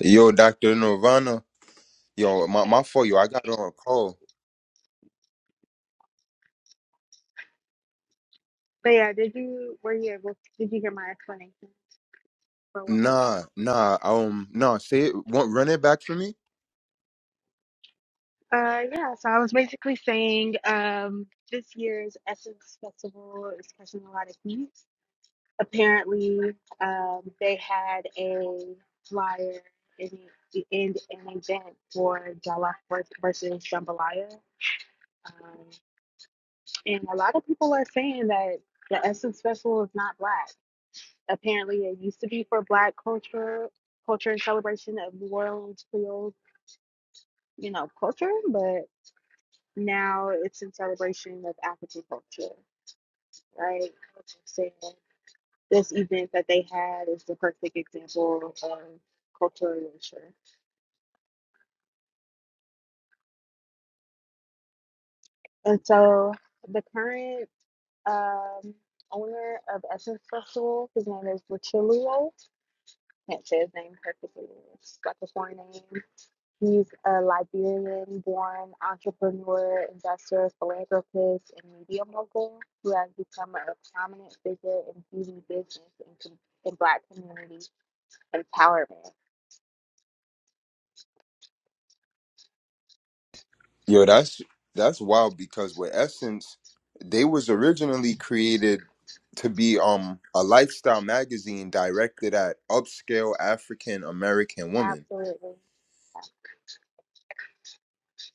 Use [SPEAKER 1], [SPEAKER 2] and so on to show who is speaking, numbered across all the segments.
[SPEAKER 1] Yo, Dr. Nirvana. Yo, my,
[SPEAKER 2] Okay.
[SPEAKER 1] my fault, yo. I got on a call.
[SPEAKER 2] But yeah, did you were you able did you hear my explanation for what was going
[SPEAKER 1] Nah, nah, um, nah, say it one run it back for me.
[SPEAKER 2] on? Uh yeah, so I was basically saying um this year's Essence Festival is catching a lot of heat. Apparently, um they had a flyer in the end an event for Jalak versus Jambalaya. Um, and a lot of people are saying that the Essence Festival is not black. Apparently, it used to be for Black culture, culture and celebration of New Orleans Creole, you know, culture, but now it's in celebration of African culture, right? So this event that they had is the perfect example of cultural erasure. And so the current um, owner of Essence Festival. His name is Rutilio. Can't say his name perfectly. It's got the foreign name. He's a Liberian born entrepreneur, investor, philanthropist, and media mogul who has become a prominent figure in beauty business and com- in Black community empowerment.
[SPEAKER 1] Yo, that's that's wild because with Essence, they was originally created to be um a lifestyle magazine directed at upscale African American women.
[SPEAKER 2] Absolutely.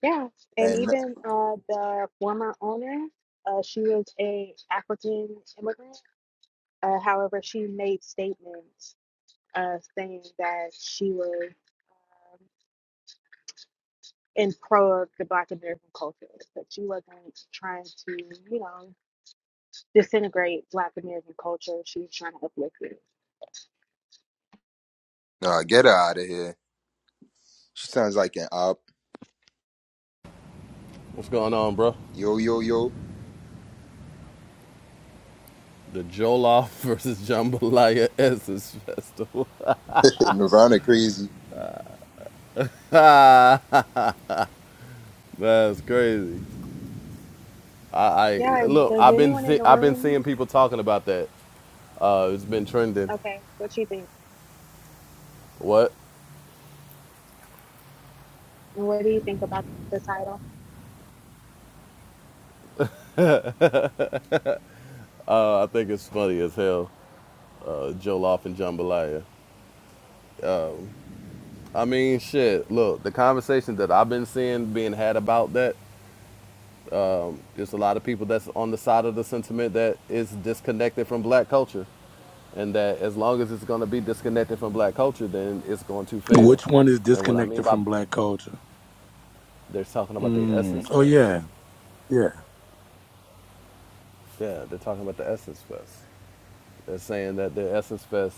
[SPEAKER 2] Yeah. And
[SPEAKER 1] And
[SPEAKER 2] even uh, the former owner, uh, she was a African immigrant. Uh, however, she made statements uh, saying that she was. um, and pro of the Black American culture, that she wasn't trying to, you know, disintegrate Black American culture. She was trying to uplift it.
[SPEAKER 1] nah, get her out of here. She sounds like an op.
[SPEAKER 3] What's going on, bro?
[SPEAKER 1] Yo, yo, yo.
[SPEAKER 3] The Jollof versus Jambalaya Essence Festival.
[SPEAKER 1] Nirvana crazy.
[SPEAKER 3] That's crazy. I, I
[SPEAKER 2] Yeah,
[SPEAKER 3] look.
[SPEAKER 2] does
[SPEAKER 3] I've been
[SPEAKER 2] anyone in
[SPEAKER 3] see,
[SPEAKER 2] the
[SPEAKER 3] I've been
[SPEAKER 2] room?
[SPEAKER 3] seeing people talking about that. Uh, it's been trending.
[SPEAKER 2] Okay, what you think?
[SPEAKER 3] What?
[SPEAKER 2] What do you think about the title?
[SPEAKER 3] Uh, I think it's funny as hell. Uh, Jollof and Jambalaya. I mean, shit. Look, the conversation that I've been seeing being had about that There's a lot of people that's on the side of the sentiment that is disconnected from black culture. And that as long as it's going to be disconnected from black culture, then it's going to fail.
[SPEAKER 4] Which one is
[SPEAKER 3] And what I mean
[SPEAKER 4] disconnected
[SPEAKER 3] by
[SPEAKER 4] from black culture?
[SPEAKER 3] they're talking about the
[SPEAKER 4] Mm.
[SPEAKER 3] Essence
[SPEAKER 4] Oh
[SPEAKER 3] Fest.
[SPEAKER 4] yeah, yeah.
[SPEAKER 3] Yeah, they're talking about the Essence Fest. They're saying that the Essence Fest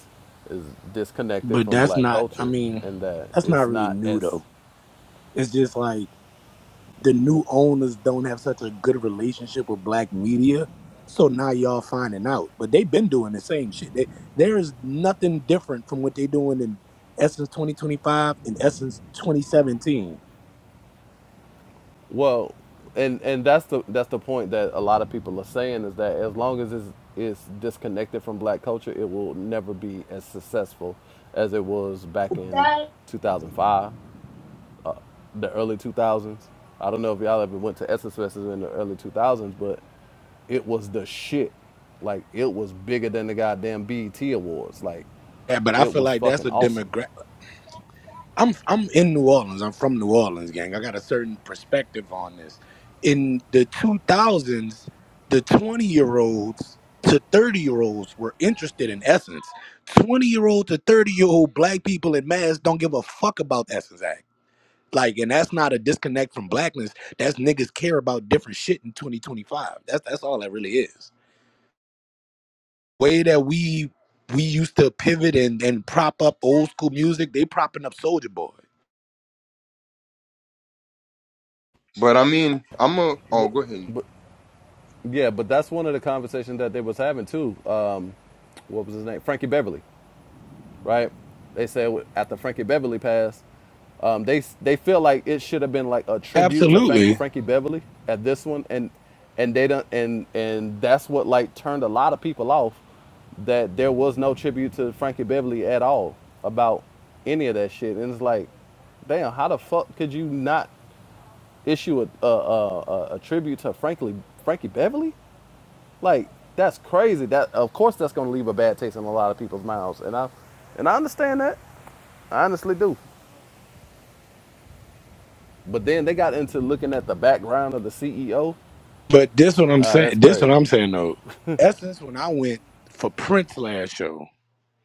[SPEAKER 3] is disconnected
[SPEAKER 4] But
[SPEAKER 3] from
[SPEAKER 4] that's
[SPEAKER 3] black
[SPEAKER 4] not. I
[SPEAKER 3] culture
[SPEAKER 4] mean,
[SPEAKER 3] and that
[SPEAKER 4] that's not
[SPEAKER 3] it's
[SPEAKER 4] really
[SPEAKER 3] not
[SPEAKER 4] new
[SPEAKER 3] as
[SPEAKER 4] though. It's just like the new owners don't have such a good relationship with black media, so now y'all finding out. But they've been doing the same shit. They, there is nothing different from what they doing in Essence 2025 and Essence 2017.
[SPEAKER 3] Well, and and that's the that's the point that a lot of people are saying is that as long as it's, it's disconnected from black culture, it will never be as successful as it was back in 2005, the early 2000s. I don't know if y'all ever went to Essence Festival in the early 2000s, but it was the shit. Like it was bigger than the goddamn BET awards. Like
[SPEAKER 4] Yeah, but I
[SPEAKER 3] it
[SPEAKER 4] feel
[SPEAKER 3] was
[SPEAKER 4] like that's
[SPEAKER 3] fucking
[SPEAKER 4] a
[SPEAKER 3] awesome.
[SPEAKER 4] demographic. I'm I'm in New Orleans. I'm from New Orleans, gang. I got a certain perspective on this. In the 2000s, the 20 year olds to 30 year olds were interested in essence. 20 year old to 30 year old black people in mass don't give a fuck about Essence Act. Like, and that's not a disconnect from blackness. That's niggas care about different shit in 2025. That's that's all that really is. Way that we we used to pivot and, and prop up old school music, they propping up Soldier Boy.
[SPEAKER 1] But I mean, I'm a oh
[SPEAKER 3] But,
[SPEAKER 1] go ahead.
[SPEAKER 3] but yeah, but that's one of the conversations that they was having too. Um, what was his name? Frankie Beverly right? They said after Frankie Beverly passed, um, they they feel like it should have been like a tribute to Frank,
[SPEAKER 4] Absolutely.
[SPEAKER 3] Frankie Beverly at this one, and and they don't and and that's what like turned a lot of people off that there was no tribute to Frankie Beverly at all about any of that shit, and it's like, damn, how the fuck could you not issue a a, a, a a tribute to Frankly Frankie Beverly? Like that's crazy. That of course that's gonna leave a bad taste in a lot of people's mouths, and I and I understand that. I honestly do. But then they got into looking at the background of the CEO.
[SPEAKER 4] But this what I'm
[SPEAKER 3] Uh,
[SPEAKER 4] saying.
[SPEAKER 3] that's
[SPEAKER 4] This what
[SPEAKER 3] crazy.
[SPEAKER 4] I'm saying though. Essence, when I went for Prince last show,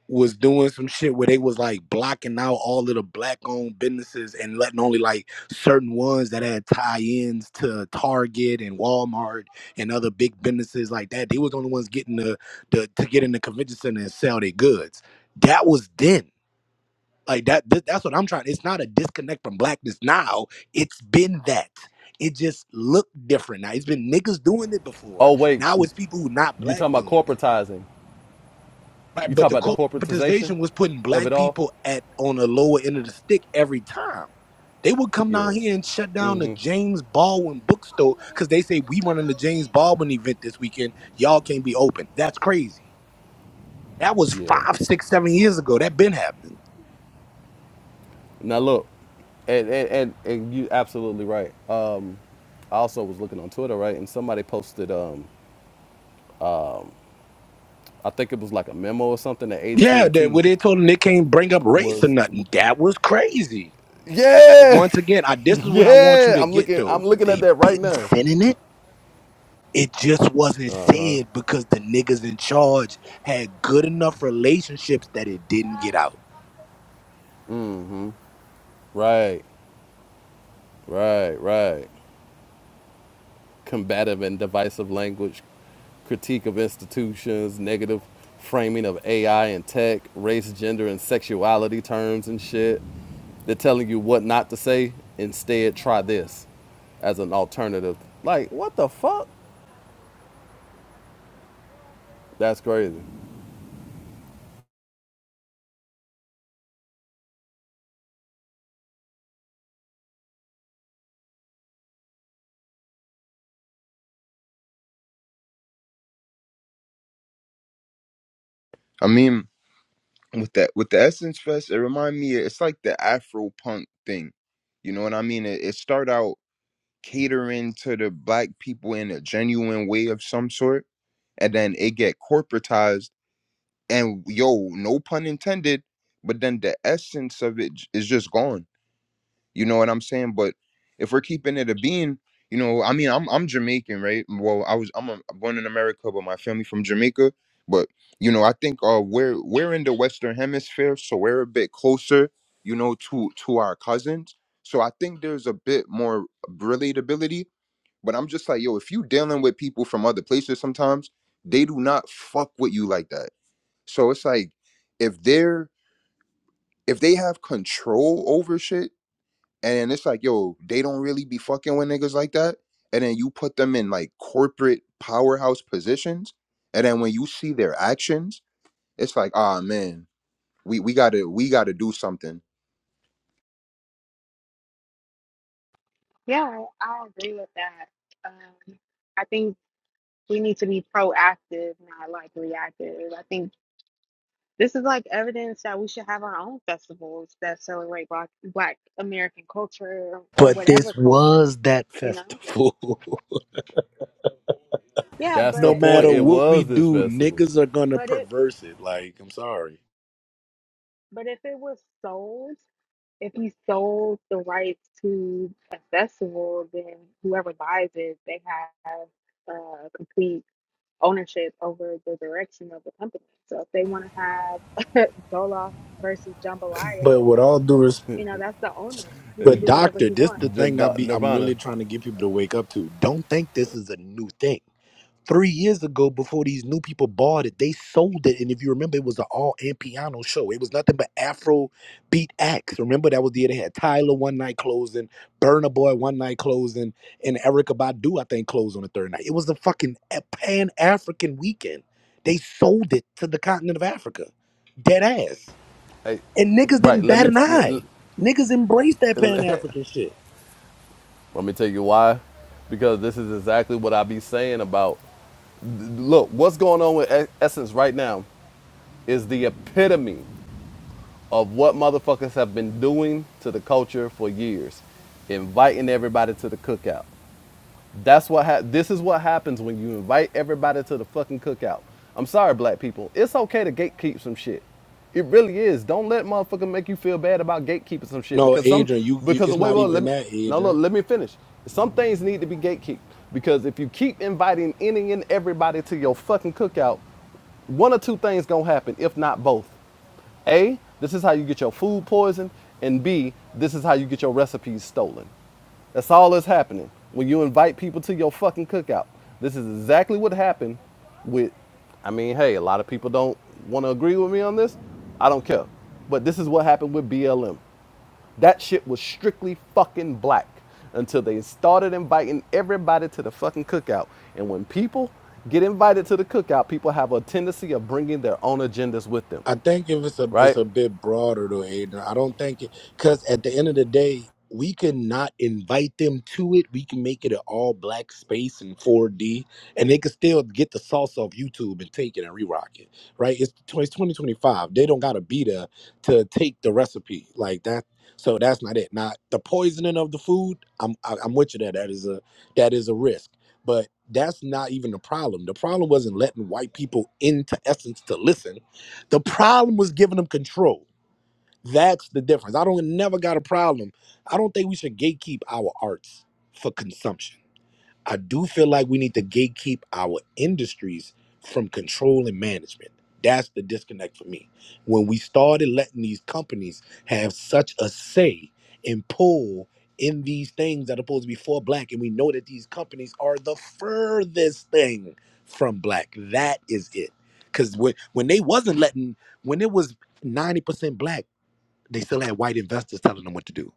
[SPEAKER 4] was doing some shit where they was like blocking out all of the black owned businesses and letting only like certain ones that had tie ins to Target and Walmart and other big businesses like that. They was the only ones getting the, the to get in the convention center and sell their goods. That was then. Like that, th- that's what I'm trying. It's not a disconnect from blackness now. It's been that. It just looked different. Now it's been niggas doing it before.
[SPEAKER 3] Oh wait,
[SPEAKER 4] Now it's people who not
[SPEAKER 3] you
[SPEAKER 4] black
[SPEAKER 3] talking about
[SPEAKER 4] doing it.
[SPEAKER 3] corporatizing?
[SPEAKER 4] Right,
[SPEAKER 3] You
[SPEAKER 4] but the
[SPEAKER 3] talking about the corporatization
[SPEAKER 4] corporatization was putting
[SPEAKER 3] of
[SPEAKER 4] black
[SPEAKER 3] it all?
[SPEAKER 4] people at on the lower end of the stick every time. They would come
[SPEAKER 3] Yeah,
[SPEAKER 4] down here and shut down the James Baldwin bookstore because they say we running the James Baldwin event this weekend. Y'all can't be open. That's crazy. That was
[SPEAKER 3] yeah.
[SPEAKER 4] five, six, seven years ago. That been happening.
[SPEAKER 3] Now look, and and and, and you absolutely right. Um, I also was looking on Twitter, right, and somebody posted. Um, I think it was like a memo or something that AT
[SPEAKER 4] Yeah,
[SPEAKER 3] and
[SPEAKER 4] that
[SPEAKER 3] T
[SPEAKER 4] where they told them they can't bring up race or
[SPEAKER 3] was.
[SPEAKER 4] nothing. That was crazy. But
[SPEAKER 3] Yeah.
[SPEAKER 4] once again, I this is what I want you
[SPEAKER 3] Yeah,
[SPEAKER 4] to
[SPEAKER 3] I'm
[SPEAKER 4] get
[SPEAKER 3] looking.
[SPEAKER 4] though.
[SPEAKER 3] I'm looking at
[SPEAKER 4] They
[SPEAKER 3] that right
[SPEAKER 4] been
[SPEAKER 3] now.
[SPEAKER 4] sending it. It just wasn't said because the niggas in charge had good enough relationships that it didn't get out.
[SPEAKER 3] Right, right, right. Combative and divisive language, critique of institutions, negative framing of AI and tech, race, gender, and sexuality terms and shit. They're telling you what not to say. Instead, try this as an alternative. Like, what the fuck? That's crazy.
[SPEAKER 1] I mean with that with the Essence Fest, it remind me it's like the Afro punk thing. You know what I mean? It, it start out catering to the black people in a genuine way of some sort, and then it get corporatized. And yo, no pun intended, but then the essence of it j- is just gone you know what I'm saying? But if we're keeping it a bean, you know, I mean, I'm I'm Jamaican, right? Well, I was I'm a, born in America, but my family from Jamaica. But you know, I think uh, we're we're in the Western Hemisphere, so we're a bit closer, you know, to to our cousins. So I think there's a bit more relatability. But I'm just like, yo, if you dealing with people from other places, sometimes they do not fuck with you like that. So it's like, if they're if they have control over shit and then it's like, yo, they don't really be fucking with niggas like that. And then you put them in like corporate powerhouse positions. And then when you see their actions, it's like, ah man, we, we gotta we gotta do something.
[SPEAKER 2] Yeah, I, I agree with that. Um, I think we need to be proactive, not like reactive. I think this is like evidence that we should have our own festivals that celebrate Black, Black American culture or
[SPEAKER 4] But this
[SPEAKER 2] whatever culture,
[SPEAKER 4] was that
[SPEAKER 2] you know?
[SPEAKER 4] festival.
[SPEAKER 2] Yeah,
[SPEAKER 3] That's
[SPEAKER 2] but
[SPEAKER 3] the
[SPEAKER 4] no
[SPEAKER 3] point.
[SPEAKER 4] matter
[SPEAKER 2] it
[SPEAKER 3] It
[SPEAKER 4] what we
[SPEAKER 3] was this
[SPEAKER 4] do,
[SPEAKER 3] festival.
[SPEAKER 4] niggas are gonna
[SPEAKER 2] But it
[SPEAKER 4] perverse it. Like, I'm sorry.
[SPEAKER 2] but if it was sold, if he sold the rights to a festival, then whoever buys it, they have uh, complete ownership over the direction of the company. So if they want to have Dolof versus
[SPEAKER 4] But
[SPEAKER 2] Jambalaya,
[SPEAKER 4] with all due
[SPEAKER 2] you know that's the owner. He can
[SPEAKER 4] But
[SPEAKER 2] do whatever
[SPEAKER 4] doctor,
[SPEAKER 2] he
[SPEAKER 4] this
[SPEAKER 2] wants.
[SPEAKER 4] the
[SPEAKER 3] The-
[SPEAKER 4] thing I
[SPEAKER 3] the-
[SPEAKER 4] be I'm
[SPEAKER 3] Nirvana.
[SPEAKER 4] really trying to get people to wake up to. Don't think this is a new thing. Three years ago, before these new people bought it, they sold it. And if you remember, it was an all and piano show. It was nothing but Afro beat acts. Remember that was the year they had Tyler one night closing, Burna Boy one night closing, and Erica Badu I think closed on the third night. It was a fucking pan African weekend. They sold it to the continent of Africa, dead ass.
[SPEAKER 3] Hey,
[SPEAKER 4] And niggas didn't
[SPEAKER 3] right. Let
[SPEAKER 4] bat
[SPEAKER 3] me.
[SPEAKER 4] an
[SPEAKER 3] Let,
[SPEAKER 4] eye. Niggas embraced that Pan
[SPEAKER 3] let-
[SPEAKER 4] African shit.
[SPEAKER 3] Let me tell you why. Because this is exactly what I be saying about. Look, what's going on with E- Essence right now is the epitome of what motherfuckers have been doing to the culture for years, inviting everybody to the cookout. That's what ha- this is what happens when you invite everybody to the fucking cookout. I'm sorry, black people. It's okay to gatekeep some shit. It really is. Don't let motherfucker make you feel bad about gatekeeping some shit
[SPEAKER 4] No,
[SPEAKER 3] because some
[SPEAKER 4] Adrian, you, you
[SPEAKER 3] because
[SPEAKER 4] it's
[SPEAKER 3] wait,
[SPEAKER 4] not
[SPEAKER 3] well,
[SPEAKER 4] even
[SPEAKER 3] let me
[SPEAKER 4] that,
[SPEAKER 3] no
[SPEAKER 4] Adrian.
[SPEAKER 3] look, let me finish. Some things need to be gatekeeped because if you keep inviting any and everybody to your fucking cookout, one or two things gonna happen, if not both. A, this is how you get your food poisoned, and B, this is how you get your recipes stolen. That's all that's happening when you invite people to your fucking cookout. This is exactly what happened with, I mean, hey, a lot of people don't want to agree with me on this. I don't care. But this is what happened with BLM. That shit was strictly fucking black until they started inviting everybody to the fucking cookout. And when people get invited to the cookout, people have a tendency of bringing their own agendas with them,
[SPEAKER 4] I think if it's a it's
[SPEAKER 3] right?
[SPEAKER 4] a bit broader though, Aiden. I don't think it because at the end of the day, we can not invite them to it. We can make it an all black space in 4D, and they can still get the sauce off YouTube and take it and re-rock it. Right? It's, it's 2025. They don't gotta be there to take the recipe like that. So that's not it. Now the poisoning of the food, I'm I, I'm with you there. That is a that is a risk, but that's not even the problem. The problem wasn't letting white people into essence to listen the problem was giving them control. That's the difference. I don't never got a problem. I don't think we should gatekeep our arts for consumption. I do feel like we need to gatekeep our industries from control and management. That's the disconnect for me. When we started letting these companies have such a say and pull in these things that are supposed to be for black, and we know that these companies are the furthest thing from black. That is it. Because when, when they wasn't letting, when it was 90% black, they still had white investors telling them what to do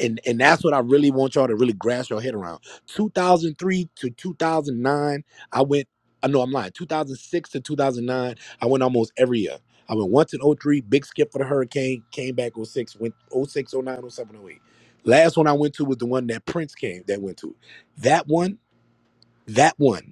[SPEAKER 4] and and that's what I really want y'all to really grasp your head around. 2003 to 2009, I went. I know I'm lying. 2006 to 2009, I went almost every year. I went once in '03, big skip for the hurricane, came back '06, went oh 06, oh 09, oh 07, oh 08. Last one I went to was the one that Prince came that went to. That one, that one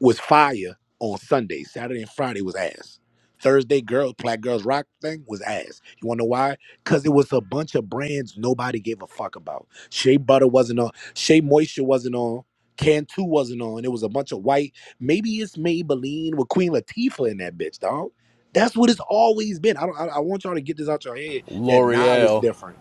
[SPEAKER 4] was fire on Sunday. Saturday and Friday was ass. Thursday, girl, Black Girls Rock thing was ass. You wanna know why? Cause it was a bunch of brands nobody gave a fuck about. Shea Butter wasn't on. Shea Moisture wasn't on. Cantu wasn't on. It was a bunch of white. Maybe it's Maybelline with Queen Latifah in that bitch, dog. That's what it's always been. I don't. I, I want y'all to get this out your head that Nah was
[SPEAKER 3] L'Oreal.
[SPEAKER 4] different.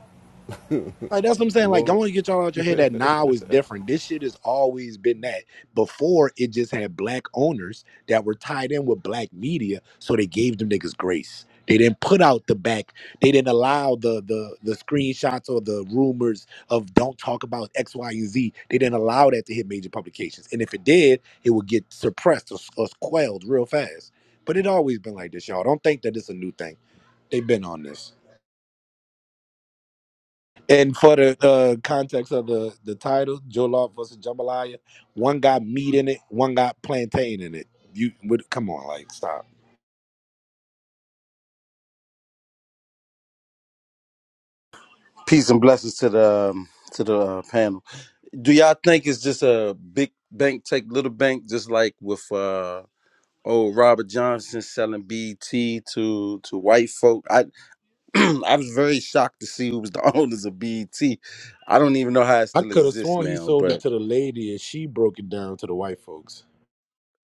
[SPEAKER 4] Like that's what I'm saying. Like, I
[SPEAKER 3] Lord,
[SPEAKER 4] want to get y'all out your head that now is different. This shit has always been that. Before it just had black owners that were tied in with black media, so they gave them niggas grace. They didn't put out the back. They didn't allow the the the screenshots or the rumors of don't talk about X, Y, and Z. They didn't allow that to hit major publications. And if it did, it would get suppressed or, or quelled real fast. But it always been like this, y'all. Don't think that it's a new thing. They've been on this. And for the uh, context of the the title, Jollof versus Jambalaya, one got meat in it, one got plantain in it. You would come on, like stop.
[SPEAKER 5] Peace and blessings to the um, to the uh, panel. Do y'all think it's just a big bank take little bank, just like with uh, old Robert Johnson selling BT to to white folk? I I was very shocked to see who was the owners of BT. I don't even know how it
[SPEAKER 4] I
[SPEAKER 5] still
[SPEAKER 4] could have
[SPEAKER 5] exists
[SPEAKER 4] sworn he
[SPEAKER 5] now,
[SPEAKER 4] sold it
[SPEAKER 5] but
[SPEAKER 4] to the lady and she broke it down to the white folks.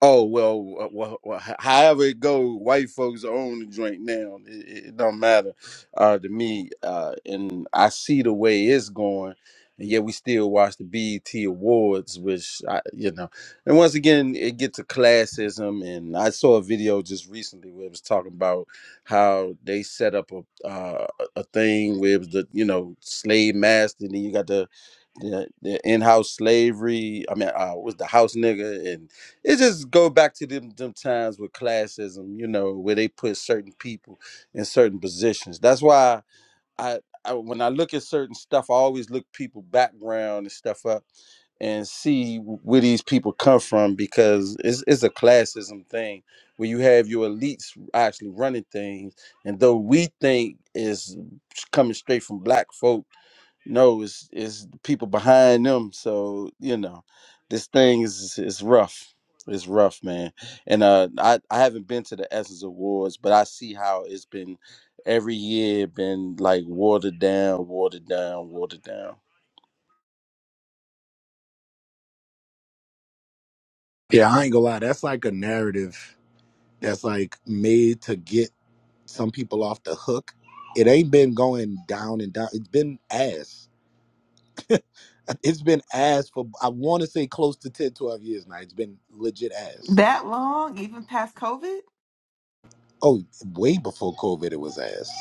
[SPEAKER 5] Oh well, wha- wha- wha- however it go, white folks are on the joint now. It, it it don't matter uh, to me, uh, and I see the way it's going, and yet we still watch the BET Awards, which I, you know. And once again, it gets to classism. And I saw a video just recently where it was talking about how they set up a uh, a a thing where it was the you know slave master, and then you got the the, the in-house slavery. I mean, uh, was the house nigga, and it just go back to them them times with classism, you know, where they put certain people in certain positions. That's why I, I when I look at certain stuff, I always look people background and stuff up and see where these people come from because it's it's a classism thing where you have your elites actually running things, and though we think is coming straight from black folk no, it's it's the people behind them. So you know, this thing is is rough. It's rough, man. And uh, I I haven't been to the Essence Awards, but I see how it's been every year. Been like watered down, watered down, watered down.
[SPEAKER 4] Yeah, I ain't gonna lie. That's like a narrative that's like made to get some people off the hook. It ain't been going down and down. It's been ass. It's been ass for, I want to say close to 10, 12 years now. It's been legit ass.
[SPEAKER 6] That long, even past COVID?
[SPEAKER 4] Oh, way before COVID, it was ass.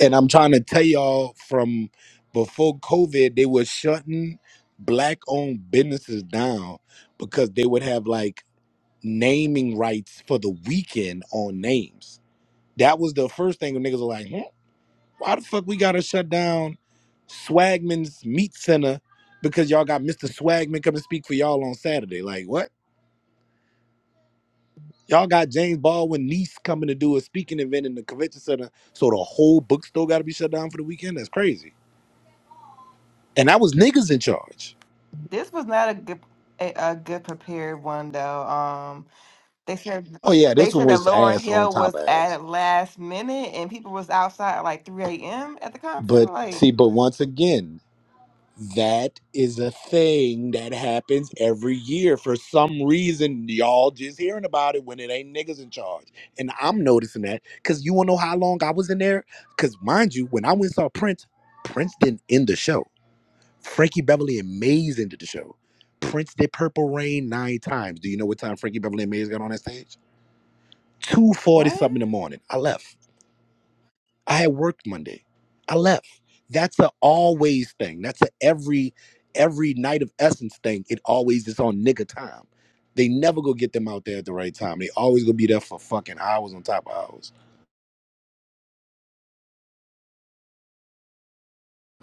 [SPEAKER 4] And I'm trying to tell y'all from before COVID, they were shutting black owned businesses down because they would have like naming rights for the weekend on names. That was the first thing when niggas were like, "Hmm, why the fuck we gotta shut down Swagman's Meat Center because y'all got Mr. Swagman coming to speak for y'all on Saturday? Like, what? Y'all got James Baldwin niece coming to do a speaking event in the convention center, so the whole bookstore gotta be shut down for the weekend? That's crazy. and I was niggas in charge.
[SPEAKER 6] This was not a good a, a good prepared one though. Um they said
[SPEAKER 4] Oh yeah,
[SPEAKER 6] they
[SPEAKER 4] this one
[SPEAKER 6] said that
[SPEAKER 4] was
[SPEAKER 6] Lauren
[SPEAKER 4] ass on
[SPEAKER 6] Hill
[SPEAKER 4] top
[SPEAKER 6] was
[SPEAKER 4] of
[SPEAKER 6] at
[SPEAKER 4] ass.
[SPEAKER 6] it last minute and people was outside at like three AM at the concert.
[SPEAKER 4] But
[SPEAKER 6] Like,
[SPEAKER 4] see, but once again, that is a thing that happens every year. For some reason, y'all just hearing about it when it ain't niggas in charge. And I'm noticing that because you wanna know how long I was in there? Because mind you, when I went and saw Prince, Prince didn't end the show. Frankie Beverly and Maze ended the show. Prince did Purple Rain nine times. Do you know what time Frankie Beverly and Maze got on that stage? 2.40
[SPEAKER 6] what?
[SPEAKER 4] something in the morning. I left. I had worked Monday. I left. That's a always thing. That's a every every night of essence thing. It always is on nigga time. They never go get them out there at the right time. They always gonna be there for fucking hours on top of hours.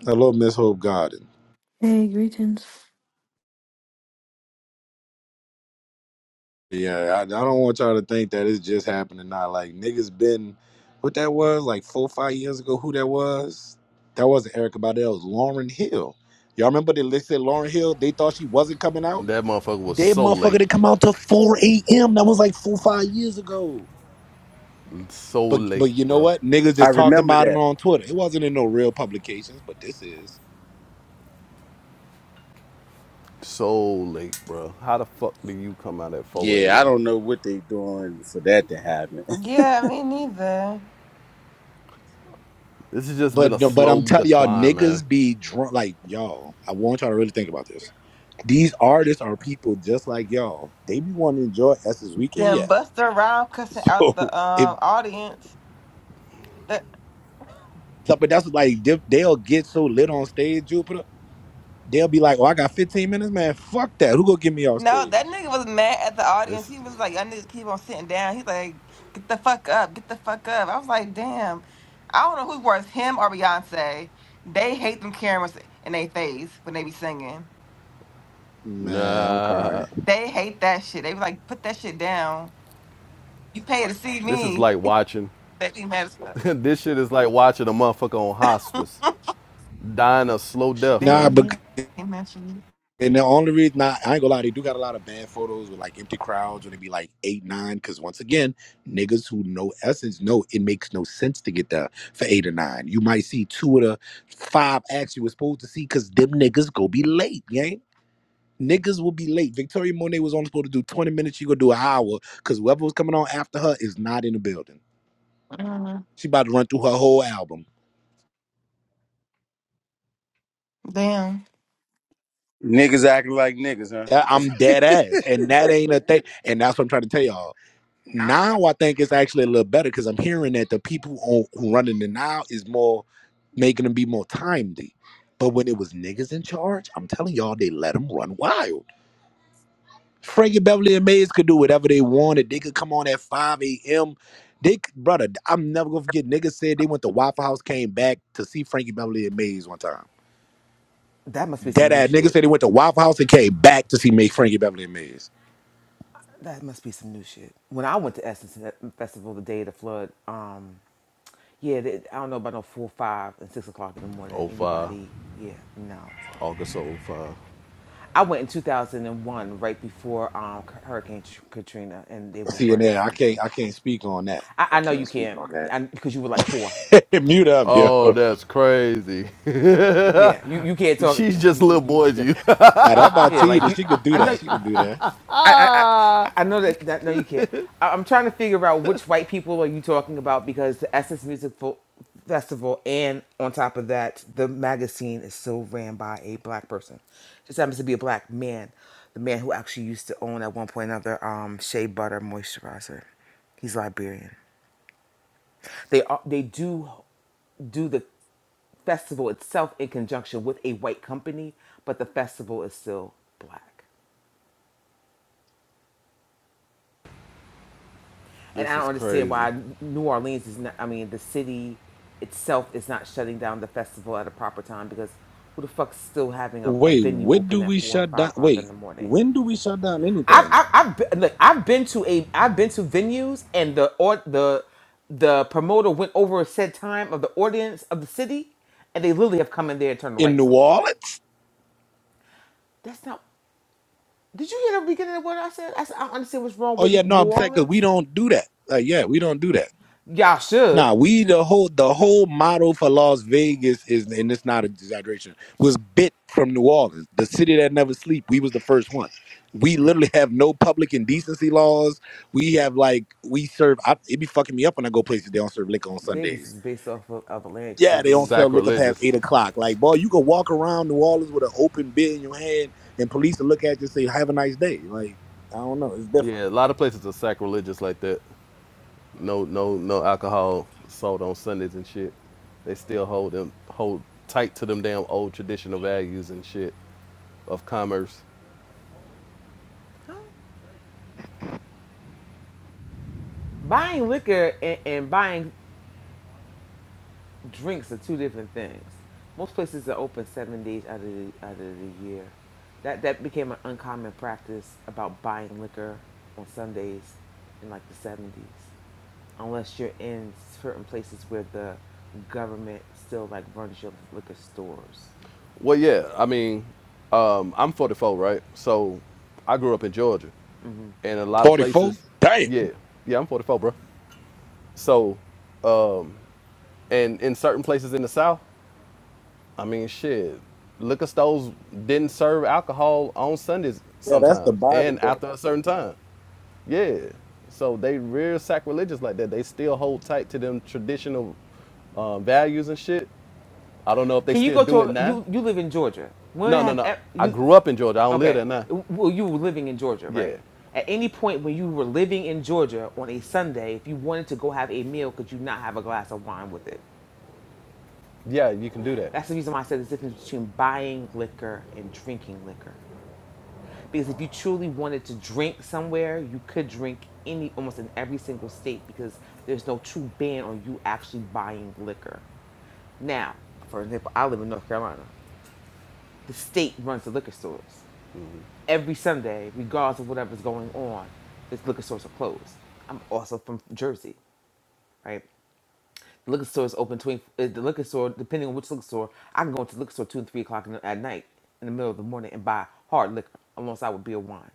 [SPEAKER 4] I love Miss Hope Garden.
[SPEAKER 7] Hey, greetings.
[SPEAKER 4] Yeah, I, I don't want y'all to think that it's just happening now. Like niggas been what that was like four five years ago. Who that was? That wasn't Erica Badu. That was Lauren Hill. Y'all remember they listed Lauren Hill? They thought she wasn't coming out.
[SPEAKER 3] That motherfucker was
[SPEAKER 4] That
[SPEAKER 3] so
[SPEAKER 4] motherfucker
[SPEAKER 3] late.
[SPEAKER 4] did come out to 4 a.m. That was like four, five years ago.
[SPEAKER 3] So
[SPEAKER 4] But
[SPEAKER 3] late,
[SPEAKER 4] but you know
[SPEAKER 3] bro.
[SPEAKER 4] what? Niggas
[SPEAKER 5] I
[SPEAKER 4] just talked
[SPEAKER 5] remember
[SPEAKER 4] about it
[SPEAKER 5] that.
[SPEAKER 4] on Twitter. It wasn't in no real publications, but this is.
[SPEAKER 3] So late, bro. How the fuck do you come out at 4
[SPEAKER 5] Yeah, I
[SPEAKER 3] a.m.?
[SPEAKER 5] don't know what they doing for that to happen.
[SPEAKER 6] Yeah, me neither.
[SPEAKER 3] This has just
[SPEAKER 4] But
[SPEAKER 3] been a
[SPEAKER 4] no, but
[SPEAKER 3] slow
[SPEAKER 4] I'm telling y'all,
[SPEAKER 3] decline, man.
[SPEAKER 4] niggas be drunk like y'all. I want y'all to really think about this. These artists are people just like y'all. They be wanting to enjoy S's weekend,
[SPEAKER 6] Then
[SPEAKER 4] yeah.
[SPEAKER 6] Buster around cussing out the
[SPEAKER 4] So if
[SPEAKER 6] um audience.
[SPEAKER 4] so- but that's like they- they'll get so lit on stage, Jupiter. They'll be like, "Oh, I got 15 minutes, man. Fuck that. Who gonna get me off
[SPEAKER 6] No, that
[SPEAKER 4] stage,
[SPEAKER 6] nigga was mad at the audience.
[SPEAKER 3] This,
[SPEAKER 6] He was like, "Y'all niggas keep on sitting down." He's like, "Get the fuck up, get the fuck up." I was like, "Damn, I don't know who's worse, him or Beyonce." They hate them cameras in their face when they be singing.
[SPEAKER 4] man? I'm
[SPEAKER 3] nah.
[SPEAKER 4] crying.
[SPEAKER 6] They hate that shit. They be like, "Put that shit down. You pay to see
[SPEAKER 3] This is
[SPEAKER 6] me."
[SPEAKER 3] like watching.
[SPEAKER 6] They be mad as fuck.
[SPEAKER 3] this shit is like watching a motherfucker on hospice dying a slow death,
[SPEAKER 6] They
[SPEAKER 4] Nah,
[SPEAKER 6] be
[SPEAKER 3] man.
[SPEAKER 4] but
[SPEAKER 6] mad at me.
[SPEAKER 4] And the only reason I, I ain't gonna lie, they do got a lot of bad photos with like empty crowds when it be like eight, nine. Cause once again, niggas who know essence know it makes no sense to get there for eight or nine. You might see two of the five acts you were supposed to see because them niggas go be late, gang. Niggas will be late. Victoria Monet was only supposed to do 20 minutes, she gonna do an hour because whoever was coming on after her is not in the building.
[SPEAKER 6] Mm,
[SPEAKER 4] She about to run through her whole album.
[SPEAKER 6] Damn.
[SPEAKER 5] niggas acting like niggas, huh?
[SPEAKER 4] Yeah,
[SPEAKER 5] That's
[SPEAKER 4] I'm dead ass. And that ain't a thing. And that's what I'm trying to tell y'all
[SPEAKER 6] Now what?
[SPEAKER 4] now I think it's actually a little better because I'm hearing that the people on, who running it now is more making them be more timely. But when it was niggas in charge, I'm telling y'all, they let them run wild. Frankie Beverly and Mays could do whatever they wanted. They could come on at 5 a.m. They, c- brother, I'm never gonna forget. Niggas said they went to Waffle House, came back to see Frankie Beverly and Mays one time.
[SPEAKER 8] That must be some
[SPEAKER 4] Dead
[SPEAKER 8] new
[SPEAKER 4] ass niggas
[SPEAKER 8] shit.
[SPEAKER 4] said they went to Waffle House and came back to see Make Frankie Beverly and Mays.
[SPEAKER 8] That must be some new shit. When I went to Essence Festival the day of the flood, um, yeah, they, I don't know about no four, five, and six o'clock in the morning.
[SPEAKER 3] oh 05,
[SPEAKER 8] Anybody? Yeah, no.
[SPEAKER 3] August oh 05.
[SPEAKER 8] I went in 2001, right before um, Hurricane Tr- Katrina, and they were
[SPEAKER 4] See, and
[SPEAKER 8] running
[SPEAKER 4] there, I can't,
[SPEAKER 8] smoothly.
[SPEAKER 4] I can't speak on that.
[SPEAKER 8] I,
[SPEAKER 4] I
[SPEAKER 8] I know you
[SPEAKER 4] can't speak
[SPEAKER 8] can't,
[SPEAKER 4] on
[SPEAKER 8] I because you were like four.
[SPEAKER 4] that. Mute up, yo.
[SPEAKER 3] Oh, that's crazy.
[SPEAKER 8] Yeah, you, you can't talk.
[SPEAKER 3] She's just
[SPEAKER 8] You, you,
[SPEAKER 3] little
[SPEAKER 8] you
[SPEAKER 3] boy to
[SPEAKER 8] diff-
[SPEAKER 3] you.
[SPEAKER 4] Now that my
[SPEAKER 8] yeah, like
[SPEAKER 4] teenager,
[SPEAKER 8] you.
[SPEAKER 4] she could do
[SPEAKER 8] I know.
[SPEAKER 4] that. She could do that.
[SPEAKER 8] I, I, I know that, that. No, you can't. I, I'm trying to figure out which white people are you talking about because the Essence Music Fo- Festival and on top of that, the magazine is still ran by a black person. Just happens to be a black man, the man who actually used to own at one point another um, Shea Butter moisturizer. He's Liberian. They are, they do do the festival itself in conjunction with a white company, but the festival is still black. and
[SPEAKER 3] this
[SPEAKER 8] I don't
[SPEAKER 3] is
[SPEAKER 8] understand
[SPEAKER 3] crazy.
[SPEAKER 8] why New Orleans is not. I mean, the city itself is not shutting down the festival at a proper time because who the fuck's still having a, a
[SPEAKER 4] Wait,
[SPEAKER 8] venue
[SPEAKER 4] when
[SPEAKER 8] open
[SPEAKER 4] do we
[SPEAKER 8] at four and
[SPEAKER 4] shut
[SPEAKER 8] five
[SPEAKER 4] down?
[SPEAKER 8] o'clock
[SPEAKER 4] Wait,
[SPEAKER 8] in the morning?
[SPEAKER 4] when do we shut down
[SPEAKER 8] I've
[SPEAKER 4] anything?
[SPEAKER 8] I've, I've been, look, I've been to a I've been to venues and the or the the promoter went over a set time of the audience of the city, and they literally have come in there and turned the
[SPEAKER 4] In
[SPEAKER 8] lights
[SPEAKER 4] New
[SPEAKER 8] on.
[SPEAKER 4] Orleans?
[SPEAKER 8] That's not. Did you hear the beginning of what I said? I said I don't understand what's wrong
[SPEAKER 4] Oh yeah,
[SPEAKER 8] with
[SPEAKER 4] no,
[SPEAKER 8] New
[SPEAKER 4] I'm saying because we
[SPEAKER 8] Orleans.
[SPEAKER 4] don't do that. Like yeah, we don't do that.
[SPEAKER 8] Y'all
[SPEAKER 4] Nah,
[SPEAKER 8] should.
[SPEAKER 4] we the whole the whole model for Las Vegas is, and it's not an exaggeration, was bit from New Orleans, the city that never sleep. We was the first one. We literally have no public indecency laws. We have like we serve. I, it be fucking me up when I go places they don't serve liquor on
[SPEAKER 8] Vegas
[SPEAKER 4] Sundays.
[SPEAKER 8] is based off of, of Atlantic
[SPEAKER 4] yeah, they don't
[SPEAKER 8] City.
[SPEAKER 4] sell liquor past eight
[SPEAKER 3] Sacrilegious.
[SPEAKER 4] o'clock. Like, boy, you could walk around New Orleans with an open beer in your hand, and police will look at you and say, "Have a nice day." Like, I don't know, it's different.
[SPEAKER 3] Yeah, a lot of places are sacrilegious like that. No, no, no alcohol sold on Sundays and shit. They still hold them hold tight to them damn old traditional values and shit of commerce.
[SPEAKER 8] Huh? Buying liquor and, and buying drinks are two different things. Most places are open seven days out of the, out of the year. That that became an uncommon practice about buying liquor on Sundays in like the seventies, unless you're in certain places where the government still like runs your liquor stores.
[SPEAKER 3] Well, yeah, I mean, um, I'm 44, right? So I grew up in Georgia, and a lot of
[SPEAKER 4] 44?
[SPEAKER 3] places,
[SPEAKER 4] Damn.
[SPEAKER 3] yeah, yeah, I'm 44, bro. So, um, and in certain places in the South. I mean, shit. Liquor stores didn't serve alcohol on Sundays
[SPEAKER 4] Yeah, that's the
[SPEAKER 3] sometimes,
[SPEAKER 4] Bible
[SPEAKER 3] and
[SPEAKER 4] Belt.
[SPEAKER 3] after a certain time. Yeah. So they real sacrilegious like that. They still hold tight to them traditional uh, values and shit. I don't know if they
[SPEAKER 8] Can you
[SPEAKER 3] still
[SPEAKER 8] go to
[SPEAKER 3] do it
[SPEAKER 8] a,
[SPEAKER 3] now.
[SPEAKER 8] you? You live in Georgia. When
[SPEAKER 3] No, no,
[SPEAKER 8] have
[SPEAKER 3] no.
[SPEAKER 8] e-
[SPEAKER 3] I
[SPEAKER 8] you?
[SPEAKER 3] grew up in Georgia. I don't live
[SPEAKER 8] Okay.
[SPEAKER 3] there now.
[SPEAKER 8] Well, you were living in Georgia,
[SPEAKER 3] Yeah.
[SPEAKER 8] right? At any point when you were living in Georgia on a Sunday, if you wanted to go have a meal, could you not have a glass of wine with it?
[SPEAKER 3] Yeah, you can do that.
[SPEAKER 8] That's the reason why I said the difference between buying liquor and drinking liquor. Because if you truly wanted to drink somewhere, you could drink any almost in every single state because there's no true ban on you actually buying liquor. Now, for example, I live in North Carolina. The state runs the liquor stores. every Sunday, regardless of whatever's going on, its liquor stores are closed. I'm also from Jersey, right? The liquor store is open between uh, the liquor store, depending on which liquor store, I can go into the liquor store two and three o'clock in the, at night in the middle of the morning and buy hard liquor alongside with beer wine.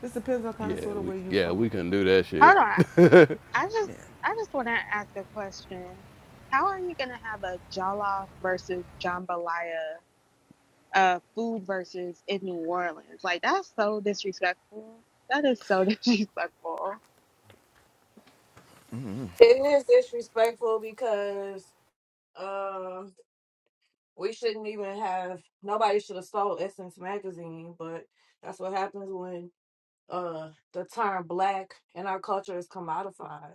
[SPEAKER 8] This depends on kind of
[SPEAKER 3] Yeah,
[SPEAKER 8] sort of
[SPEAKER 3] we
[SPEAKER 8] where you
[SPEAKER 3] yeah
[SPEAKER 8] from.
[SPEAKER 3] we can do that
[SPEAKER 2] Hold
[SPEAKER 3] shit.
[SPEAKER 2] on, I just
[SPEAKER 8] Yeah.
[SPEAKER 2] I just want to ask a question. How are you gonna have a Jollof versus Jambalaya uh food versus in New Orleans. Like that's so disrespectful. That is so disrespectful.
[SPEAKER 9] It is disrespectful because um we shouldn't even have nobody should have stole Essence magazine, but that's what happens when uh the term black in our culture is commodified.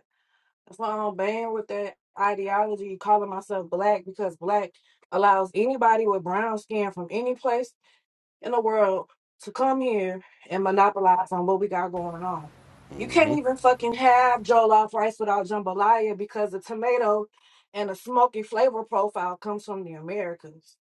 [SPEAKER 9] That's why I'm banned with that ideology calling myself black because black allows anybody with brown skin from any place in the world to come here and monopolize on what we got going on. You can't even fucking have jollof rice without jambalaya because the tomato and the smoky flavor profile comes from the Americans.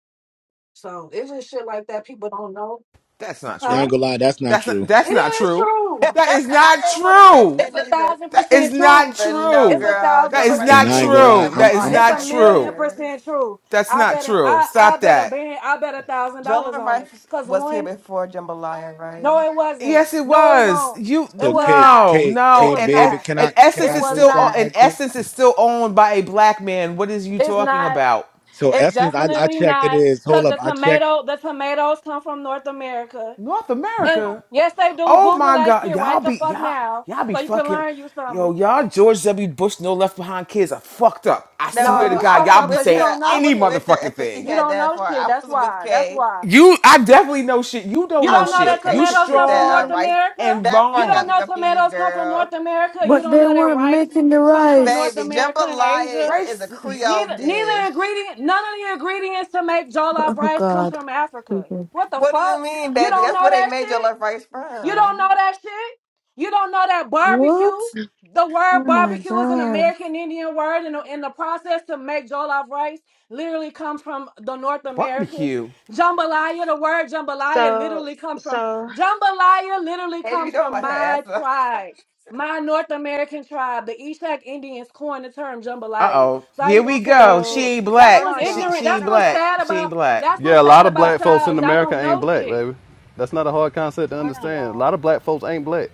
[SPEAKER 9] So it's just shit like that people don't know,
[SPEAKER 8] That's not
[SPEAKER 4] Yeah, I
[SPEAKER 9] huh?
[SPEAKER 8] true.
[SPEAKER 4] ain't gonna lie, that's not
[SPEAKER 8] That's not
[SPEAKER 4] true.
[SPEAKER 9] It
[SPEAKER 8] that's not
[SPEAKER 9] is
[SPEAKER 8] true.
[SPEAKER 9] true.
[SPEAKER 8] That is
[SPEAKER 6] I
[SPEAKER 8] not
[SPEAKER 6] didn't want to
[SPEAKER 8] true.
[SPEAKER 6] say
[SPEAKER 9] It's
[SPEAKER 6] anything
[SPEAKER 9] a
[SPEAKER 6] either,
[SPEAKER 9] thousand
[SPEAKER 8] That is
[SPEAKER 9] percent
[SPEAKER 8] not
[SPEAKER 9] true.
[SPEAKER 6] But no,
[SPEAKER 9] It's
[SPEAKER 8] true.
[SPEAKER 9] a
[SPEAKER 6] girl,
[SPEAKER 9] thousand
[SPEAKER 8] That
[SPEAKER 6] Jola
[SPEAKER 8] is
[SPEAKER 6] Rice was
[SPEAKER 4] And
[SPEAKER 9] percent
[SPEAKER 8] not
[SPEAKER 6] here
[SPEAKER 4] I
[SPEAKER 8] true.
[SPEAKER 4] ain't gonna
[SPEAKER 6] before
[SPEAKER 9] true.
[SPEAKER 4] lie, I'm
[SPEAKER 8] That is
[SPEAKER 4] I'm
[SPEAKER 6] Jambalaya
[SPEAKER 9] It's a
[SPEAKER 8] not
[SPEAKER 6] Rice
[SPEAKER 9] million
[SPEAKER 8] true.
[SPEAKER 6] was.
[SPEAKER 9] percent true.
[SPEAKER 8] That's
[SPEAKER 9] I
[SPEAKER 8] not
[SPEAKER 9] bet a,
[SPEAKER 8] true.
[SPEAKER 9] I I
[SPEAKER 8] Stop
[SPEAKER 9] bet a
[SPEAKER 8] that.
[SPEAKER 9] ban I bet a thousand
[SPEAKER 6] Joel
[SPEAKER 9] dollars on it.
[SPEAKER 6] Rice
[SPEAKER 9] Cause
[SPEAKER 6] was here
[SPEAKER 9] one
[SPEAKER 6] before Jambalaya,
[SPEAKER 9] No,
[SPEAKER 6] right?
[SPEAKER 9] it wasn't.
[SPEAKER 8] Yes, it
[SPEAKER 9] No, it
[SPEAKER 8] was.
[SPEAKER 9] won't.
[SPEAKER 8] You
[SPEAKER 9] It
[SPEAKER 4] so
[SPEAKER 9] was
[SPEAKER 4] K
[SPEAKER 9] not.
[SPEAKER 8] no,
[SPEAKER 4] K
[SPEAKER 9] It
[SPEAKER 8] no,
[SPEAKER 4] K
[SPEAKER 9] was
[SPEAKER 8] and Es-
[SPEAKER 4] baby,
[SPEAKER 9] not.
[SPEAKER 4] can
[SPEAKER 8] and
[SPEAKER 4] I can
[SPEAKER 8] essence
[SPEAKER 9] It
[SPEAKER 4] I
[SPEAKER 8] is
[SPEAKER 9] was
[SPEAKER 4] say
[SPEAKER 8] still o-
[SPEAKER 9] not.
[SPEAKER 4] something
[SPEAKER 8] and
[SPEAKER 4] right quick?
[SPEAKER 8] essence is still owned by a black man. What is you
[SPEAKER 9] It's
[SPEAKER 8] talking
[SPEAKER 9] not.
[SPEAKER 8] about?
[SPEAKER 4] So
[SPEAKER 9] It's
[SPEAKER 4] Essence, I, I
[SPEAKER 9] definitely
[SPEAKER 4] checked it
[SPEAKER 9] not.
[SPEAKER 4] is. Hold
[SPEAKER 9] Cause
[SPEAKER 4] up,
[SPEAKER 9] the
[SPEAKER 4] I checked.
[SPEAKER 9] tomato, the tomatoes come from North America,
[SPEAKER 8] North
[SPEAKER 9] and
[SPEAKER 8] America.
[SPEAKER 9] yes, they do.
[SPEAKER 8] Oh
[SPEAKER 9] Google
[SPEAKER 8] my
[SPEAKER 9] that
[SPEAKER 8] God,
[SPEAKER 9] shit
[SPEAKER 8] y'all
[SPEAKER 9] right the
[SPEAKER 8] be
[SPEAKER 9] fuck
[SPEAKER 8] y'all
[SPEAKER 9] now,
[SPEAKER 8] y'all be
[SPEAKER 9] so you can
[SPEAKER 8] fucking
[SPEAKER 9] learn you
[SPEAKER 8] yo
[SPEAKER 9] something.
[SPEAKER 8] y'all George W. Bush no left behind kids are fucked up. I
[SPEAKER 6] No,
[SPEAKER 9] No,
[SPEAKER 8] swear to
[SPEAKER 9] you
[SPEAKER 6] I
[SPEAKER 8] God,
[SPEAKER 9] fucked
[SPEAKER 6] was
[SPEAKER 8] y'all
[SPEAKER 9] up
[SPEAKER 8] be
[SPEAKER 6] with
[SPEAKER 9] because you
[SPEAKER 6] her.
[SPEAKER 8] saying
[SPEAKER 9] don't know
[SPEAKER 6] I
[SPEAKER 8] any
[SPEAKER 6] was
[SPEAKER 9] shit.
[SPEAKER 6] with her
[SPEAKER 8] motherfucking
[SPEAKER 6] until she
[SPEAKER 8] thing.
[SPEAKER 9] You
[SPEAKER 6] had
[SPEAKER 9] don't
[SPEAKER 6] that
[SPEAKER 9] know
[SPEAKER 6] far.
[SPEAKER 9] shit.
[SPEAKER 6] I
[SPEAKER 9] That's
[SPEAKER 6] was with
[SPEAKER 9] why. That's
[SPEAKER 6] Kay.
[SPEAKER 9] why.
[SPEAKER 8] You, I definitely know shit. You
[SPEAKER 9] You
[SPEAKER 8] don't
[SPEAKER 6] I
[SPEAKER 8] know
[SPEAKER 9] don't
[SPEAKER 6] was
[SPEAKER 9] know
[SPEAKER 6] with
[SPEAKER 9] that
[SPEAKER 8] shit.
[SPEAKER 6] Kay
[SPEAKER 8] You
[SPEAKER 6] until she
[SPEAKER 9] tomatoes
[SPEAKER 6] hit
[SPEAKER 9] come from
[SPEAKER 6] that uh,
[SPEAKER 9] North
[SPEAKER 8] strong
[SPEAKER 6] rice.
[SPEAKER 9] America.
[SPEAKER 8] and
[SPEAKER 6] That
[SPEAKER 9] You
[SPEAKER 6] part got
[SPEAKER 9] don't
[SPEAKER 6] me
[SPEAKER 8] wrong.
[SPEAKER 9] know
[SPEAKER 6] confused,
[SPEAKER 9] tomatoes come from North
[SPEAKER 6] girl.
[SPEAKER 9] America. You
[SPEAKER 7] But
[SPEAKER 9] don't
[SPEAKER 7] they
[SPEAKER 9] know that
[SPEAKER 7] weren't
[SPEAKER 9] rice
[SPEAKER 7] making the
[SPEAKER 9] comes from North
[SPEAKER 7] rice.
[SPEAKER 6] Baby,
[SPEAKER 9] America and Asia.
[SPEAKER 6] jambalaya is a
[SPEAKER 8] Rice
[SPEAKER 6] Creole
[SPEAKER 9] Neither, neither
[SPEAKER 6] dish.
[SPEAKER 9] ingredient, none of the ingredients to make
[SPEAKER 7] But,
[SPEAKER 9] jollof
[SPEAKER 7] oh
[SPEAKER 9] rice comes
[SPEAKER 7] God.
[SPEAKER 9] from Africa.
[SPEAKER 7] people.
[SPEAKER 9] What the
[SPEAKER 6] What do you
[SPEAKER 9] fuck?
[SPEAKER 6] mean,
[SPEAKER 9] You
[SPEAKER 6] baby?
[SPEAKER 9] don't
[SPEAKER 6] That's
[SPEAKER 9] know
[SPEAKER 6] where they
[SPEAKER 9] that
[SPEAKER 6] made your
[SPEAKER 9] shit?
[SPEAKER 6] love rice
[SPEAKER 9] You don't know
[SPEAKER 6] from.
[SPEAKER 9] that shit? You don't know that barbecue?
[SPEAKER 7] What?
[SPEAKER 9] The
[SPEAKER 7] Oh
[SPEAKER 9] word
[SPEAKER 7] my
[SPEAKER 9] barbecue is an
[SPEAKER 7] God.
[SPEAKER 9] American Indian word, and the, and the process to make jollof rice literally comes from the North Americas.
[SPEAKER 8] barbecue.
[SPEAKER 9] Jambalaya, the word jambalaya
[SPEAKER 2] So
[SPEAKER 9] literally comes from
[SPEAKER 2] so
[SPEAKER 9] jambalaya literally
[SPEAKER 6] And you
[SPEAKER 9] comes
[SPEAKER 6] don't
[SPEAKER 9] from
[SPEAKER 6] let her ass
[SPEAKER 9] my
[SPEAKER 6] up.
[SPEAKER 9] tribe, my North American tribe. The Ishak Indians coined the term
[SPEAKER 8] Uh
[SPEAKER 9] jambalaya.
[SPEAKER 8] oh,
[SPEAKER 9] So how
[SPEAKER 8] here
[SPEAKER 9] you
[SPEAKER 8] we
[SPEAKER 9] gonna tell me
[SPEAKER 8] go. She
[SPEAKER 2] so
[SPEAKER 9] shit?
[SPEAKER 8] ain't
[SPEAKER 9] That's
[SPEAKER 8] black.
[SPEAKER 2] hold
[SPEAKER 9] what's
[SPEAKER 2] on
[SPEAKER 8] She
[SPEAKER 2] y'all.
[SPEAKER 9] ignorant.
[SPEAKER 8] she
[SPEAKER 2] Hold
[SPEAKER 9] That's
[SPEAKER 8] ain't
[SPEAKER 2] on
[SPEAKER 9] what's
[SPEAKER 8] black.
[SPEAKER 2] y'all.
[SPEAKER 9] sad
[SPEAKER 8] She ain't
[SPEAKER 9] about.
[SPEAKER 8] black.
[SPEAKER 9] That's
[SPEAKER 3] Yeah,
[SPEAKER 9] what's
[SPEAKER 3] a lot
[SPEAKER 9] sad
[SPEAKER 3] of
[SPEAKER 2] Hold
[SPEAKER 9] about
[SPEAKER 3] black
[SPEAKER 2] on
[SPEAKER 3] folks
[SPEAKER 9] y'all.
[SPEAKER 3] in
[SPEAKER 2] y'all.
[SPEAKER 9] Y'all
[SPEAKER 3] America
[SPEAKER 9] don't
[SPEAKER 3] ain't
[SPEAKER 9] know
[SPEAKER 3] black,
[SPEAKER 9] shit.
[SPEAKER 3] baby. That's not a hard concept to
[SPEAKER 2] Hold on
[SPEAKER 3] understand. A
[SPEAKER 2] y'all.
[SPEAKER 3] lot of black folks ain't black.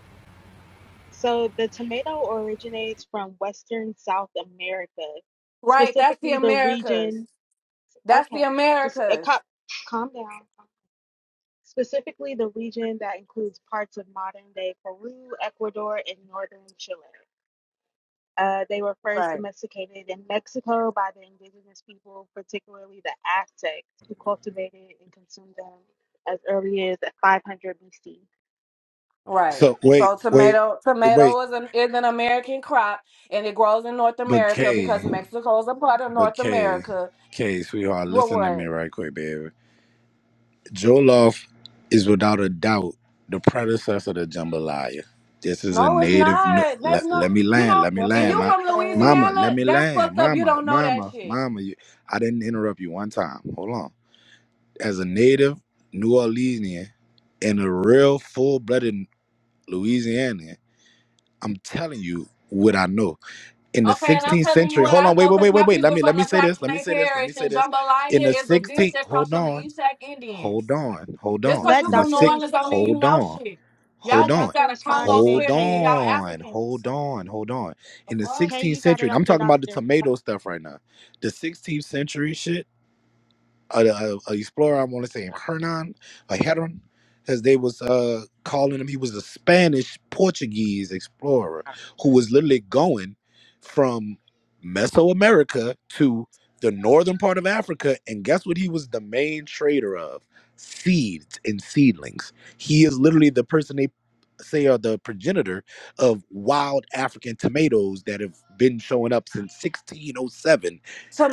[SPEAKER 2] So the tomato originates from western South America,
[SPEAKER 9] Right, that's the
[SPEAKER 2] specifically the
[SPEAKER 9] Americas.
[SPEAKER 2] region
[SPEAKER 9] That's the
[SPEAKER 2] okay, just a
[SPEAKER 9] Americas.
[SPEAKER 2] cop calm down. Specifically, the region that includes parts of modern day Peru, Ecuador, and northern Chile. Uh, they were first
[SPEAKER 9] Right.
[SPEAKER 2] domesticated in Mexico by the indigenous people, particularly the Aztecs, who cultivated and consumed them as early as 500 BC.
[SPEAKER 9] Right.
[SPEAKER 4] So wait,
[SPEAKER 9] So
[SPEAKER 4] wait,
[SPEAKER 9] tomato
[SPEAKER 4] wait.
[SPEAKER 9] tomato is an is an American crop and it grows in North
[SPEAKER 4] But
[SPEAKER 9] America
[SPEAKER 4] K,
[SPEAKER 9] because Mexico is a part of
[SPEAKER 4] but
[SPEAKER 9] North
[SPEAKER 4] K,
[SPEAKER 9] America.
[SPEAKER 4] K, sweetheart,
[SPEAKER 9] What?
[SPEAKER 4] listen to me
[SPEAKER 9] what?
[SPEAKER 4] right quick, baby. Jollof is without a doubt the predecessor to jambalaya. This is a
[SPEAKER 9] No, it's
[SPEAKER 4] native. No-
[SPEAKER 9] not. That's
[SPEAKER 4] let,
[SPEAKER 9] not
[SPEAKER 4] let me
[SPEAKER 9] you
[SPEAKER 4] land.
[SPEAKER 9] know,
[SPEAKER 4] Let me
[SPEAKER 6] That's
[SPEAKER 9] and
[SPEAKER 6] what
[SPEAKER 4] land.
[SPEAKER 9] you
[SPEAKER 4] My
[SPEAKER 6] they
[SPEAKER 9] from
[SPEAKER 4] mama.
[SPEAKER 6] say.
[SPEAKER 4] Let
[SPEAKER 9] Louisiana,
[SPEAKER 4] me
[SPEAKER 9] that's
[SPEAKER 4] land.
[SPEAKER 9] fucked up. You
[SPEAKER 4] Mama.
[SPEAKER 9] don't know that
[SPEAKER 4] Mama.
[SPEAKER 9] shit.
[SPEAKER 4] Mama. You, I didn't interrupt you one time. Hold on. As a native New Orleanian and a real full-blooded Louisianian, I'm telling you what I know. In the
[SPEAKER 9] Okay, and I'm
[SPEAKER 4] 16th
[SPEAKER 9] telling you
[SPEAKER 4] century.
[SPEAKER 9] what
[SPEAKER 4] Hold
[SPEAKER 9] I
[SPEAKER 4] on. Wait.
[SPEAKER 9] know
[SPEAKER 4] Wait.
[SPEAKER 9] because
[SPEAKER 4] Wait. Wait.
[SPEAKER 9] my
[SPEAKER 4] Wait. Let
[SPEAKER 9] people
[SPEAKER 4] me.
[SPEAKER 9] from
[SPEAKER 4] Let me
[SPEAKER 9] the
[SPEAKER 4] say this. Let me
[SPEAKER 9] Plaquemine
[SPEAKER 4] say this. Let me
[SPEAKER 9] Parish
[SPEAKER 4] say
[SPEAKER 9] and
[SPEAKER 4] this. In
[SPEAKER 9] jambalaya
[SPEAKER 4] the
[SPEAKER 9] is a dish
[SPEAKER 4] 16th.
[SPEAKER 9] that comes
[SPEAKER 4] Hold
[SPEAKER 9] from the
[SPEAKER 4] on.
[SPEAKER 9] Ishak Indians.
[SPEAKER 4] Hold on, hold
[SPEAKER 9] Just
[SPEAKER 4] on.
[SPEAKER 9] because
[SPEAKER 2] Let
[SPEAKER 9] you
[SPEAKER 4] In the
[SPEAKER 9] from New
[SPEAKER 2] Doctor
[SPEAKER 4] six,
[SPEAKER 2] re-
[SPEAKER 9] Orleans don't mean you
[SPEAKER 4] hold
[SPEAKER 9] know
[SPEAKER 4] on,
[SPEAKER 9] shit. Y'all
[SPEAKER 4] hold
[SPEAKER 2] let
[SPEAKER 9] niggas
[SPEAKER 4] on,
[SPEAKER 2] Doctor
[SPEAKER 9] got a
[SPEAKER 2] respond,
[SPEAKER 9] Congo
[SPEAKER 2] and then
[SPEAKER 4] hold
[SPEAKER 9] square thing and
[SPEAKER 2] Kay
[SPEAKER 9] y'all
[SPEAKER 4] on,
[SPEAKER 9] Africans.
[SPEAKER 4] hold on, hold on. In the
[SPEAKER 9] fuck?
[SPEAKER 2] Kay,
[SPEAKER 4] 16th
[SPEAKER 2] you got it
[SPEAKER 4] century, I'm
[SPEAKER 2] after
[SPEAKER 4] talking about the
[SPEAKER 2] Doctor.
[SPEAKER 4] tomato stuff right now. The 16th century shit a, a, a explorer. I want to say Hernan, a Heron, as they was uh, calling him. He was a Spanish Portuguese explorer who was literally going from Mesoamerica to the northern part of Africa. And guess what? He was the main trader of seeds and seedlings. He is literally the person they say are the progenitor of wild African tomatoes that have been showing up since 1607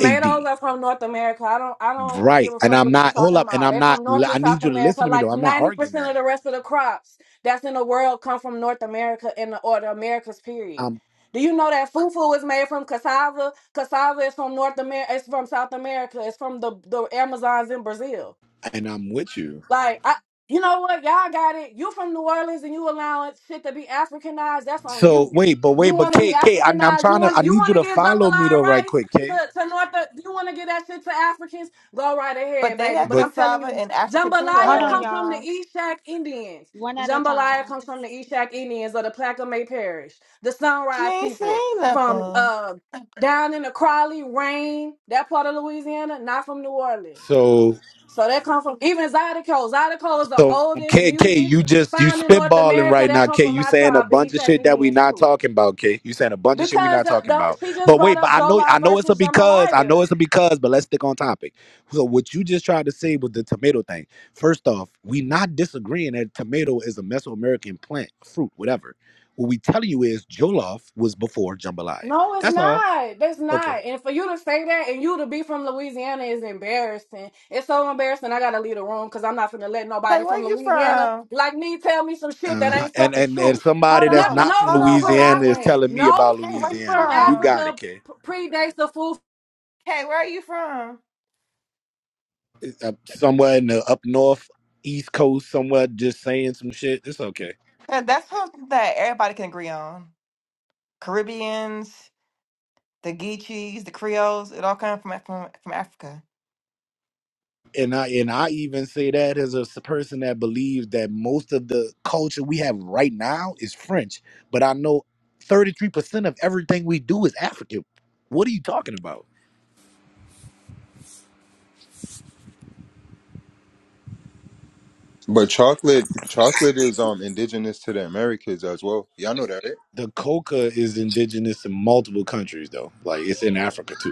[SPEAKER 4] AD.
[SPEAKER 9] are from North America. I don't I don't give
[SPEAKER 4] Right.
[SPEAKER 9] a
[SPEAKER 4] And
[SPEAKER 9] fuck
[SPEAKER 4] I'm
[SPEAKER 9] what you
[SPEAKER 4] not, hold
[SPEAKER 9] talking
[SPEAKER 4] up. And
[SPEAKER 9] about.
[SPEAKER 4] I'm
[SPEAKER 9] They're
[SPEAKER 4] not,
[SPEAKER 9] from North
[SPEAKER 4] I
[SPEAKER 9] and
[SPEAKER 4] need
[SPEAKER 9] South
[SPEAKER 4] you to
[SPEAKER 9] America.
[SPEAKER 4] listen to me though.
[SPEAKER 9] Like
[SPEAKER 4] I'm not
[SPEAKER 9] ninety
[SPEAKER 4] arguing
[SPEAKER 9] percent of
[SPEAKER 4] that.
[SPEAKER 9] the rest of the crops that's in the world come from North America and the or the Americas period.
[SPEAKER 4] I'm,
[SPEAKER 9] Do you know that fufu is made from cassava? Cassava is from North America. It's from South America. It's from the, the Amazons in Brazil.
[SPEAKER 4] and I'm with you.
[SPEAKER 9] Like, I, you know what? Y'all got it. You from New Orleans and you allowing shit to be Africanized. That's on
[SPEAKER 4] So
[SPEAKER 9] you.
[SPEAKER 4] wait, but wait,
[SPEAKER 9] You
[SPEAKER 4] but
[SPEAKER 9] want to be
[SPEAKER 4] Kay, Kay, I'm, I'm
[SPEAKER 9] Africanized. You
[SPEAKER 4] trying to,
[SPEAKER 9] want
[SPEAKER 4] I
[SPEAKER 9] you
[SPEAKER 4] need you
[SPEAKER 9] want to
[SPEAKER 4] to
[SPEAKER 9] give
[SPEAKER 4] follow me
[SPEAKER 9] jambalaya
[SPEAKER 4] though, right
[SPEAKER 9] rice
[SPEAKER 4] quick, Kay.
[SPEAKER 9] to to North. You want to get that shit to Africans. Go right
[SPEAKER 6] But
[SPEAKER 9] ahead,
[SPEAKER 6] they
[SPEAKER 9] baby.
[SPEAKER 6] have
[SPEAKER 9] But
[SPEAKER 4] But
[SPEAKER 9] I'm telling
[SPEAKER 6] cassava
[SPEAKER 9] you,
[SPEAKER 6] in Africa too,
[SPEAKER 2] Hold
[SPEAKER 9] jambalaya
[SPEAKER 2] on,
[SPEAKER 9] comes
[SPEAKER 6] though.
[SPEAKER 9] from the
[SPEAKER 2] y'all.
[SPEAKER 9] Eshak Indians.
[SPEAKER 2] One at a
[SPEAKER 9] Jambalaya
[SPEAKER 2] time.
[SPEAKER 9] comes from the Eshak Indians of the Plaquemine Parish, the
[SPEAKER 6] She
[SPEAKER 9] Sunrise
[SPEAKER 6] ain't
[SPEAKER 9] people
[SPEAKER 6] saying
[SPEAKER 9] from
[SPEAKER 6] nothing.
[SPEAKER 9] uh down in the Crawley, Rain, that part of Louisiana, not from New Orleans.
[SPEAKER 4] so
[SPEAKER 9] So that comes from even Zydeco. Zydeco is the
[SPEAKER 4] So
[SPEAKER 9] oldest
[SPEAKER 4] K K,
[SPEAKER 9] music
[SPEAKER 4] you just you
[SPEAKER 9] found in North
[SPEAKER 4] spitballing
[SPEAKER 9] America.
[SPEAKER 4] right
[SPEAKER 9] That
[SPEAKER 4] now,
[SPEAKER 9] comes
[SPEAKER 4] K.
[SPEAKER 9] from
[SPEAKER 4] You
[SPEAKER 9] my
[SPEAKER 4] saying a
[SPEAKER 9] tribe, the
[SPEAKER 4] bunch of
[SPEAKER 9] Ishaki
[SPEAKER 4] shit that we
[SPEAKER 9] Indians
[SPEAKER 4] not
[SPEAKER 9] too.
[SPEAKER 4] talking about, K. You saying a bunch of shit we
[SPEAKER 9] Because
[SPEAKER 4] not
[SPEAKER 9] the,
[SPEAKER 4] talking
[SPEAKER 9] the
[SPEAKER 4] about.
[SPEAKER 9] she just
[SPEAKER 4] But
[SPEAKER 9] brought
[SPEAKER 4] wait, but
[SPEAKER 9] up
[SPEAKER 4] I know
[SPEAKER 9] Jola
[SPEAKER 4] I know it's a
[SPEAKER 9] versus
[SPEAKER 4] because, I know
[SPEAKER 9] Jambalaya.
[SPEAKER 4] it's a because, but let's stick on topic. So what you just tried to say was the tomato thing. First off, we not disagreeing that tomato is a Mesoamerican plant, fruit, whatever. What we telling you is Jollof was before jambalaya.
[SPEAKER 9] No, it's
[SPEAKER 4] That's all.
[SPEAKER 9] not. That's
[SPEAKER 4] Okay.
[SPEAKER 9] not. And for you to say that and you to be from Louisiana is embarrassing. It's so embarrassing. I gotta leave the room because I'm not finna let
[SPEAKER 6] Kay,
[SPEAKER 9] nobody
[SPEAKER 6] where
[SPEAKER 9] from
[SPEAKER 6] you
[SPEAKER 9] Louisiana
[SPEAKER 6] from?
[SPEAKER 9] like me tell me some shit that
[SPEAKER 4] Uh-huh.
[SPEAKER 9] ain't
[SPEAKER 4] And
[SPEAKER 9] fucking
[SPEAKER 4] and and
[SPEAKER 9] true.
[SPEAKER 4] somebody
[SPEAKER 6] Hold
[SPEAKER 9] No,
[SPEAKER 4] that's
[SPEAKER 6] on,
[SPEAKER 4] not
[SPEAKER 9] no
[SPEAKER 4] from
[SPEAKER 6] hold
[SPEAKER 9] food
[SPEAKER 6] on,
[SPEAKER 9] from
[SPEAKER 6] wait,
[SPEAKER 4] Louisiana
[SPEAKER 6] wait,
[SPEAKER 4] is
[SPEAKER 9] Africa.
[SPEAKER 6] wait.
[SPEAKER 4] telling me
[SPEAKER 9] No
[SPEAKER 4] about
[SPEAKER 6] Hey,
[SPEAKER 9] food
[SPEAKER 6] where you
[SPEAKER 4] Louisiana.
[SPEAKER 9] from
[SPEAKER 4] You
[SPEAKER 6] from?
[SPEAKER 4] got it,
[SPEAKER 9] Africa
[SPEAKER 4] K.
[SPEAKER 9] p- predates the food
[SPEAKER 6] Hey, where are you from?
[SPEAKER 4] uh, somewhere in the up north, east coast, somewhere just saying some shit. It's okay.
[SPEAKER 6] 'Cause that's something that everybody can agree on. Caribbeans, the Geechees, the Creoles, it all comes from from from Africa.
[SPEAKER 4] And I and I even say that as a s- person that believes that most of the culture we have right now is French, but I know 33% of everything we do is African. What are you talking about?
[SPEAKER 1] But chocolate chocolate is um indigenous to the Americas as well. Y'all know that, right?
[SPEAKER 4] The coca is indigenous in multiple countries though. Like it's in Africa too.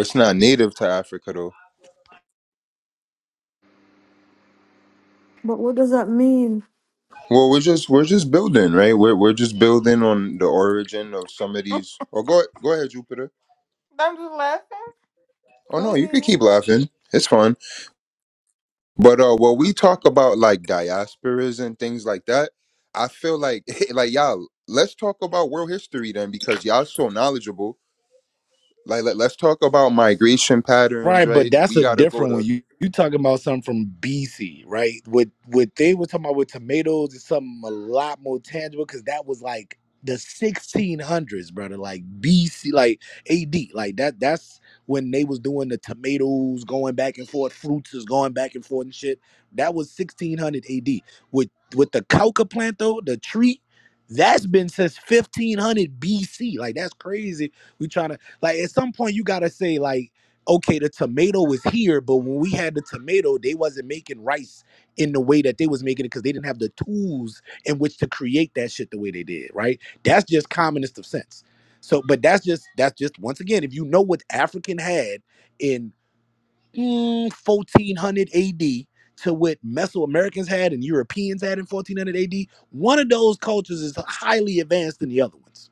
[SPEAKER 1] It's not native to Africa though.
[SPEAKER 7] But what does that mean?
[SPEAKER 1] Well we're just we're just building, right? We're we're just building on the origin of some of these Oh go go ahead, Jupiter.
[SPEAKER 6] Don't do laughing.
[SPEAKER 1] Oh
[SPEAKER 6] Go
[SPEAKER 1] no, you can
[SPEAKER 6] ahead.
[SPEAKER 1] keep laughing. It's fun. But uh, when we talk about like diasporas and things like that, I feel like like y'all, let's talk about world history then because y'all so knowledgeable. Like let, let's talk about migration patterns,
[SPEAKER 4] Right, but
[SPEAKER 1] right?
[SPEAKER 4] that's
[SPEAKER 1] We
[SPEAKER 4] a
[SPEAKER 1] gotta go
[SPEAKER 4] different one.
[SPEAKER 1] to
[SPEAKER 4] You you talking about something from BC, right? What what they were talking about with tomatoes is something a lot more tangible because that was like the 1600s, brother. Like BC, like AD, like that. That's when they was doing the tomatoes going back and forth, fruits is going back and forth and shit. That was 1600 AD. With with the coca plant though, the tree. That's been since 1500 BC. Like that's crazy. We trying to like at some point you gotta say like okay, the tomato is here, but when we had the tomato, they wasn't making rice in the way that they was making it because they didn't have the tools in which to create that shit the way they did, right? That's just commonest of sense. So, but that's just that's just once again, if you know what African had in mm, 1400 AD to what Mesoamericans had and Europeans had in 1400 AD, one of those cultures is highly advanced than the other ones.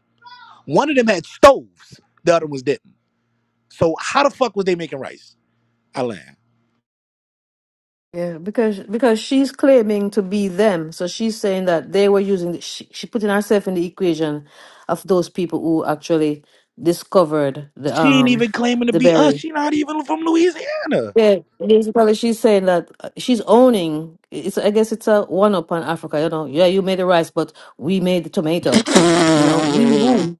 [SPEAKER 4] One of them had stoves, the other ones didn't. So how the fuck was they making rice? I land.
[SPEAKER 7] Yeah, because because she's claiming to be them, so she's saying that they were using. She, she putting herself in the equation of those people who actually discovered the
[SPEAKER 4] She ain't
[SPEAKER 7] um
[SPEAKER 4] even claiming to
[SPEAKER 7] the
[SPEAKER 4] be us.
[SPEAKER 7] berry.
[SPEAKER 4] She not even from Louisiana.
[SPEAKER 7] Yeah, this is probably she's saying that uh, she's owning. It's I guess it's a one up on Africa. You know, yeah, you made the rice, but we made the tomato. You know, we who?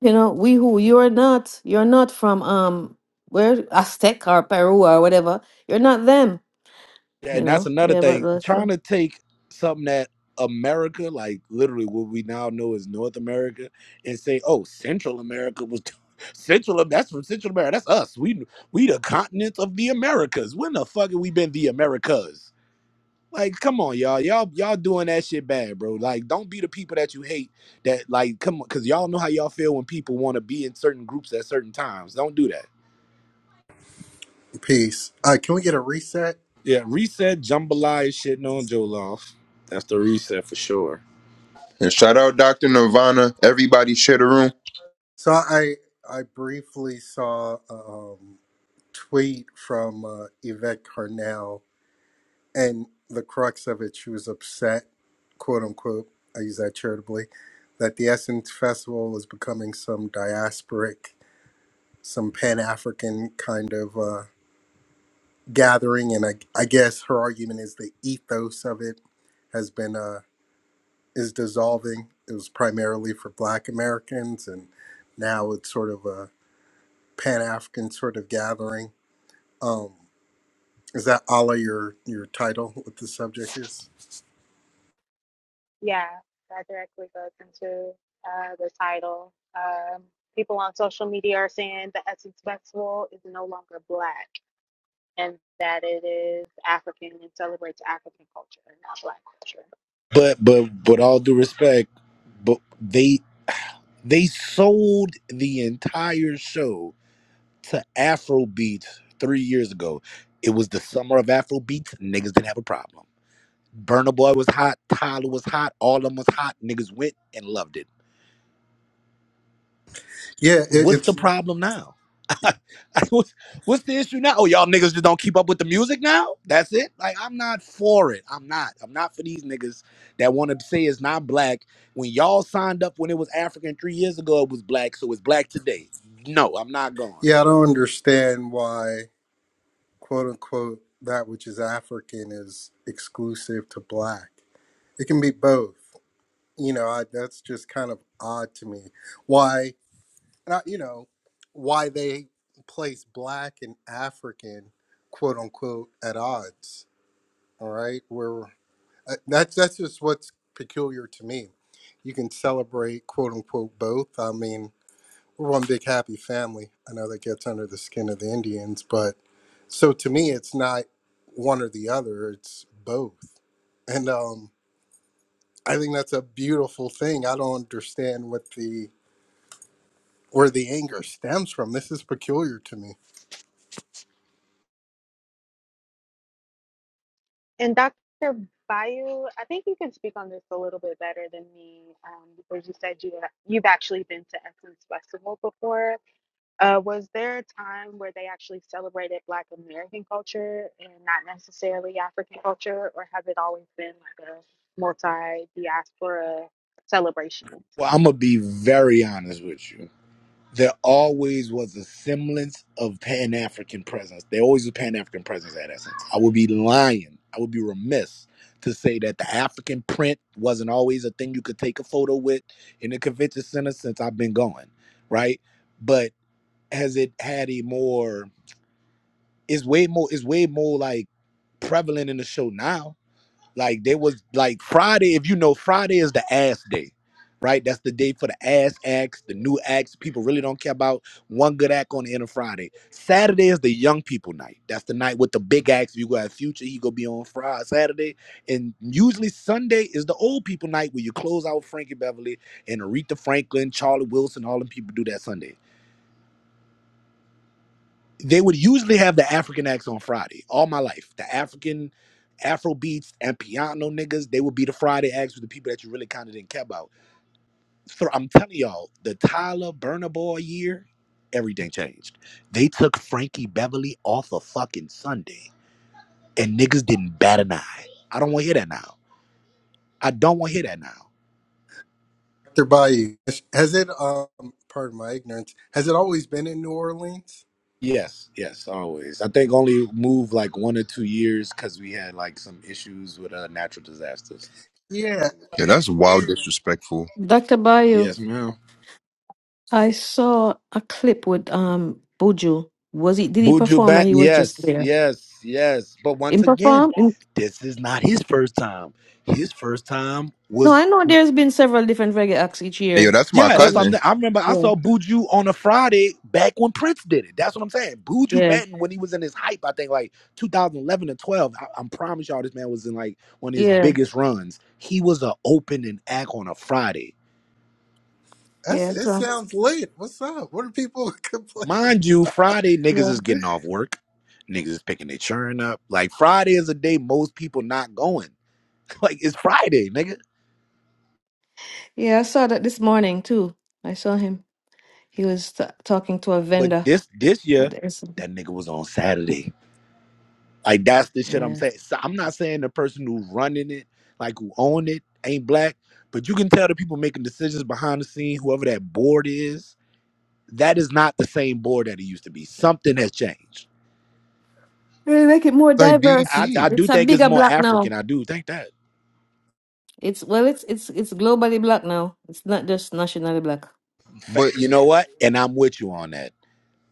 [SPEAKER 7] You know, we who? You're not. You're not from um where Aztec or Peru or whatever. You're not them. You
[SPEAKER 4] And that's
[SPEAKER 7] know.
[SPEAKER 4] another
[SPEAKER 7] Yeah, but
[SPEAKER 4] thing.
[SPEAKER 7] uh, yeah.
[SPEAKER 4] Trying to take something that America, like literally what we now know as North America, and say, oh, Central America was Central. That's from Central America. That's us. We we the continents of the Americas. When the fuck have we been the Americas? Like, come on, y'all. Y'all y'all doing that shit bad, bro. Like, don't be the people that you hate that like come on, cause y'all know how y'all feel when people want to be in certain groups at certain times. Don't do that.
[SPEAKER 10] Peace. Uh, can we get a reset?
[SPEAKER 4] Yeah, reset jambalaya is shitting on Joloff. That's the reset for sure.
[SPEAKER 1] and shout out Dr. Nirvana, everybody share the room.
[SPEAKER 10] So I I briefly saw a um, tweet from uh, Yvette Carnell, and the crux of it, she was upset, quote unquote. I use that charitably, that the Essence Festival was becoming some diasporic, some Pan African kind of uh, gathering, and I, I guess her argument is the ethos of it has been uh, is dissolving. It was primarily for Black Americans, and now it's sort of a Pan African sort of gathering. Um, is that Allah your your title? What the subject is?
[SPEAKER 2] Yeah, that directly goes into uh, the title. Um, people on social media are saying the Essence Festival is no longer black. and that it is African and celebrates African culture and not Black culture.
[SPEAKER 4] But but but all due respect, but they they sold the entire show to Afrobeats three years ago. It was the summer of Afrobeats. Niggas didn't have a problem. Burna Boy was hot, Tyler was hot, all of them was hot. Niggas went and loved it.
[SPEAKER 10] Yeah, it,
[SPEAKER 4] What's the
[SPEAKER 10] it's
[SPEAKER 4] problem now? what's, what's the issue now? Oh, y'all niggas just don't keep up with the music now? That's it? Like, I'm not for it. I'm not. I'm not for these niggas that want to say it's not black. When y'all signed up when it was African three years ago, it was black, so it's black today. No, I'm not going.
[SPEAKER 10] yeah. I don't understand why quote unquote that which is African is exclusive to black. It can be both. You know, I, that's just kind of odd to me. Why? And I, you know, why they place black and African quote unquote at odds? All right, where. Uh, That's that's just what's peculiar to me. You can celebrate quote unquote both. I mean, we're one big happy family. I know that gets under the skin of the Indians, but so to me, it's not one or the other. It's both, and um, I think that's a beautiful thing. I don't understand what the where the anger stems from. This is peculiar to me.
[SPEAKER 2] And Dr. Bayu, I think you can speak on this a little bit better than me um, because you said you you've actually been to Essence Festival before. Uh, was there a time where they actually celebrated Black American culture and not necessarily African culture, or has it always been like a multi diaspora celebration?
[SPEAKER 4] Well, I'm going to be very honest with you. there always was a semblance of Pan African presence. There always was Pan African presence at Essence. I would be lying. I would be remiss to say that the African print wasn't always a thing you could take a photo with in the convention center since I've been going, right? But has it had a more? It's way more. It's way more like prevalent in the show now like they was like Friday, if you know Friday is the ass day, right? That's the day for the ass acts, the new acts. People really don't care about one good act on the end of Friday. Saturday is the young people night. That's the night with the big acts. If you got future, he gonna be on Friday, Saturday. And usually Sunday is the old people night where you close out Frankie Beverly and Aretha Franklin, Charlie Wilson, all them people do that Sunday they would usually have the African acts on Friday all my life. The African Afro beats and piano niggas, they would be the Friday acts with the people that you really kind of didn't care about. So I'm telling y'all, the Tyler Burner Boy year, everything changed. They took Frankie Beverly off a fucking Sunday, and niggas didn't bat an eye. I don't want to hear that now. I don't want to hear that now.
[SPEAKER 10] Dr. Bayou, has it? Um, pardon my ignorance. Has it always been in New Orleans?
[SPEAKER 4] Yes, yes, always. I think only moved like one or two years because we had like some issues with uh, natural disasters.
[SPEAKER 10] Yeah.
[SPEAKER 1] Yeah, that's wild disrespectful.
[SPEAKER 7] Dr. Bayou,
[SPEAKER 4] Yes, ma'am.
[SPEAKER 7] I saw a clip with um Buju. Was he? Did he
[SPEAKER 4] Buju
[SPEAKER 7] perform? Or
[SPEAKER 4] Banton,
[SPEAKER 7] he was just
[SPEAKER 4] yes,
[SPEAKER 7] there.
[SPEAKER 4] yes, yes. But once
[SPEAKER 7] In
[SPEAKER 4] again,
[SPEAKER 7] perform? In,
[SPEAKER 4] this is not his first time. His first time
[SPEAKER 7] no,
[SPEAKER 4] was
[SPEAKER 7] I know there's been several different reggae acts each
[SPEAKER 1] And yo,
[SPEAKER 7] year.
[SPEAKER 1] that's my
[SPEAKER 4] yeah.
[SPEAKER 7] I
[SPEAKER 4] That's
[SPEAKER 7] was.
[SPEAKER 4] what I'm.
[SPEAKER 1] cousin.
[SPEAKER 7] just-
[SPEAKER 1] It's
[SPEAKER 4] I remember I
[SPEAKER 7] yeah.
[SPEAKER 4] saw Buju on a Friday back when Prince did it. That's what I'm saying. Buju
[SPEAKER 7] Yeah,
[SPEAKER 4] Banton when he was in his hype, I think like 2011 and 12. I, I promise y'all, this man was in like one of his
[SPEAKER 7] yeah,
[SPEAKER 4] biggest runs. He was an opening act on a Friday,
[SPEAKER 10] That's,
[SPEAKER 7] yeah.
[SPEAKER 10] it
[SPEAKER 7] So,
[SPEAKER 10] sounds lit. What's up? What are people complaining
[SPEAKER 4] mind
[SPEAKER 10] about?
[SPEAKER 4] you. Friday niggas
[SPEAKER 7] yeah,
[SPEAKER 4] is getting off work. Niggas is picking their churn up. Like Friday is a day most people not going. Like it's Friday, nigga.
[SPEAKER 7] yeah. I saw that this morning too. I saw him. He was t talking to a
[SPEAKER 4] But
[SPEAKER 7] vendor
[SPEAKER 4] this this
[SPEAKER 7] at
[SPEAKER 4] year,
[SPEAKER 7] the restaurant.
[SPEAKER 4] that nigga was on Saturday. Like that's the shit I'm
[SPEAKER 7] Yeah,
[SPEAKER 4] saying. So I'm not saying the person who's running it, like who own it, ain't black. But you can tell the people making decisions behind the scene, whoever that board is, that is not the same board that it used to be. Something has changed.
[SPEAKER 7] really make it more
[SPEAKER 1] like
[SPEAKER 7] diverse.
[SPEAKER 4] I, I
[SPEAKER 1] BT.
[SPEAKER 4] do
[SPEAKER 7] It's a
[SPEAKER 4] think it's
[SPEAKER 7] bigger
[SPEAKER 4] more
[SPEAKER 7] black
[SPEAKER 4] African.
[SPEAKER 7] now.
[SPEAKER 4] I do think that.
[SPEAKER 7] It's well, it's it's it's globally black now. It's not just nationally black.
[SPEAKER 4] But
[SPEAKER 1] But
[SPEAKER 4] you know what? And I'm with you on that.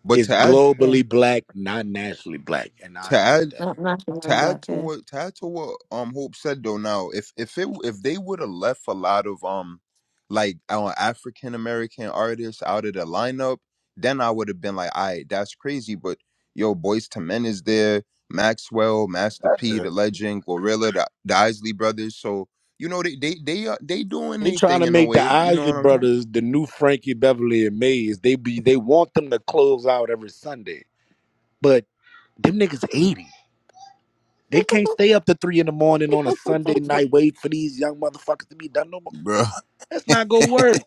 [SPEAKER 1] but
[SPEAKER 4] It's
[SPEAKER 1] to add
[SPEAKER 7] Yeah,
[SPEAKER 4] globally black, not nationally black. And I
[SPEAKER 1] to
[SPEAKER 4] agree
[SPEAKER 1] add
[SPEAKER 4] with
[SPEAKER 7] not
[SPEAKER 4] that.
[SPEAKER 1] to
[SPEAKER 7] nationally
[SPEAKER 1] add
[SPEAKER 7] black.
[SPEAKER 1] to what to add to what um Hope said though now if if it if they would have left a lot of um like our African American artists out of the lineup, then I would have been like, all right, that's crazy. But yo, Boys to Men is there, Maxwell, Master P, the Legend, Gorilla, the, the Isley Brothers. So you know they they they are they doing
[SPEAKER 4] They
[SPEAKER 1] their
[SPEAKER 4] trying
[SPEAKER 1] thing
[SPEAKER 4] to
[SPEAKER 1] in a
[SPEAKER 4] make the
[SPEAKER 1] way. You know
[SPEAKER 4] Isley
[SPEAKER 1] what I'm saying,
[SPEAKER 4] brothers the new Frankie Beverly and Maze. They be they want them to close out every Sunday, but them niggas eighty. They can't stay up to three in the morning on a Sunday night wait for these young motherfuckers to be done no more.
[SPEAKER 1] bro?
[SPEAKER 4] That's not gonna work.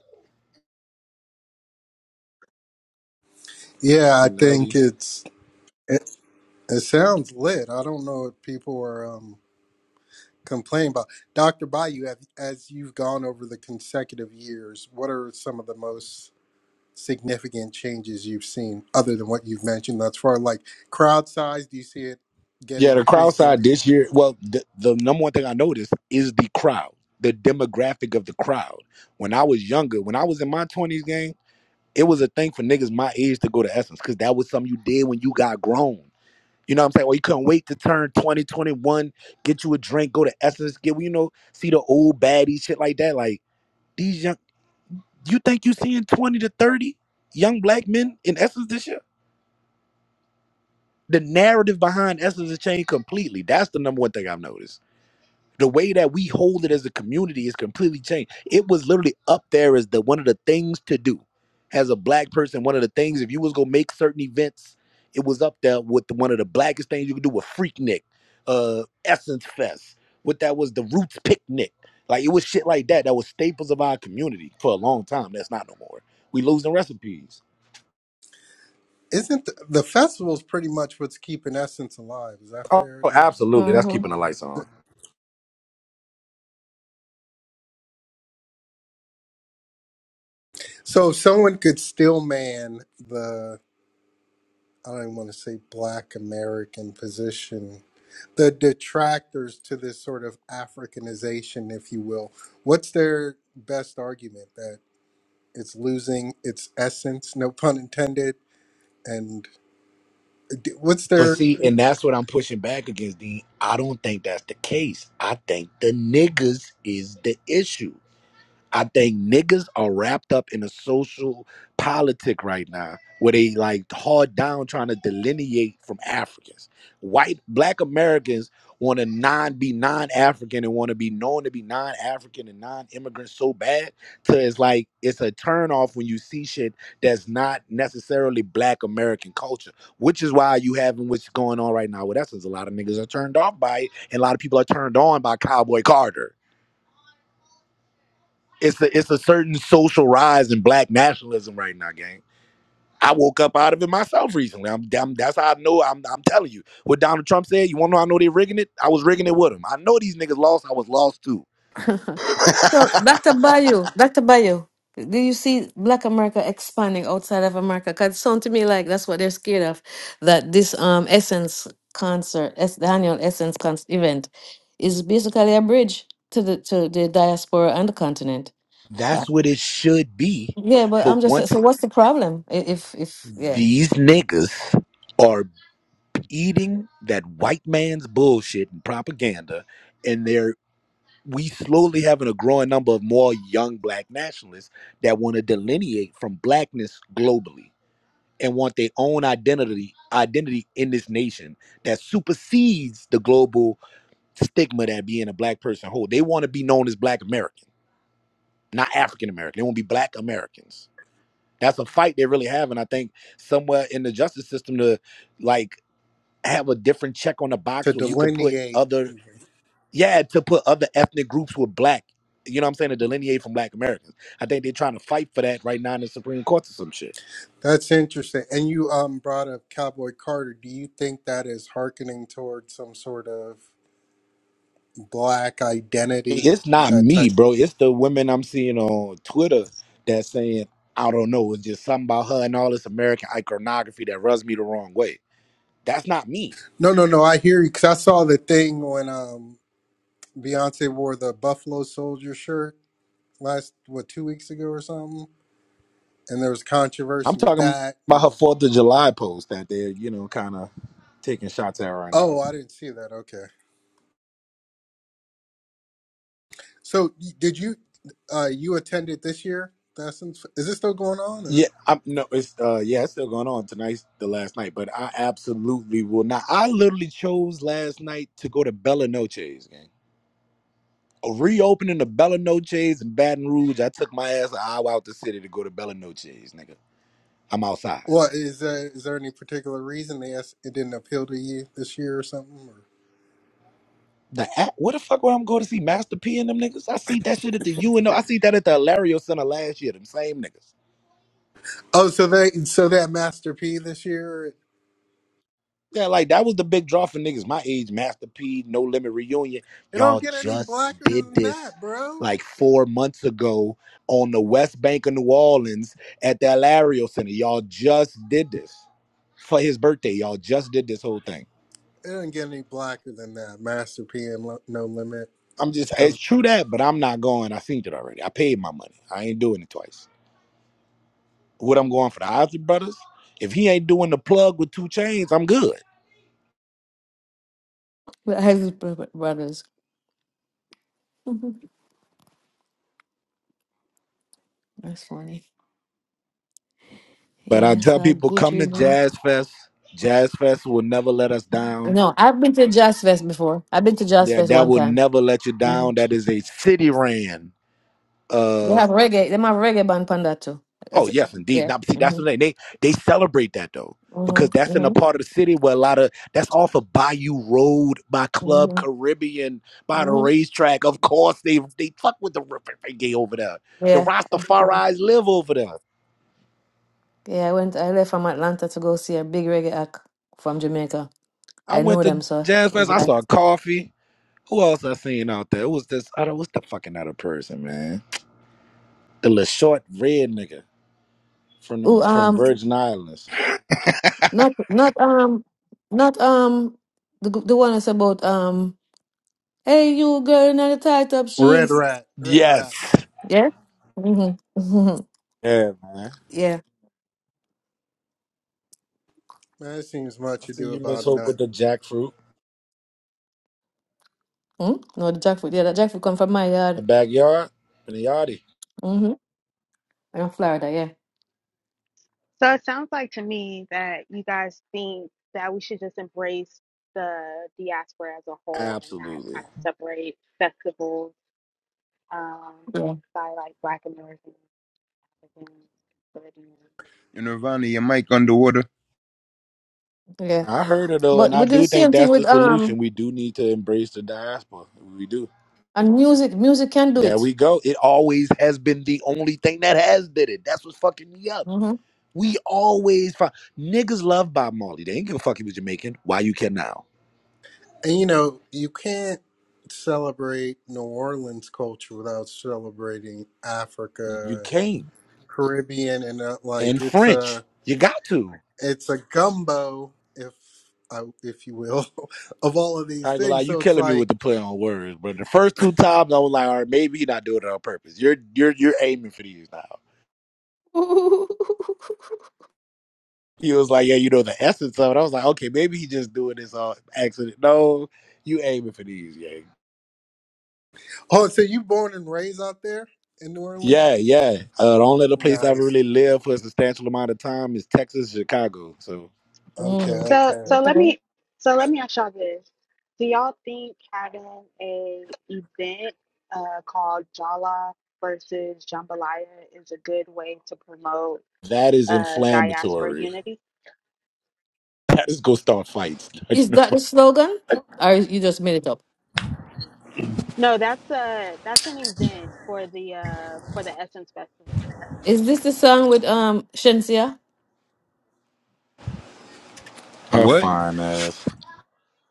[SPEAKER 10] Yeah, I think
[SPEAKER 4] Nelly.
[SPEAKER 10] it's it, it sounds lit. I don't know what people are um, complaining about. Dr. Bayou, as, as you've gone over the consecutive years, what are some of the most significant changes you've seen other than what you've mentioned thus far? as Like crowd size, do you see it
[SPEAKER 4] Yeah,
[SPEAKER 10] getting
[SPEAKER 4] the crowd side
[SPEAKER 10] increasingly?
[SPEAKER 4] this year. Well, the, the number one thing I noticed is the crowd, the demographic of the crowd. When I was younger, when I was in my twenties, gang, it was a thing for niggas my age to go to Essence because that was something you did when you got grown. You know what I'm saying? Or you couldn't wait to turn 20 21. get you a drink, go to Essence, get you know, see the old baddies, shit like that. Like these young you think you seeing 20 to 30 young black men in Essence this year? The narrative behind Essence has changed completely. That's the number one thing I've noticed. the way that we hold it as a community is completely changed. It was literally up there as the one of the things to do. As a black person, one of the things if you was gonna make certain events, it was up there with the, one of the blackest things you could do with Freaknik, uh, Essence Fest. What that was the Roots Picnic. Like it was shit like that that was staples of our community for a long time. That's not no more. We losing recipes.
[SPEAKER 10] Isn't the, the festival's pretty much what's keeping Essence alive? Is that
[SPEAKER 4] Oh,
[SPEAKER 10] fair to?
[SPEAKER 4] absolutely. That's
[SPEAKER 7] Yeah.
[SPEAKER 4] keeping the lights on.
[SPEAKER 10] So if someone could still man the I don't want to say black American position, the detractors to this sort of Africanization, if you will. What's their best argument that it's losing its essence, no pun intended? And d- what's
[SPEAKER 4] But
[SPEAKER 10] there
[SPEAKER 4] see, and that's what I'm pushing back against, Dean. I don't think that's the case. I think the niggas is the issue. I think niggas are wrapped up in a social politic right now where they like hard down trying to delineate from Africans. White black Americans want to non be non-African and want to be known to be non-African and non-immigrant so bad to it's like it's a turn off when you see shit that's not necessarily black American culture, which is why you having what's going on right now with Essence. A lot of niggas are turned off by it, and a lot of people are turned on by Cowboy Carter it's a it's a certain social rise in black nationalism right now, gang. I woke up out of it myself recently. I'm, I'm that's how I know. I'm I'm telling you what Donald Trump said. You want to know? I know they rigging it. I was rigging it with him. I know these niggas lost. I was lost too.
[SPEAKER 7] So, Dr. Bayou, Dr. Bayou, do you see Black America expanding outside of America? Because it sounds to me like that's what they're scared of, that this um Essence concert, es- the annual Essence con- event, is basically a bridge to the to the diaspora and the continent. Uh,
[SPEAKER 4] That's what it should be.
[SPEAKER 7] Yeah, but
[SPEAKER 4] But
[SPEAKER 7] I'm just
[SPEAKER 4] once
[SPEAKER 7] so.
[SPEAKER 4] it,
[SPEAKER 7] What's the problem? I- If if yeah,
[SPEAKER 4] these niggas are eating that white man's bullshit and propaganda, and they're we slowly having a growing number of more young black nationalists that want to delineate from blackness globally. and want their own identity identity in this nation that supersedes the global stigma that being a black person hold. They want to be known as black American, not African American. They want to be black Americans. That's a fight they really have. And I think somewhere in the justice system to like have a different check on the
[SPEAKER 10] to
[SPEAKER 4] box where you could put
[SPEAKER 10] delineate?
[SPEAKER 4] other yeah, to put other ethnic groups with black. You know what I'm saying? To delineate from black Americans. I think they're trying to fight for that right now in the Supreme Court or some shit.
[SPEAKER 10] That's interesting. And you um, brought up Cowboy Carter. Do you think that is hearkening towards some sort of black identity?
[SPEAKER 4] it's not
[SPEAKER 10] That
[SPEAKER 4] me,
[SPEAKER 10] type.
[SPEAKER 4] bro. It's the women I'm seeing on Twitter that saying, I don't know, it's just something about her and all this American iconography that rubs me the wrong way. That's not me.
[SPEAKER 10] No, no, no. I hear you because I saw the thing when um Beyonce wore the Buffalo Soldier shirt last what two weeks ago or something, and there was
[SPEAKER 4] I'm
[SPEAKER 10] controversy with
[SPEAKER 4] talking
[SPEAKER 10] that.
[SPEAKER 4] about her
[SPEAKER 10] And
[SPEAKER 4] Fourth of July post that they're, you know, kind of taking shots at right now.
[SPEAKER 10] oh, I didn't see that. Okay, so y- did you uh you attended this year? That's in, is this still going on or
[SPEAKER 4] Yeah, I'm no, it's uh yeah, it's still going on tonight's the last night, but I absolutely will not. I literally chose last night to go to Bella Noche's gang. Reopening the Bella Noche's in Baton Rouge, I took my ass an hour out the city to go to Bella Noche's, nigga. I'm outside.
[SPEAKER 10] what is uh, is there any particular reason they asked it didn't appeal to you this year or something? Or?
[SPEAKER 4] The act, where the fuck would I'm going to see Master P and them niggas? I see that shit at the UNO. I see that at the Hilario Center last year. Them same niggas.
[SPEAKER 10] Oh, so they so that Master P this year it
[SPEAKER 4] Yeah, like that was the big draw for niggas my age. Master P, No Limit reunion.
[SPEAKER 10] don't
[SPEAKER 4] Y'all
[SPEAKER 10] get any
[SPEAKER 4] just
[SPEAKER 10] blacker
[SPEAKER 4] did
[SPEAKER 10] than
[SPEAKER 4] this
[SPEAKER 10] that,
[SPEAKER 4] like
[SPEAKER 10] bro.
[SPEAKER 4] four months ago on the West Bank of New Orleans at the Hilario Center. Y'all just did this for his birthday. Y'all just did this whole thing.
[SPEAKER 10] It doesn't get any blacker than that. Master P and Lo- No Limit
[SPEAKER 4] I'm just,
[SPEAKER 10] comes.
[SPEAKER 4] it's true that, but I'm not going. I seen it already. I paid my money. I ain't doing it twice. What I'm going for the Ozzy Brothers. If he ain't doing the plug with two chains, I'm good.
[SPEAKER 7] Well, I have bro- bro- brothers. Mhm. That's funny.
[SPEAKER 4] But I
[SPEAKER 7] Yeah,
[SPEAKER 4] tell
[SPEAKER 7] so I'd
[SPEAKER 4] people, come
[SPEAKER 7] Buju.
[SPEAKER 4] to
[SPEAKER 7] man.
[SPEAKER 4] Jazz Fest. Jazz Fest will never let us down.
[SPEAKER 7] No, I've been to Jazz Fest before. I've been to Jazz
[SPEAKER 4] Yeah,
[SPEAKER 7] Fest
[SPEAKER 4] that
[SPEAKER 7] one
[SPEAKER 4] will
[SPEAKER 7] time.
[SPEAKER 4] never let you down. That is a city ran.
[SPEAKER 7] They
[SPEAKER 4] Uh
[SPEAKER 7] have reggae. They have reggae band panda too.
[SPEAKER 4] oh,
[SPEAKER 7] That's,
[SPEAKER 4] yes, indeed.
[SPEAKER 7] yeah.
[SPEAKER 4] Now, see, that's the
[SPEAKER 7] Mhm.
[SPEAKER 4] thing. They they celebrate that though. Because
[SPEAKER 7] Mhm.
[SPEAKER 4] that's in a
[SPEAKER 7] Mhm.
[SPEAKER 4] part of the city where a lot of that's off of Bayou Road by Club
[SPEAKER 7] Mhm.
[SPEAKER 4] Caribbean by the
[SPEAKER 7] Mhm.
[SPEAKER 4] racetrack. Of course, they they fuck with the reggae over there. The
[SPEAKER 7] Yeah. I'll be there.
[SPEAKER 4] Rastafari's live over there.
[SPEAKER 7] Yeah. I went. I left from Atlanta to go see a big reggae act from Jamaica.
[SPEAKER 4] I
[SPEAKER 7] I
[SPEAKER 4] went
[SPEAKER 7] know
[SPEAKER 4] to
[SPEAKER 7] them, so it
[SPEAKER 4] Jazz
[SPEAKER 7] was
[SPEAKER 4] Fest. I
[SPEAKER 7] like,
[SPEAKER 4] saw Coffee. Who else I seen out there? It was this I don't. What's the fucking other person, man? The little short red nigga from the
[SPEAKER 7] oh,
[SPEAKER 4] from
[SPEAKER 7] um,
[SPEAKER 4] Virgin Islands.
[SPEAKER 7] not, not, um, not, um, the the one that's about, um, hey, you girl in the tight up
[SPEAKER 10] Red
[SPEAKER 7] jeans.
[SPEAKER 10] rat, red rat.
[SPEAKER 4] Yes.
[SPEAKER 7] Yeah. Mhm. Mhm.
[SPEAKER 4] Yeah, man.
[SPEAKER 7] Yeah.
[SPEAKER 10] That seems
[SPEAKER 4] I
[SPEAKER 10] much
[SPEAKER 4] see
[SPEAKER 10] ado
[SPEAKER 4] you, Miss
[SPEAKER 10] about
[SPEAKER 4] Hope, with the
[SPEAKER 10] nothing.
[SPEAKER 4] jackfruit,
[SPEAKER 7] Mm? No, the jackfruit. Yeah, the jackfruit come from my
[SPEAKER 4] the
[SPEAKER 7] yard.
[SPEAKER 4] backyard, and the yardie.
[SPEAKER 7] Mhm. In Florida. Yeah.
[SPEAKER 2] So it sounds like to me that you guys think that we should just embrace the diaspora as a whole and not
[SPEAKER 4] Absolutely.
[SPEAKER 2] kind of separate festivals um,
[SPEAKER 7] Yeah.
[SPEAKER 2] by like Black Americans, Africans, Caribbean.
[SPEAKER 1] Nirvana, your mic underwater.
[SPEAKER 7] Yeah.
[SPEAKER 4] I heard it though, and
[SPEAKER 7] But
[SPEAKER 4] I
[SPEAKER 7] we do the
[SPEAKER 4] do think
[SPEAKER 7] same thing
[SPEAKER 4] that's the
[SPEAKER 7] with
[SPEAKER 4] solution.
[SPEAKER 7] um
[SPEAKER 4] We do need to embrace the diaspora. We do.
[SPEAKER 7] and music. Music can do
[SPEAKER 4] There
[SPEAKER 7] it.
[SPEAKER 4] we go. It always has been the only thing that has did it. That's what's fucking me up.
[SPEAKER 7] hmm
[SPEAKER 4] We always find niggas love Bob Marley. They ain't give a fuck if he was Jamaican. Why you can now?
[SPEAKER 10] And you know, you can't celebrate New Orleans culture without celebrating
[SPEAKER 4] You
[SPEAKER 10] Africa and
[SPEAKER 4] came
[SPEAKER 10] Caribbean, and uh, like
[SPEAKER 4] in
[SPEAKER 10] it's
[SPEAKER 4] French.
[SPEAKER 10] a
[SPEAKER 4] You got to.
[SPEAKER 10] it's a gumbo, if I, if you will, of all of these
[SPEAKER 4] I ain't gonna lie,
[SPEAKER 10] things.
[SPEAKER 4] you
[SPEAKER 10] So it's
[SPEAKER 4] killing me
[SPEAKER 10] like,
[SPEAKER 4] with the play on words, but the first two times I was like, all right, maybe you're not doing it on purpose. You're you're you're aiming for these now. He was like, yeah, you know the essence of it. I was like, okay, maybe he just doing this on accident. No, you aiming for these, yeah.
[SPEAKER 10] oh, so you born and raised out there in New
[SPEAKER 4] Yeah,
[SPEAKER 10] Orleans?
[SPEAKER 4] yeah. Uh, the only other place I've
[SPEAKER 10] Nice.
[SPEAKER 4] really lived for a substantial amount of time is Texas, Chicago. So
[SPEAKER 10] Okay,
[SPEAKER 7] Mm.
[SPEAKER 2] So
[SPEAKER 10] okay.
[SPEAKER 2] so let
[SPEAKER 7] Okay.
[SPEAKER 2] me so let me ask y'all this: Do y'all think having a event uh, called Jala versus Jambalaya is a good way to promote
[SPEAKER 4] that is
[SPEAKER 2] uh, diaspora
[SPEAKER 4] inflammatory.
[SPEAKER 2] unity?
[SPEAKER 4] I just go start fights. I don't
[SPEAKER 7] Is that the
[SPEAKER 4] know.
[SPEAKER 7] slogan, or is- you just made it up?
[SPEAKER 2] No, that's a that's an event for the uh for the Essence Festival.
[SPEAKER 7] Is this the song with um Shensia
[SPEAKER 4] Her
[SPEAKER 1] What?
[SPEAKER 4] fine ass.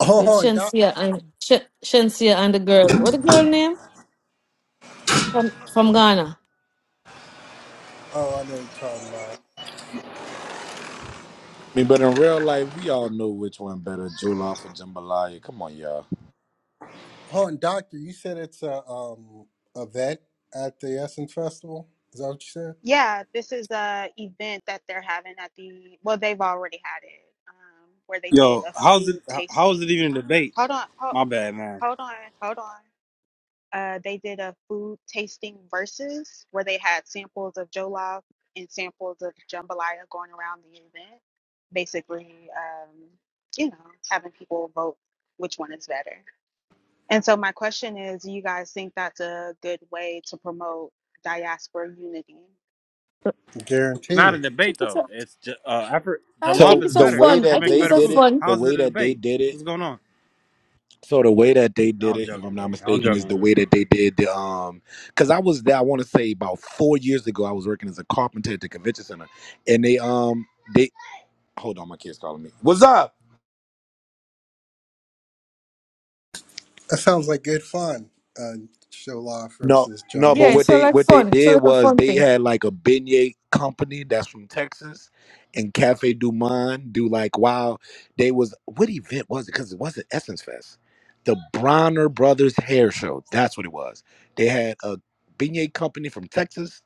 [SPEAKER 10] Hold
[SPEAKER 7] with
[SPEAKER 10] on, Doc.
[SPEAKER 7] Shensia and Sh- Shensia and the girl? What the girl name from from Ghana?
[SPEAKER 10] Oh, I know what you're talking about.
[SPEAKER 4] I mean, but in real life, we all know which one better, Jollof or Jambalaya. Come on, y'all.
[SPEAKER 10] Oh, and Doctor, you said it's a um a vet at the Essence Festival. Is that what you said?
[SPEAKER 2] Yeah, this is a event that they're having at the well, they've already had it, um, where they did
[SPEAKER 11] Yo,
[SPEAKER 2] a
[SPEAKER 11] how's it?
[SPEAKER 2] food
[SPEAKER 11] How is
[SPEAKER 2] tasting.
[SPEAKER 11] it even a debate?
[SPEAKER 2] Hold on, hold,
[SPEAKER 11] My bad, man.
[SPEAKER 2] hold on, hold on. Uh, they did a food tasting versus where they had samples of jollof and samples of jambalaya going around the event, basically, um, you know, having people vote which one is better. And so my question is, do you guys think that's a good way to promote diaspora unity?
[SPEAKER 7] I
[SPEAKER 11] Not a
[SPEAKER 10] Guaranteed.
[SPEAKER 11] debate
[SPEAKER 7] think it's
[SPEAKER 11] though.
[SPEAKER 7] a,
[SPEAKER 11] It's ju- uh, Afri-
[SPEAKER 7] I
[SPEAKER 11] jollof
[SPEAKER 4] So
[SPEAKER 7] think
[SPEAKER 11] is
[SPEAKER 7] it's a
[SPEAKER 4] the
[SPEAKER 11] better.
[SPEAKER 4] way
[SPEAKER 7] fun.
[SPEAKER 11] Africa
[SPEAKER 7] I
[SPEAKER 4] that
[SPEAKER 11] make
[SPEAKER 7] think
[SPEAKER 4] they
[SPEAKER 7] it's
[SPEAKER 11] better
[SPEAKER 7] a
[SPEAKER 4] did
[SPEAKER 11] food.
[SPEAKER 4] it,
[SPEAKER 7] fun.
[SPEAKER 4] the
[SPEAKER 11] How is
[SPEAKER 4] way
[SPEAKER 11] it a
[SPEAKER 4] that they
[SPEAKER 11] debate?
[SPEAKER 4] did it,
[SPEAKER 11] What's going on?
[SPEAKER 4] so the way that they
[SPEAKER 11] No,
[SPEAKER 4] did
[SPEAKER 11] I'm
[SPEAKER 4] it, if I'm
[SPEAKER 11] joking,
[SPEAKER 4] not
[SPEAKER 11] man. I'm
[SPEAKER 4] mistaken,
[SPEAKER 11] joking.
[SPEAKER 4] is
[SPEAKER 11] I'm
[SPEAKER 4] the
[SPEAKER 11] joking.
[SPEAKER 4] way that they did the um, because I was there. I want to say about four years ago, I was working as a carpenter at the convention center, and they um, they hold on, my kids calling me. What's up?
[SPEAKER 10] That sounds like good fun. Uh, Shola
[SPEAKER 4] No,
[SPEAKER 10] versus
[SPEAKER 4] no, but
[SPEAKER 7] Yeah,
[SPEAKER 10] Jambalaya.
[SPEAKER 7] it's
[SPEAKER 4] what
[SPEAKER 7] sort
[SPEAKER 4] they
[SPEAKER 7] of like
[SPEAKER 4] what they
[SPEAKER 7] fun. It's sort
[SPEAKER 4] did
[SPEAKER 7] of like a
[SPEAKER 4] was
[SPEAKER 7] fun
[SPEAKER 4] they
[SPEAKER 7] thing.
[SPEAKER 4] had like a beignet company that's from Texas and Cafe Du Monde do like wow they was what event was it because it wasn't Essence Fest. The Bronner Brothers Hair Show. That's what it was. They had a beignet company from Texas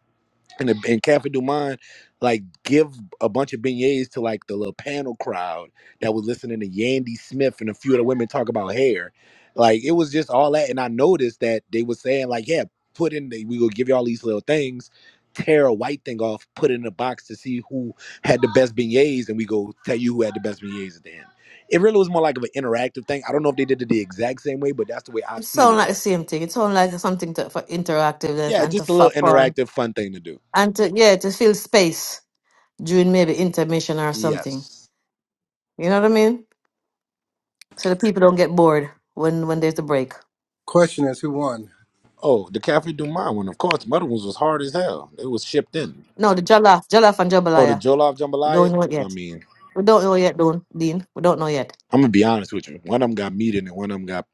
[SPEAKER 4] and the, and Cafe Du Monde, like give a bunch of beignets to like the little panel crowd that was listening to Yandy Smith and a few of the women talk about hair. Like it was just all that, and I noticed that they were saying like, yeah, put in the, we will give you all these little things. Tear a white thing off, put it in a box to see who had the best beignets, and we go tell you who had the best beignets at the end. It really was more like of an interactive thing. I don't know if they did it the exact same way, but that's the way I've
[SPEAKER 7] It
[SPEAKER 4] seen
[SPEAKER 7] sounds
[SPEAKER 4] it
[SPEAKER 7] like the
[SPEAKER 4] done.
[SPEAKER 7] same thing. It sounds like something to, for interactive life
[SPEAKER 4] Yeah,
[SPEAKER 7] and to
[SPEAKER 4] just a
[SPEAKER 7] for
[SPEAKER 4] little
[SPEAKER 7] fun
[SPEAKER 4] interactive, fun thing to do.
[SPEAKER 7] and to yeah to fill space during maybe intermission or something.
[SPEAKER 4] Yes.
[SPEAKER 7] You know what I mean? So the people don't get bored when when there's a break.
[SPEAKER 10] Question is, who won?
[SPEAKER 4] Oh, the Cafe Du Monde one, of course. The other ones was hard as hell. It was shipped in.
[SPEAKER 7] No, the jollof, jollof and
[SPEAKER 4] Oh, the
[SPEAKER 7] jambalaya.
[SPEAKER 4] Jollof
[SPEAKER 7] We
[SPEAKER 4] Jambalaya.
[SPEAKER 7] don't know it
[SPEAKER 4] I
[SPEAKER 7] yet.
[SPEAKER 4] mean,
[SPEAKER 7] We don't know yet, Don Dean. We don't know yet.
[SPEAKER 4] I'm gonna be honest with you. One of them got meat in it. One of them got